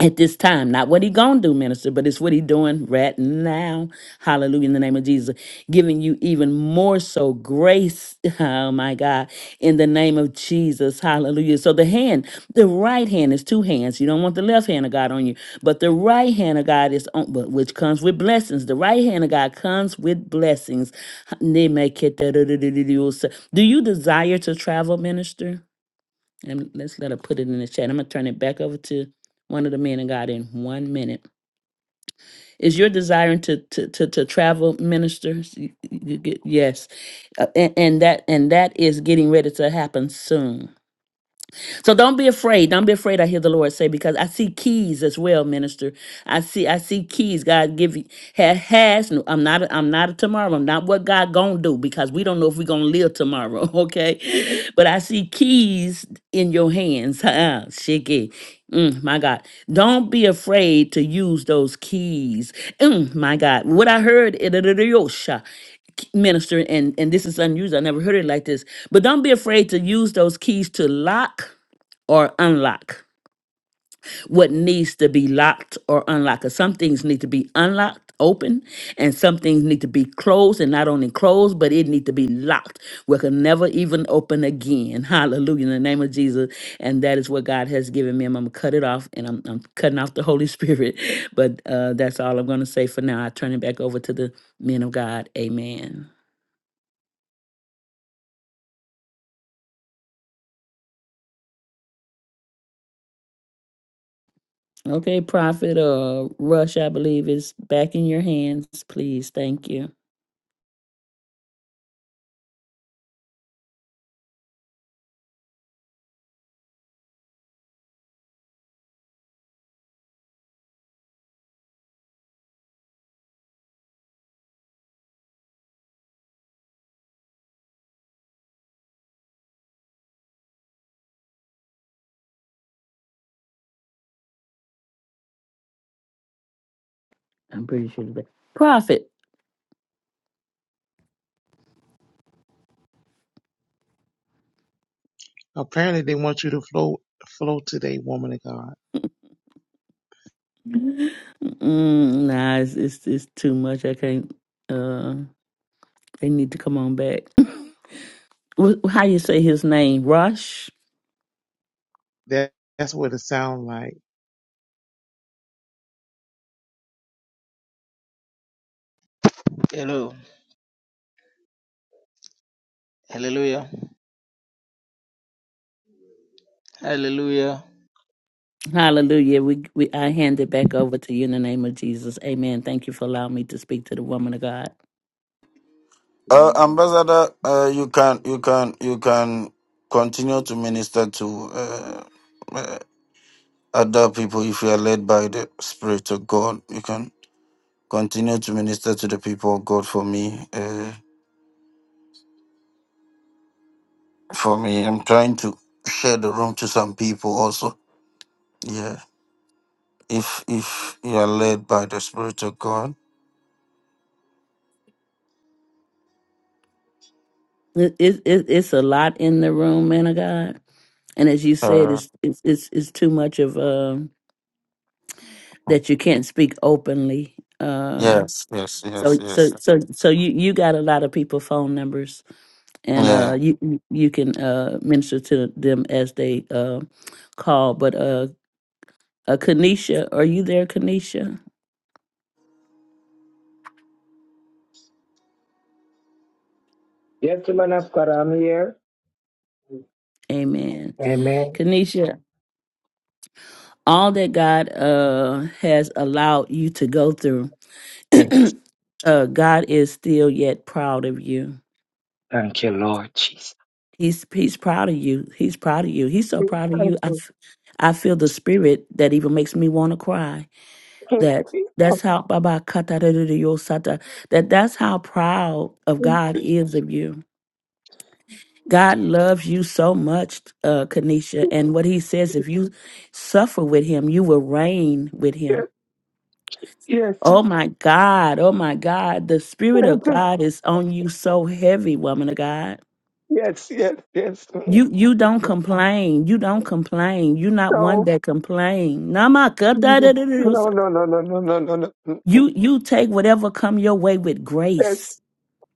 [SPEAKER 7] at this time. Not what he gonna do, minister, but it's what he doing right now. Hallelujah. In the name of Jesus. Giving you even more so grace. Oh my God. In the name of Jesus. Hallelujah. So the hand, the right hand is two hands. You don't want the left hand of God on you. But the right hand of God is on but which comes with blessings. The right hand of God comes with blessings. Do you desire to travel, minister? And let's let her put it in the chat. I'm gonna turn it back over to one of the men of God in one minute. Is your desire to to to, to travel, ministers? You, you get, yes, uh, and, and that and that is getting ready to happen soon so don't be afraid. Don't be afraid. I hear the Lord say because I see keys as well, minister. I see I see keys. God give you ha- has. no- I'm not. I'm not a tomorrow. I'm not what God gonna do because we don't know if we're gonna live tomorrow. Okay, but I see keys in your hands. Ah, Shiki. Mm, my God, don't be afraid to use those keys. Mm, my God, what I heard it minister and and this is unusual i never heard it like this but don't be afraid to use those keys to lock or unlock what needs to be locked or unlocked. 'Cause some things need to be unlocked, open, and some things need to be closed, and not only closed, but it need to be locked. where it can never even open again. Hallelujah. In the name of Jesus. And that is what God has given me. I'm gonna cut it off and I'm, I'm cutting off the Holy Spirit. But uh that's all I'm gonna say for now. I turn it back over to the men of God. Amen. Okay, Prophet uh Rush, I believe is back in your hands, please. Thank you. I'm pretty sure it's that profit.
[SPEAKER 9] Apparently they want you to flow flow today, woman of God.
[SPEAKER 7] Mm, nah, it's, it's it's too much. I can't. Uh, they need to come on back. Wh- How you say his name? Rush.
[SPEAKER 9] That that's what it sounds like
[SPEAKER 2] Hallelujah, Hallelujah.
[SPEAKER 7] Hallelujah. We we I hand it back over to you in the name of Jesus. Amen. Thank you for allowing me to speak to the woman of God.
[SPEAKER 1] Uh, Ambassador, uh, you can you can you can continue to minister to uh, uh, other people if you are led by the Spirit of God. You can. Continue to minister to the people of God for me. Uh, for me, I'm trying to share the room to some people also. Yeah, if if you are led by the Spirit of God.
[SPEAKER 7] It, it, it it's a lot in the room, man of God. And as you said,
[SPEAKER 1] Uh,
[SPEAKER 7] it's it's it's, it's too much of um that you can't speak openly. Uh,
[SPEAKER 1] yes, yes, yes,
[SPEAKER 7] So
[SPEAKER 1] yes.
[SPEAKER 7] so so so you you got a lot of people phone numbers and uh
[SPEAKER 1] Yeah.
[SPEAKER 7] you you you can uh minister to them as they uh call but uh, uh Kanisha are you there Kanisha
[SPEAKER 4] Yes, man of God, I'm here.
[SPEAKER 7] amen
[SPEAKER 4] Amen.
[SPEAKER 7] Kanisha all that God uh has allowed you to go through uh God is still yet proud of you
[SPEAKER 4] Thank you, Lord Jesus.
[SPEAKER 7] he's he's proud of you he's proud of you he's so
[SPEAKER 4] Thank
[SPEAKER 7] proud of you I
[SPEAKER 4] you.
[SPEAKER 7] f- I feel the spirit that even makes me want to cry that that's how Baba kata da da da yo sata, that that's how proud of God is of you. God loves you so much, uh, Kanisha, and what He says, if you suffer with Him, you will reign with Him.
[SPEAKER 4] Yes,
[SPEAKER 7] Oh my God, oh my God, the Spirit of God is on you so heavy, woman of God.
[SPEAKER 4] yes, yes, yes. No,
[SPEAKER 7] You you don't complain. You don't complain. You're not one that complain. Nama kata da
[SPEAKER 4] no,
[SPEAKER 7] da da yo sata.
[SPEAKER 4] no, no, no, no, no, no, no.
[SPEAKER 7] You you take whatever come your way with grace.
[SPEAKER 4] Yes,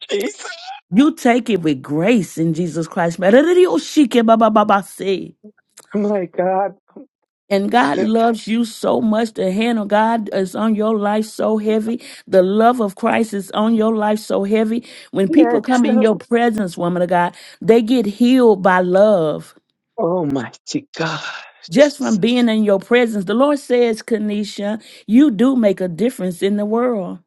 [SPEAKER 4] Jesus.
[SPEAKER 7] You take it with grace in Jesus Christ. And
[SPEAKER 4] My God.
[SPEAKER 7] God loves you so much. The hand of God is on your life so heavy. The love of Christ is on your life so heavy. When people
[SPEAKER 4] Yes.
[SPEAKER 7] come in your presence, woman of God, they get healed by love.
[SPEAKER 4] Oh, mighty
[SPEAKER 7] Just
[SPEAKER 4] God.
[SPEAKER 7] from being in your presence. The Lord says, Kanisha, you do make a difference in the world.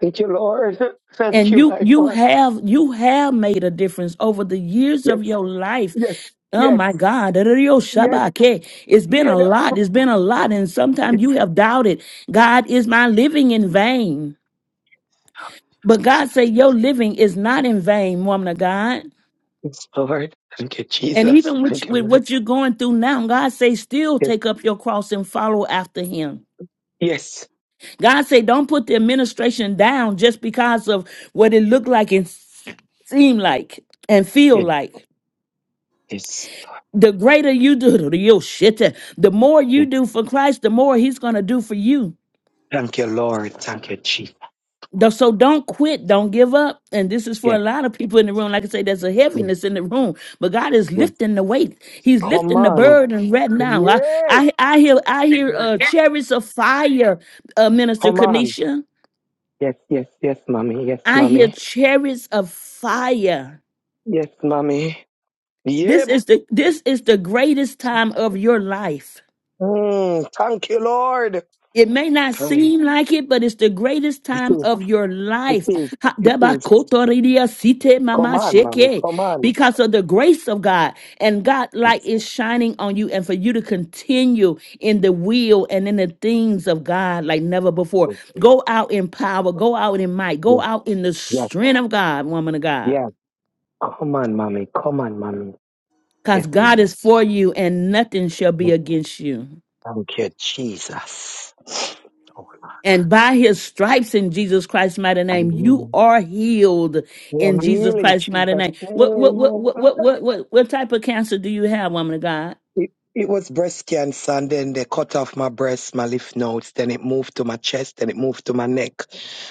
[SPEAKER 4] Thank you, Lord. Thank
[SPEAKER 7] and
[SPEAKER 4] you,
[SPEAKER 7] you
[SPEAKER 4] my
[SPEAKER 7] you
[SPEAKER 4] Father.
[SPEAKER 7] have you have made a difference over the years
[SPEAKER 4] Yes,
[SPEAKER 7] of your life
[SPEAKER 4] yes,
[SPEAKER 7] oh
[SPEAKER 4] yes,
[SPEAKER 7] my god Rio
[SPEAKER 4] yes,
[SPEAKER 7] Shabake. it's been
[SPEAKER 4] yeah,
[SPEAKER 7] a
[SPEAKER 4] no.
[SPEAKER 7] lot it's been a lot and sometimes
[SPEAKER 4] yes,
[SPEAKER 7] you have doubted god is my living in vain but god said your living is not in vain woman of god
[SPEAKER 4] yes, Lord. Thank you,
[SPEAKER 7] and
[SPEAKER 4] Jesus.
[SPEAKER 7] even with,
[SPEAKER 4] Thank you,
[SPEAKER 7] with
[SPEAKER 4] Lord.
[SPEAKER 7] what you're going through now, God say still
[SPEAKER 4] Yes,
[SPEAKER 7] take up your cross and follow after him.
[SPEAKER 4] yes,
[SPEAKER 7] God say don't put the administration down just because of what it looked like and seemed like and feel
[SPEAKER 4] yes,
[SPEAKER 7] like.
[SPEAKER 4] yes.
[SPEAKER 7] The greater you do, yo, shit, the more you
[SPEAKER 4] yes.
[SPEAKER 7] do for Christ, the more he's going to do for you.
[SPEAKER 4] Thank you, Lord. Thank you, Jesus.
[SPEAKER 7] Though- So don't quit, don't give up. And this is for
[SPEAKER 4] Yes,
[SPEAKER 7] a lot of people in the room. Like I say, there's a
[SPEAKER 4] yes,
[SPEAKER 7] heaviness in the room, but God is
[SPEAKER 4] yes.
[SPEAKER 7] lifting the weight. He's
[SPEAKER 4] Come
[SPEAKER 7] lifting the
[SPEAKER 4] on.
[SPEAKER 7] burden right now. I
[SPEAKER 4] Yay.
[SPEAKER 7] I, I hear I hear uh, chariots of fire, uh, Minister
[SPEAKER 4] Come on.
[SPEAKER 7] Kanisha.
[SPEAKER 4] Yes, yes, yes, mommy. Yes,
[SPEAKER 7] I hear
[SPEAKER 4] mommy.
[SPEAKER 7] chariots of fire.
[SPEAKER 4] Yes, mommy. Yeah.
[SPEAKER 7] This
[SPEAKER 4] bo-
[SPEAKER 7] is the this is the greatest time of your life.
[SPEAKER 4] Mm, thank you, Lord.
[SPEAKER 7] It may not
[SPEAKER 4] Come.
[SPEAKER 7] seem like it, but it's the greatest
[SPEAKER 4] It
[SPEAKER 7] time
[SPEAKER 4] is,
[SPEAKER 7] of your
[SPEAKER 4] it
[SPEAKER 7] life.
[SPEAKER 4] is,
[SPEAKER 7] Ha-
[SPEAKER 4] it
[SPEAKER 7] deba
[SPEAKER 4] is.
[SPEAKER 7] kotoridia site
[SPEAKER 4] Come
[SPEAKER 7] mama
[SPEAKER 4] on, mommy.
[SPEAKER 7] sheke.
[SPEAKER 4] Come on.
[SPEAKER 7] Because of the grace of God and God light
[SPEAKER 4] Yes,
[SPEAKER 7] is shining on you and for you to continue in the will and in the things of God like never before.
[SPEAKER 4] yes, yes.
[SPEAKER 7] Go out in power, go out in might, go
[SPEAKER 4] Yes,
[SPEAKER 7] out in the
[SPEAKER 4] yes,
[SPEAKER 7] strength of God, woman of God.
[SPEAKER 4] yes. Come on, mommy. Come on, mommy.
[SPEAKER 7] Because
[SPEAKER 4] Yes,
[SPEAKER 7] God
[SPEAKER 4] mommy.
[SPEAKER 7] is for you and nothing shall be against you.
[SPEAKER 4] Thank you, Jesus. Oh, Lord.
[SPEAKER 7] And by his stripes in Jesus Christ's mighty name,
[SPEAKER 4] Hallelujah.
[SPEAKER 7] you are healed
[SPEAKER 4] Oh,
[SPEAKER 7] in
[SPEAKER 4] I'm
[SPEAKER 7] Jesus
[SPEAKER 4] healing,
[SPEAKER 7] Christ's mighty
[SPEAKER 4] Jesus.
[SPEAKER 7] name. What what
[SPEAKER 4] name,
[SPEAKER 7] what
[SPEAKER 4] oh,
[SPEAKER 7] what
[SPEAKER 4] God.
[SPEAKER 7] what what what, what type of cancer do you have, woman of God?
[SPEAKER 4] It, it was breast cancer, and then they cut off my breast, my lymph nodes, then it moved to my chest, then it moved to my neck.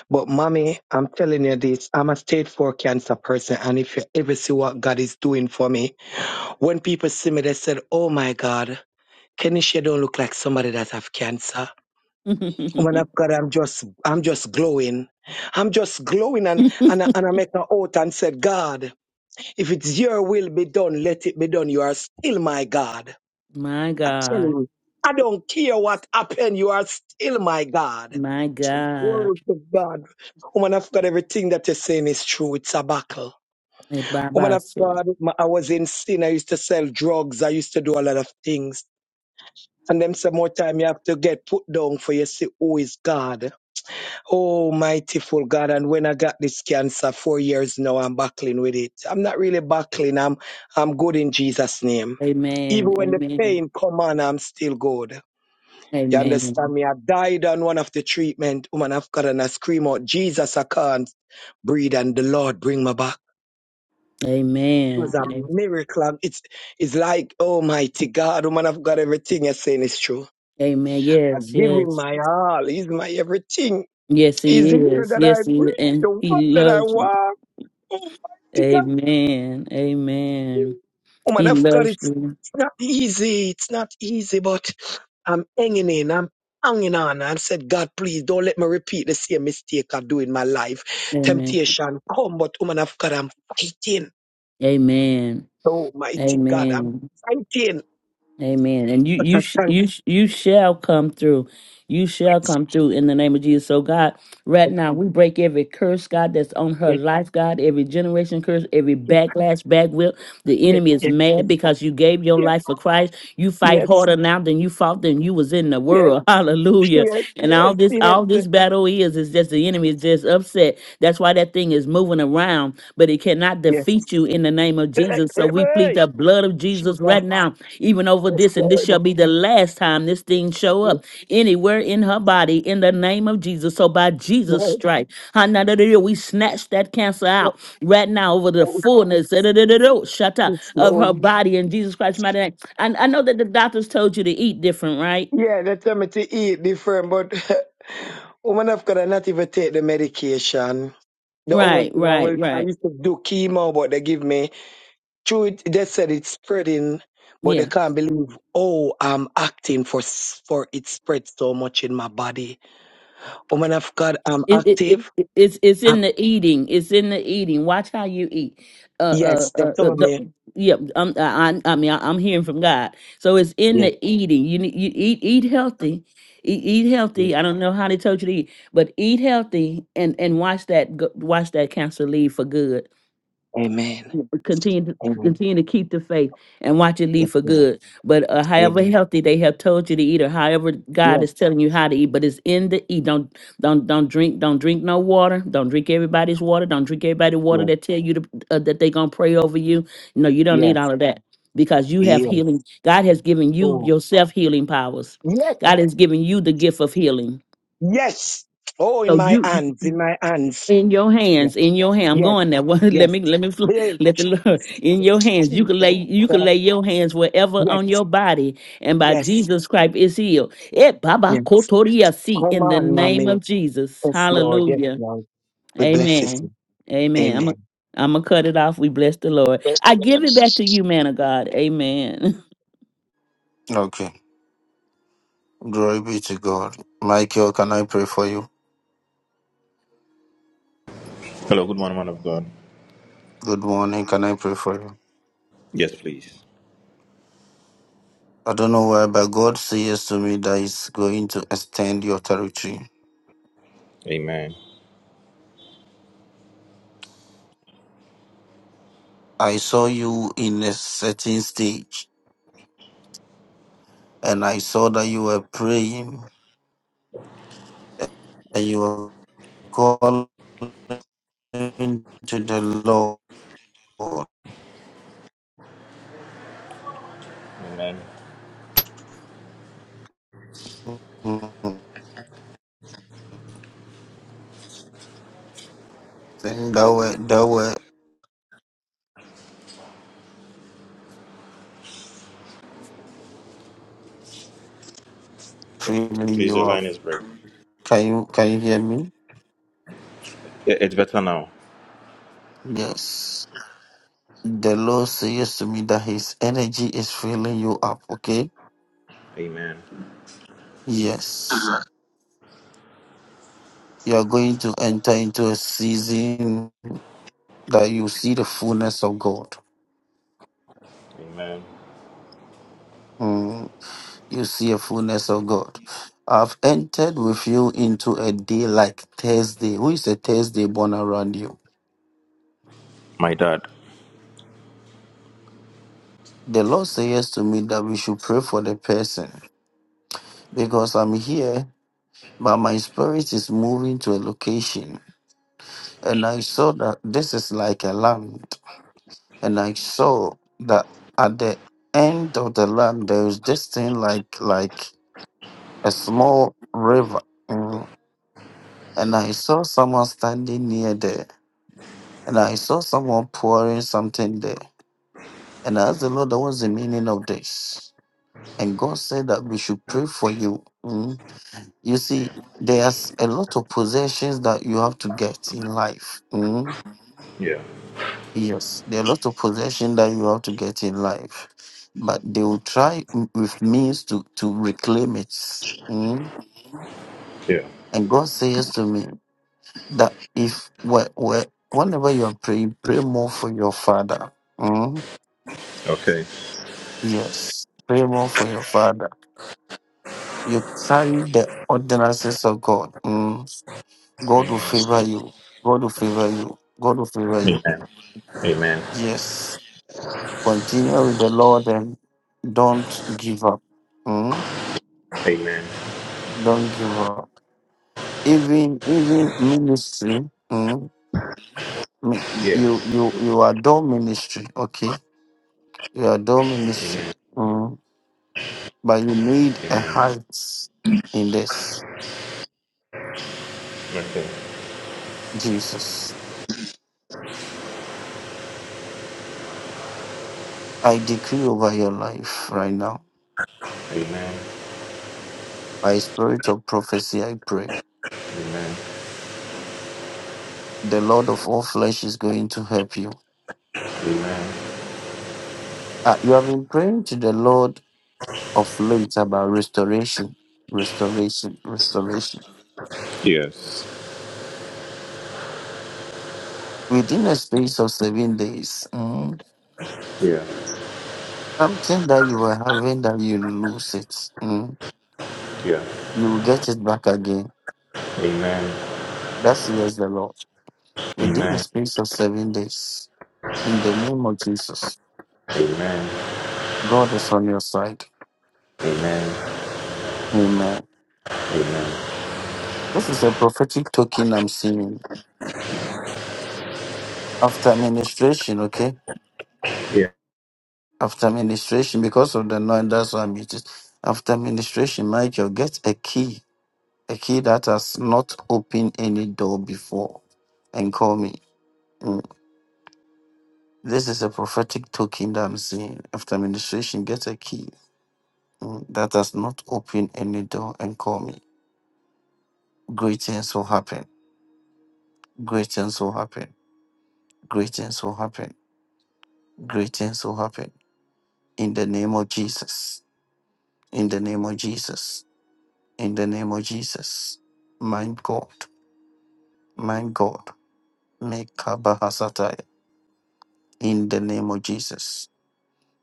[SPEAKER 4] But, mommy, I'm telling you this I'm a stage four cancer person, and if you ever see what God is doing for me, when people see me, they said, Oh, my God, Kenisha don't look like somebody that have cancer. Woman of God, I'm just, I'm just glowing. I'm just glowing and, and, I- and I make an oath and said, God, if it's your will be done, let it be done. You are still my God.
[SPEAKER 7] my
[SPEAKER 4] I tell
[SPEAKER 7] God.
[SPEAKER 4] you, I don't care what happened. You are still my God.
[SPEAKER 7] My God.
[SPEAKER 4] Glory to God. Woman of God, everything that you're saying is true. It's a battle.
[SPEAKER 7] Eh,
[SPEAKER 4] Woman
[SPEAKER 7] Baba,
[SPEAKER 4] of
[SPEAKER 7] so.
[SPEAKER 4] God, my- I was in sin. I used to sell drugs. I used to do a lot of things. And them some more time you have to get put down for you see who is God. Oh, mightyful God. And when I got this cancer four years now, I'm battling with it. I'm not really battling. I'm, I'm good in Jesus' name. Even
[SPEAKER 7] Amen.
[SPEAKER 4] when the
[SPEAKER 7] Amen.
[SPEAKER 4] pain come on, I'm still good. You understand
[SPEAKER 7] Amen.
[SPEAKER 4] me? I died on one of the treatment, woman of God, and I scream out, Jesus, I can't breathe, and the Lord bring me back. It was a
[SPEAKER 7] Amen.
[SPEAKER 4] miracle. and It's, it's like, Almighty God, woman of God, everything you're saying is true.
[SPEAKER 7] Amen.
[SPEAKER 4] I
[SPEAKER 7] Yes,
[SPEAKER 4] give him
[SPEAKER 7] yes.
[SPEAKER 4] my all. He's my everything.
[SPEAKER 7] Yes,
[SPEAKER 4] He's
[SPEAKER 7] he
[SPEAKER 4] the air
[SPEAKER 7] is.
[SPEAKER 4] that I
[SPEAKER 7] Yes, he is.
[SPEAKER 4] breathe,
[SPEAKER 7] And
[SPEAKER 4] the one
[SPEAKER 7] he
[SPEAKER 4] that I
[SPEAKER 7] loves you.
[SPEAKER 4] want. Oh Almighty God.
[SPEAKER 7] Amen. Amen.
[SPEAKER 4] Oh, man
[SPEAKER 7] He
[SPEAKER 4] of God,
[SPEAKER 7] loves
[SPEAKER 4] it's
[SPEAKER 7] you.
[SPEAKER 4] not easy. It's not easy, but I'm hanging in. I'm hanging on. I said, God, please don't let me repeat the same mistake I do in my life.
[SPEAKER 7] Amen.
[SPEAKER 4] Temptation come, but woman of God, I'm fighting.
[SPEAKER 7] Amen.
[SPEAKER 4] Oh, mighty God, I'm
[SPEAKER 7] Amen.
[SPEAKER 4] fighting.
[SPEAKER 7] Amen. And you
[SPEAKER 4] But I
[SPEAKER 7] you sh-
[SPEAKER 4] thank
[SPEAKER 7] you sh- you shall come through. You shall come through in the name of Jesus. So God, right
[SPEAKER 4] God.
[SPEAKER 7] now we break every curse, God, that's on her
[SPEAKER 4] Yes,
[SPEAKER 7] life, God, every generation curse, every backlash, backwheel.
[SPEAKER 4] yes,
[SPEAKER 7] The
[SPEAKER 4] yes,
[SPEAKER 7] enemy is mad
[SPEAKER 4] yes,
[SPEAKER 7] because you gave your
[SPEAKER 4] yes,
[SPEAKER 7] life for Christ. You fight
[SPEAKER 4] yes,
[SPEAKER 7] harder now than you fought than you was in the
[SPEAKER 4] yes,
[SPEAKER 7] world. Hallelujah.
[SPEAKER 4] yes,
[SPEAKER 7] And all
[SPEAKER 4] yes,
[SPEAKER 7] this all
[SPEAKER 4] yes.
[SPEAKER 7] this battle is is just the enemy is just upset. That's why that thing is moving around, but it cannot
[SPEAKER 4] yes.
[SPEAKER 7] defeat you in the name of
[SPEAKER 4] yes.
[SPEAKER 7] Jesus. So we plead
[SPEAKER 4] Hey,
[SPEAKER 7] the blood of Jesus
[SPEAKER 4] Jesus,
[SPEAKER 7] right
[SPEAKER 4] yes,
[SPEAKER 7] now even over this, and this
[SPEAKER 4] Lord,
[SPEAKER 7] shall be the last time this thing show
[SPEAKER 4] yes,
[SPEAKER 7] up anywhere in her body in the name of Jesus. So by Jesus'
[SPEAKER 4] Lord.
[SPEAKER 7] stripe, hallelujah, we snatch that cancer out right now over the
[SPEAKER 4] Oh,
[SPEAKER 7] fullness da-da-da-da-da, shut up,
[SPEAKER 4] Yes,
[SPEAKER 7] of her
[SPEAKER 4] Lord.
[SPEAKER 7] body in Jesus Christ's mighty name. And I know that the doctors told you to eat different, right?
[SPEAKER 4] Yeah, they tell me to eat different, but woman of God, I not even take the medication. The only
[SPEAKER 7] Right,
[SPEAKER 4] thing I
[SPEAKER 7] right,
[SPEAKER 4] will, I
[SPEAKER 7] right.
[SPEAKER 4] used to do chemo, but they give me, true, it, they said it's spreading, but
[SPEAKER 7] Yeah.
[SPEAKER 4] they can't believe, oh, I'm acting for, s- for it spread so much in my body. Woman of God, I'm
[SPEAKER 7] It, it, it,
[SPEAKER 4] active.
[SPEAKER 7] it- it's it's
[SPEAKER 4] i
[SPEAKER 7] in the eating. It's in the eating. Watch how you eat. Uh, uh,
[SPEAKER 4] yes,
[SPEAKER 7] uh,
[SPEAKER 4] they
[SPEAKER 7] uh
[SPEAKER 4] told
[SPEAKER 7] the,
[SPEAKER 4] me.
[SPEAKER 7] yeah. I'm, I, I I mean, I, am hearing from God. So it's in
[SPEAKER 4] Yes,
[SPEAKER 7] the eating. You need you eat eat healthy. Eat, eat
[SPEAKER 4] yes.
[SPEAKER 7] healthy. I don't know how they told you to eat, but eat healthy and and watch that go- watch that cancer leave for good
[SPEAKER 4] Amen.
[SPEAKER 7] continue to
[SPEAKER 4] Amen.
[SPEAKER 7] continue to keep the faith and watch it leave
[SPEAKER 4] Yes,
[SPEAKER 7] for
[SPEAKER 4] yes.
[SPEAKER 7] good. But uh, however
[SPEAKER 4] Amen.
[SPEAKER 7] healthy they have told you to eat, or however God
[SPEAKER 4] Yes,
[SPEAKER 7] is telling you how to eat, but it's in the eat. Don't don't don't drink don't drink no water. Don't drink everybody's water. Don't drink everybody water
[SPEAKER 4] yes,
[SPEAKER 7] that tell you to, uh, that they gonna pray over you. No, you don't
[SPEAKER 4] yes,
[SPEAKER 7] need all of that because you have
[SPEAKER 4] yes.
[SPEAKER 7] healing. God has given you
[SPEAKER 4] Oh,
[SPEAKER 7] yourself healing powers.
[SPEAKER 4] yes.
[SPEAKER 7] God has given you the gift of healing.
[SPEAKER 4] Yes. Oh, in
[SPEAKER 7] So
[SPEAKER 4] my
[SPEAKER 7] you
[SPEAKER 4] hands, in my hands.
[SPEAKER 7] in your hands,
[SPEAKER 4] Yes,
[SPEAKER 7] in your hand. I'm
[SPEAKER 4] yes,
[SPEAKER 7] going there. Well, let
[SPEAKER 4] yes.
[SPEAKER 7] me let me fl-
[SPEAKER 4] Yes,
[SPEAKER 7] let the Lord in your hands. You
[SPEAKER 4] Jesus
[SPEAKER 7] can lay you can
[SPEAKER 4] Christ.
[SPEAKER 7] lay your hands wherever
[SPEAKER 4] Yes,
[SPEAKER 7] on your body, and by
[SPEAKER 4] yes,
[SPEAKER 7] Jesus Christ is healed. It Baba
[SPEAKER 4] yes.
[SPEAKER 7] Kotoria see
[SPEAKER 4] Come
[SPEAKER 7] in the
[SPEAKER 4] on,
[SPEAKER 7] name
[SPEAKER 4] mommy.
[SPEAKER 7] of Jesus.
[SPEAKER 4] Yes, Lord. Yes,
[SPEAKER 7] Hallelujah.
[SPEAKER 4] Lord. We bless you.
[SPEAKER 7] Amen. Amen. I'm
[SPEAKER 4] Amen.
[SPEAKER 7] a, I'm gonna cut it off. We bless the Lord. I give it back to you, man of God. Amen.
[SPEAKER 1] Okay. Glory be to God. Michael, can I pray for you?
[SPEAKER 10] Hello, good morning, man of God.
[SPEAKER 1] Good morning. Can I pray for you?
[SPEAKER 10] Yes, please.
[SPEAKER 1] I don't know why, but God says to me that He's going to extend your territory.
[SPEAKER 10] Amen.
[SPEAKER 1] I saw you in a certain stage, and I saw that you were praying. that you are calling the Lord.
[SPEAKER 10] Amen.
[SPEAKER 1] Then thou word, thou word freely
[SPEAKER 10] Please,
[SPEAKER 1] you
[SPEAKER 10] your line
[SPEAKER 1] have.
[SPEAKER 10] is breaking.
[SPEAKER 1] Can you can you hear me?
[SPEAKER 10] Yeah, It's better now.
[SPEAKER 1] Yes. The Lord says to me that His energy is filling you up. Okay.
[SPEAKER 10] Amen.
[SPEAKER 1] Yes. You are going to enter into a season that you see the fullness of God.
[SPEAKER 10] Amen.
[SPEAKER 1] Mm. you see a fullness of God. I've entered with you into a day like Thursday. Who is a Thursday born around you?
[SPEAKER 10] My dad.
[SPEAKER 1] The Lord says to me that we should pray for the person because I'm here, but my spirit is moving to a location. And I saw that this is like a land. And I saw that at the end of the land there is this thing like like a small river. Mm. And I saw someone standing near there And I saw someone pouring something there. And I asked the Lord, what's the meaning of this? And God said that we should pray for you. Mm. You
[SPEAKER 10] Yeah.
[SPEAKER 1] see, there's a lot of possessions that you have to get in life. Mm.
[SPEAKER 10] Yeah.
[SPEAKER 1] Yes, there are a lot of possessions that you have to get in life. But they will try m- with means to, to reclaim it. Mm.
[SPEAKER 10] Yeah.
[SPEAKER 1] And God says to me that if wh- wh- whenever you are praying, pray more for your father. Mm.
[SPEAKER 10] Okay.
[SPEAKER 1] Yes. Pray more for your father. You carry the ordinances of God. Mm. God will
[SPEAKER 10] Amen.
[SPEAKER 1] favor you. God will favor you. God will favor you.
[SPEAKER 10] Amen. Amen.
[SPEAKER 1] Yes. Continue with the Lord and don't give up. Mm.
[SPEAKER 10] Amen.
[SPEAKER 1] Don't give up. Even even ministry. Mm. Mi-
[SPEAKER 10] Yeah.
[SPEAKER 1] You you you adore ministry. Okay. You adore ministry.
[SPEAKER 10] Amen.
[SPEAKER 1] Mm. But you need a
[SPEAKER 10] Amen.
[SPEAKER 1] height in this.
[SPEAKER 10] Okay.
[SPEAKER 1] Jesus. I decree over your life right now.
[SPEAKER 10] Amen.
[SPEAKER 1] By spirit of prophecy, I pray.
[SPEAKER 10] Amen.
[SPEAKER 1] The Lord of all flesh is going to help you.
[SPEAKER 10] Amen.
[SPEAKER 1] Uh, you have been praying to the Lord of late about restoration, restoration, restoration.
[SPEAKER 10] Yes.
[SPEAKER 1] Within a space of seven days, mm,
[SPEAKER 10] Yeah.
[SPEAKER 1] something that you were having that you lose it, mm,
[SPEAKER 10] Yeah.
[SPEAKER 1] you will get it back again.
[SPEAKER 10] Amen.
[SPEAKER 1] That's says the Lord. Within a
[SPEAKER 10] Amen.
[SPEAKER 1] space of seven days, in the name of Jesus,
[SPEAKER 10] Amen.
[SPEAKER 1] God is on your side.
[SPEAKER 10] Amen.
[SPEAKER 1] Amen.
[SPEAKER 10] Amen.
[SPEAKER 1] This is a prophetic token I'm seeing after administration, okay?
[SPEAKER 10] Yeah.
[SPEAKER 1] After administration, because of the noise, that's why I'm using. After administration, Michael, get a key, a key that has not opened any door before, and call me. Mm. This is a prophetic token that I'm seeing. After administration, get a key mm, that has not opened any door and call me. Great things will happen. Great things will happen. Great things will happen. Great things will happen. In the name of Jesus in the name of Jesus. In the name of Jesus. My God, my God, make Kabahasataya. In the name of Jesus.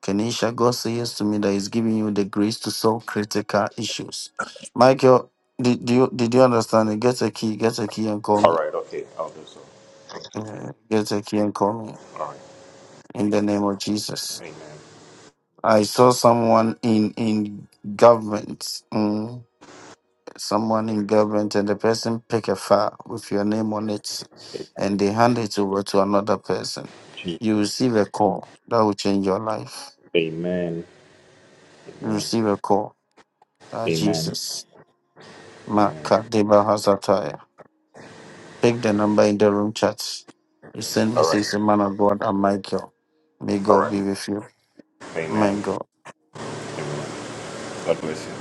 [SPEAKER 1] Kenisha, God says to me that He's giving you the grace to solve critical issues. Michael, did, do you did you understand it? Get a key, get a key and call
[SPEAKER 10] All
[SPEAKER 1] me.
[SPEAKER 10] right, okay, I'll do so.
[SPEAKER 1] Uh, Get a key and call me.
[SPEAKER 10] All right.
[SPEAKER 1] In the name of Jesus.
[SPEAKER 10] Amen.
[SPEAKER 1] I saw someone in in government. Mm, someone in government and the person pick a file with your name on it
[SPEAKER 10] Amen.
[SPEAKER 1] and they hand it over to another person
[SPEAKER 10] Jesus.
[SPEAKER 1] you receive a call that will change your life
[SPEAKER 10] Amen.
[SPEAKER 1] you
[SPEAKER 10] Amen.
[SPEAKER 1] receive a call ah
[SPEAKER 10] Amen.
[SPEAKER 1] jesus
[SPEAKER 10] Amen.
[SPEAKER 1] Makadeba Hasataya. pick the number in the room chat you send
[SPEAKER 10] All right.
[SPEAKER 1] message to man of god and michael may
[SPEAKER 10] All
[SPEAKER 1] god
[SPEAKER 10] right.
[SPEAKER 1] be with you my
[SPEAKER 10] Amen.
[SPEAKER 1] god
[SPEAKER 10] Amen. God bless you.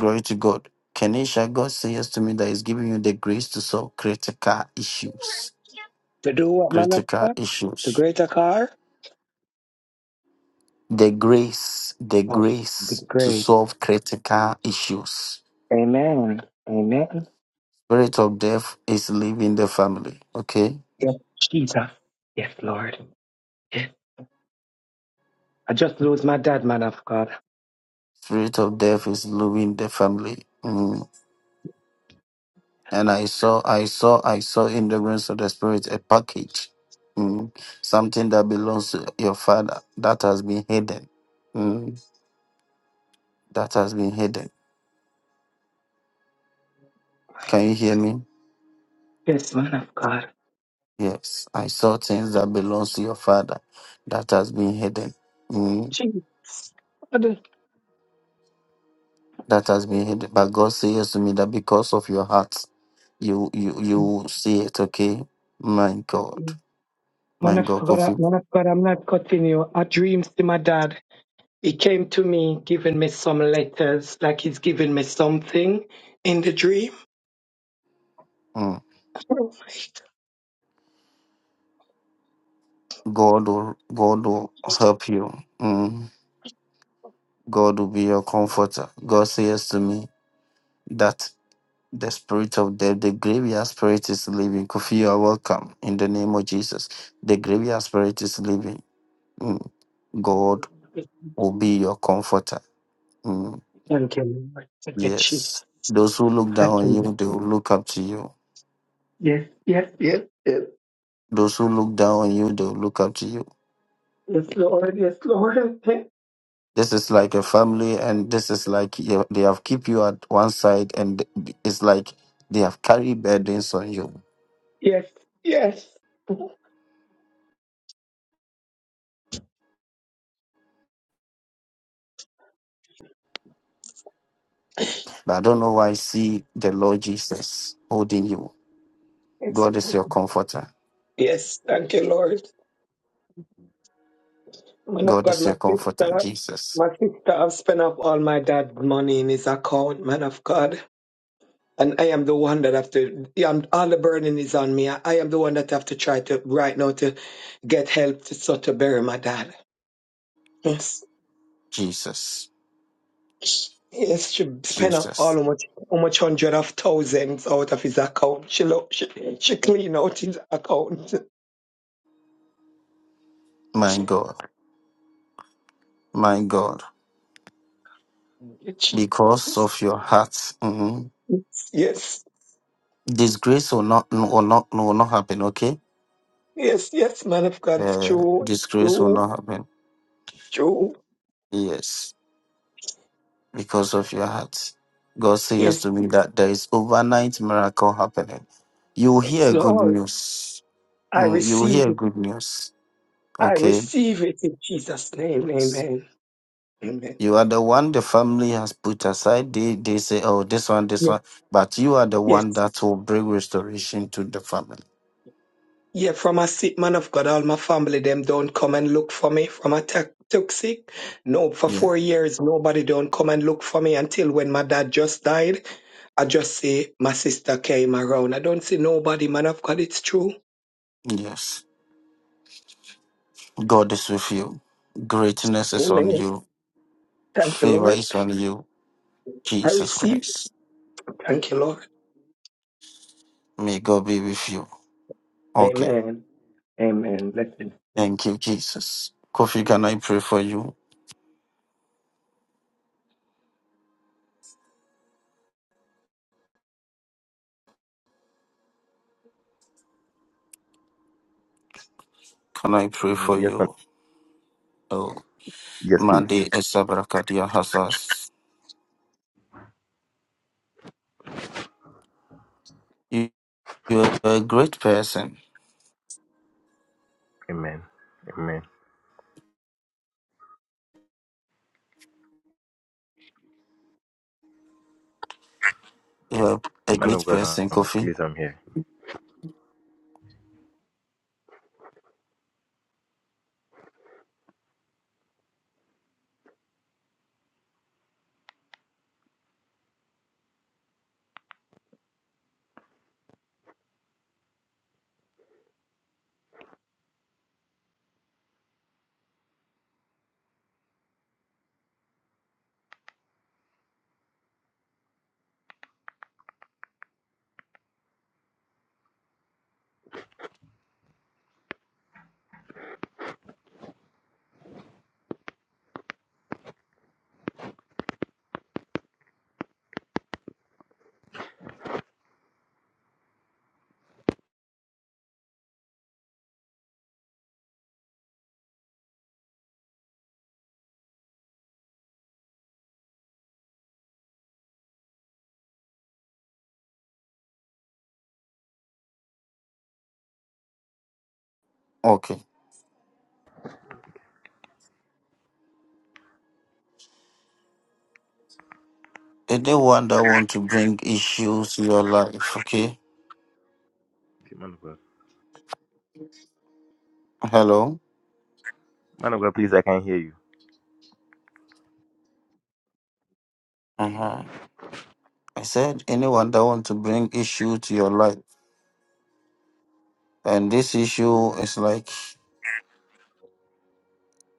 [SPEAKER 1] glory to god Kenisha, God says to me that He's giving you the grace to solve critical issues.
[SPEAKER 4] To do what, man of
[SPEAKER 1] Critical
[SPEAKER 4] God? To
[SPEAKER 1] issues
[SPEAKER 4] greater car?
[SPEAKER 1] the grace, the
[SPEAKER 4] Oh,
[SPEAKER 1] grace to
[SPEAKER 4] great.
[SPEAKER 1] solve critical issues.
[SPEAKER 4] Amen. Amen.
[SPEAKER 1] Spirit of death is leaving the family. Okay,
[SPEAKER 4] Yes, Jesus. Yes, Lord. Yes. I just lose my dad, man of God.
[SPEAKER 1] spirit of death is leaving the family. Mm. And I saw, I saw, I saw in the realms of the spirit a package, mm. something that belongs to your father that has been hidden. Mm. That has been hidden. Can you hear me?
[SPEAKER 4] Yes, man of God.
[SPEAKER 1] Yes, I saw things that belongs to your father that has been hidden. Mm.
[SPEAKER 4] Jesus.
[SPEAKER 1] that has been hidden. But God says to me that because of your heart, you you you will see it. Okay, my God,
[SPEAKER 4] Man
[SPEAKER 1] my
[SPEAKER 4] of
[SPEAKER 1] God,
[SPEAKER 4] God,
[SPEAKER 1] Kofi,
[SPEAKER 4] man of God, I'm not continue. I dreamed to my dad. He came to me, giving me some letters, like he's giving me something in the dream.
[SPEAKER 1] mm. God will God will help you. Mm. God will be your comforter. God says to me that the spirit of death, the graveyard spirit is leaving. Kofi, you are welcome in the name of Jesus. The graveyard spirit is leaving. Mm. God will be your comforter. Mm.
[SPEAKER 4] Thank you, Lord. Thank you, Jesus.
[SPEAKER 1] Yes. Those who look down
[SPEAKER 4] Thank
[SPEAKER 1] on
[SPEAKER 4] you. Lord.
[SPEAKER 1] you, they will look up to you
[SPEAKER 4] Yes, yes, yes, yes,
[SPEAKER 1] Those who look down on you, they'll look up to you.
[SPEAKER 4] yes, Lord, yes, Lord.
[SPEAKER 1] This is like a family, and this is like you- they have keep you at one side, and it's like they have carried burdens on you.
[SPEAKER 4] Yes, yes,
[SPEAKER 1] But I don't know why I see the Lord Jesus holding you.
[SPEAKER 4] yes,
[SPEAKER 1] God is
[SPEAKER 4] Lord.
[SPEAKER 1] your comforter.
[SPEAKER 4] Yes, thank you, Lord. Man of
[SPEAKER 1] God
[SPEAKER 4] God,
[SPEAKER 1] is
[SPEAKER 4] my
[SPEAKER 1] your comforter.
[SPEAKER 4] sister,
[SPEAKER 1] Jesus,
[SPEAKER 4] my sister, I've spent up all my dad's money in his account, man of God. And I am the one that have to, yeah, I'm, all the burden is on me. I, I am the one that have to try to right now to get help to sort to bury my dad. Yes.
[SPEAKER 1] Jesus,
[SPEAKER 4] Yes, she spent off all
[SPEAKER 1] Jesus.
[SPEAKER 4] how much, how much hundred of thousands out of his account. She lo- she, she clean out his account.
[SPEAKER 1] My God, my God.
[SPEAKER 4] Jesus.
[SPEAKER 1] Because of your heart, mhm,
[SPEAKER 4] Yes,
[SPEAKER 1] disgrace will not will not will not happen. Okay,
[SPEAKER 4] yes, yes, man of God, it's
[SPEAKER 1] uh,
[SPEAKER 4] true,
[SPEAKER 1] disgrace will
[SPEAKER 4] true,
[SPEAKER 1] not happen.
[SPEAKER 4] true.
[SPEAKER 1] Yes. because of your heart. God says
[SPEAKER 4] Yes,
[SPEAKER 1] to me that there is overnight miracle happening. You will
[SPEAKER 4] yes,
[SPEAKER 1] hear good
[SPEAKER 4] Lord,
[SPEAKER 1] news.
[SPEAKER 4] I
[SPEAKER 1] Mm, you will
[SPEAKER 4] receive
[SPEAKER 1] hear
[SPEAKER 4] it.
[SPEAKER 1] good news.
[SPEAKER 4] I
[SPEAKER 1] Okay.
[SPEAKER 4] receive it in Jesus' name.
[SPEAKER 1] Yes.
[SPEAKER 4] Amen. Amen.
[SPEAKER 1] You are the one the family has put aside. They they say, oh, this one, this one. But you are the one
[SPEAKER 4] Yes.
[SPEAKER 1] that will bring restoration to the family.
[SPEAKER 4] Yeah, from a sick man of God, all my family them don't come and look for me. From a ta- took sick, no, for
[SPEAKER 1] Yeah.
[SPEAKER 4] four years nobody don't come and look for me until when my dad just died. I just see my sister came around. I don't see nobody, man of God. It's true.
[SPEAKER 1] Yes. God is with you. Greatness is on
[SPEAKER 4] Amen.
[SPEAKER 1] you.
[SPEAKER 4] Thank you,
[SPEAKER 1] Favor
[SPEAKER 4] Lord.
[SPEAKER 1] is on you.
[SPEAKER 4] I
[SPEAKER 1] Jesus
[SPEAKER 4] receive.
[SPEAKER 1] Christ.
[SPEAKER 4] Thank you, Lord.
[SPEAKER 1] May God be with you. Okay.
[SPEAKER 4] Amen. Amen. Blessings.
[SPEAKER 1] Thank you, Jesus. Kofi, can I pray for you? Can I pray
[SPEAKER 11] Mm,
[SPEAKER 1] for
[SPEAKER 11] Yes, man.
[SPEAKER 1] you? Oh,
[SPEAKER 11] Yes,
[SPEAKER 1] Mandi
[SPEAKER 11] please.
[SPEAKER 1] Esabrakadia Hassas. You, you're a great person.
[SPEAKER 11] Amen. Amen.
[SPEAKER 1] You're a
[SPEAKER 11] Man
[SPEAKER 1] great
[SPEAKER 11] of God,
[SPEAKER 1] person,
[SPEAKER 11] um,
[SPEAKER 1] Kofi.
[SPEAKER 11] please, I'm here.
[SPEAKER 1] Okay. Anyone that want to bring issues to your life, okay?
[SPEAKER 11] Okay, Man of God.
[SPEAKER 1] Hello?
[SPEAKER 11] Man of God, please, I can hear you.
[SPEAKER 1] Uh-huh. I said anyone that want to bring issue to your life. And this issue is like,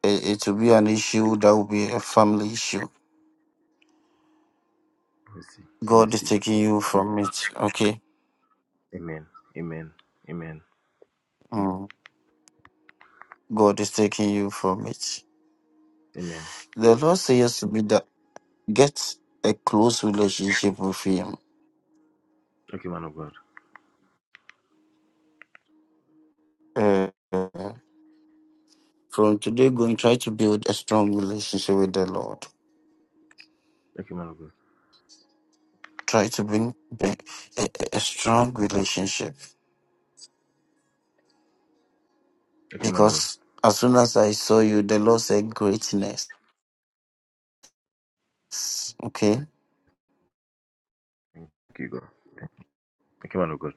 [SPEAKER 1] it, it will be an issue that will be a family issue.
[SPEAKER 11] Mercy.
[SPEAKER 1] God is
[SPEAKER 11] Mercy.
[SPEAKER 1] taking you from it, okay?
[SPEAKER 11] Amen. Amen. Amen.
[SPEAKER 1] Mm. God is taking you from it.
[SPEAKER 11] Amen.
[SPEAKER 1] The Lord says yes to me that get a close relationship with Him.
[SPEAKER 11] Okay, man of God.
[SPEAKER 1] Uh, from today going, try to build a strong relationship with the Lord.
[SPEAKER 11] Okay, man of God.
[SPEAKER 1] Try to bring, bring a, a a strong relationship
[SPEAKER 11] Okay, man of God.
[SPEAKER 1] because as soon as I saw you, the Lord said greatness. Okay,
[SPEAKER 11] Thank you, God. Okay, man of God.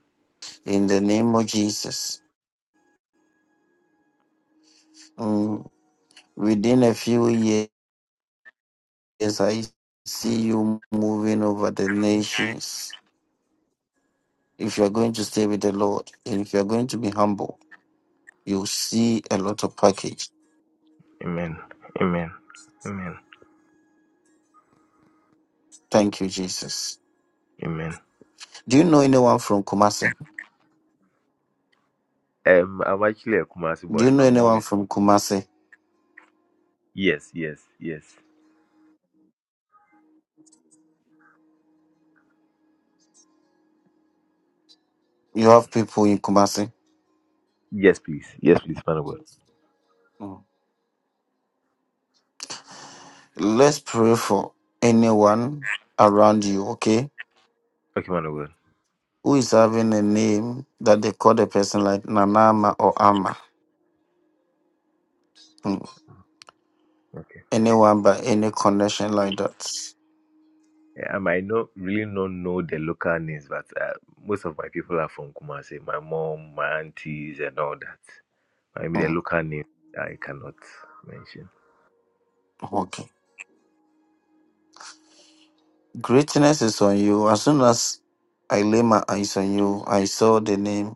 [SPEAKER 1] in the name of Jesus. Mm, within a few years, I see you moving over the nations If you are going to stay with the Lord and if you are going to be humble, you'll see a lot of package.
[SPEAKER 11] Amen. Amen. Amen.
[SPEAKER 1] Thank you, Jesus.
[SPEAKER 11] Amen.
[SPEAKER 1] Do you know anyone from Kumasi?
[SPEAKER 11] Um, I'm actually a Kumasi
[SPEAKER 1] Do you
[SPEAKER 11] boy.
[SPEAKER 1] know
[SPEAKER 11] My mom
[SPEAKER 1] anyone
[SPEAKER 11] is from
[SPEAKER 1] from
[SPEAKER 11] Kumasi.
[SPEAKER 1] Kumasi?
[SPEAKER 11] Yes, yes, yes.
[SPEAKER 1] You have people in Kumasi?
[SPEAKER 11] Yes, please. Yes, please, man of God.
[SPEAKER 1] Mm. Let's pray for anyone around you, okay?
[SPEAKER 11] Okay, man of God.
[SPEAKER 1] Who is having a name that they call the person like Nanama or Ama? Mm.
[SPEAKER 11] Okay.
[SPEAKER 1] Anyone by any connection like that?
[SPEAKER 11] Yeah, um, I might not really not know the local names, but uh, most of my people are from Kumasi. My mom, my aunties, and all that. I mean, the
[SPEAKER 1] Mm.
[SPEAKER 11] local name I cannot mention.
[SPEAKER 1] Okay. Greatness is on you. As soon as I lay my eyes on you, I saw the name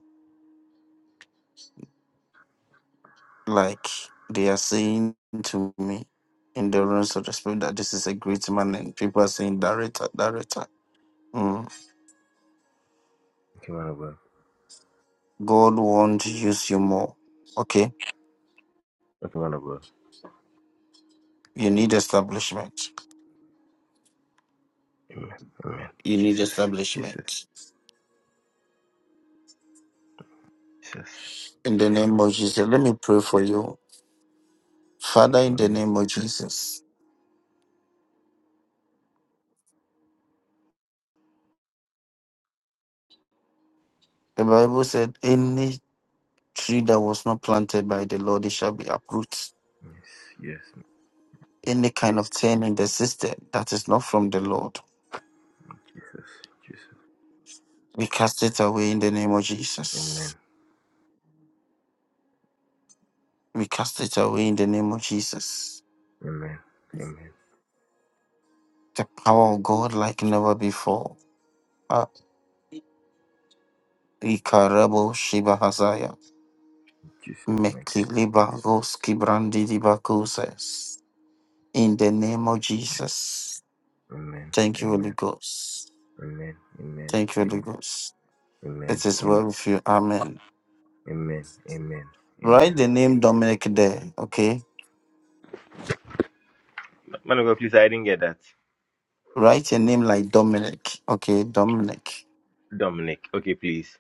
[SPEAKER 1] like they are saying to me in the realms of the spirit that this is a great man, and people are saying, Director, Director. Mm.
[SPEAKER 11] Okay, man of God.
[SPEAKER 1] God wants to use you more. Okay?
[SPEAKER 11] Okay, man of God.
[SPEAKER 1] You need establishment.
[SPEAKER 11] Amen. Amen.
[SPEAKER 1] You need
[SPEAKER 11] Jesus. Jesus.
[SPEAKER 1] establishment.
[SPEAKER 11] Jesus.
[SPEAKER 1] In the name of Jesus, let me pray for you. Father,
[SPEAKER 11] Okay,
[SPEAKER 1] in
[SPEAKER 11] man
[SPEAKER 1] the
[SPEAKER 11] of God.
[SPEAKER 1] name of Jesus, the Bible said, Any tree that was not planted by the Lord, it shall be uprooted.
[SPEAKER 11] Yes. Yes.
[SPEAKER 1] Any kind of thing in the system that is not from the Lord,
[SPEAKER 11] Jesus. Jesus.
[SPEAKER 1] we cast it away in the name of
[SPEAKER 11] Amen.
[SPEAKER 1] Jesus. We cast it away in the name of Jesus.
[SPEAKER 11] Amen. Amen.
[SPEAKER 1] The power of God like never before. Ah, Ikarabo Shiba Hazaya.
[SPEAKER 11] Jesus, mighty. name.
[SPEAKER 1] Mekiliba Roski Brandidi Bakoses. In the name of Jesus.
[SPEAKER 11] Amen.
[SPEAKER 1] Thank you, Holy
[SPEAKER 11] Amen.
[SPEAKER 1] Ghost.
[SPEAKER 11] Amen. Amen.
[SPEAKER 1] Thank you, Holy
[SPEAKER 11] Amen.
[SPEAKER 1] Ghost. It is
[SPEAKER 11] Amen.
[SPEAKER 1] well with you. Amen.
[SPEAKER 11] Amen. Amen.
[SPEAKER 1] Write
[SPEAKER 11] Amen.
[SPEAKER 1] the name Dominic there, okay?
[SPEAKER 11] Man of God, please, I didn't get that.
[SPEAKER 1] Write your name like Dominic. Okay, Dominic.
[SPEAKER 11] Dominic. Okay, please.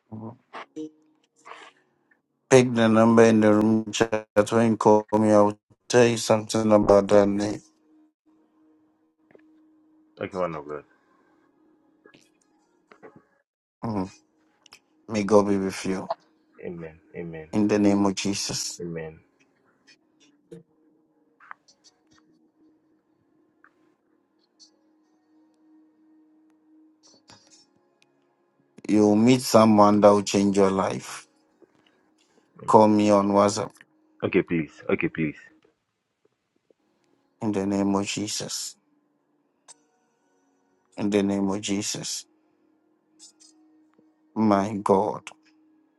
[SPEAKER 1] Pick the number in the room chat when you call me. I'll tell you something about that name.
[SPEAKER 11] Okay, man of God.
[SPEAKER 1] Mhm. May God be with you.
[SPEAKER 11] Amen. Amen.
[SPEAKER 1] In the name of Jesus.
[SPEAKER 11] Amen.
[SPEAKER 1] You'll meet someone that will change your life.
[SPEAKER 11] Amen.
[SPEAKER 1] Call me on WhatsApp.
[SPEAKER 11] Okay, please. Okay, please.
[SPEAKER 1] In the name of Jesus. In the name of Jesus. My God.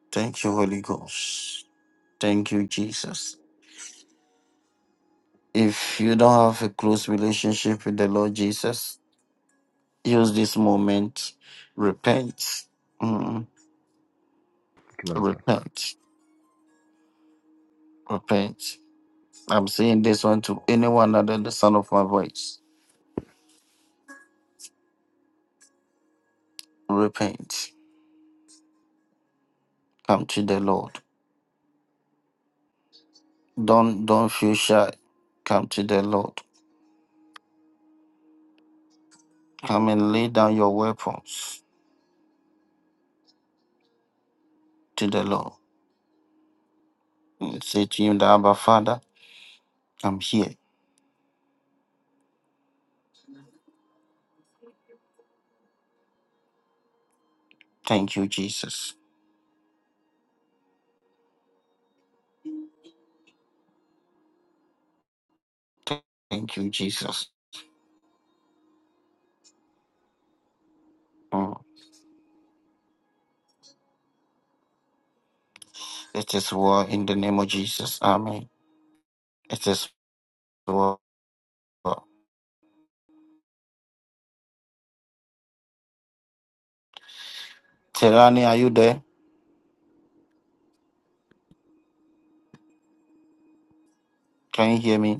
[SPEAKER 1] Thank you, Holy Ghost. Thank you, Jesus. If you don't have a close relationship with the Lord Jesus, Use this moment. Repent. Mm,
[SPEAKER 11] Okay, man of God.
[SPEAKER 1] repent. Repent. I'm saying this one to anyone under the sound of my voice. Repent. Come to the Lord. Don't don't feel shy. Come to the Lord. Come and lay down your weapons to the Lord. And say to him, the Abba Father, I'm here. Thank you, Jesus. Thank you, Jesus. Mm. It is war in the name of Jesus. Amen. It is war. Terani, are you there? Can you hear me?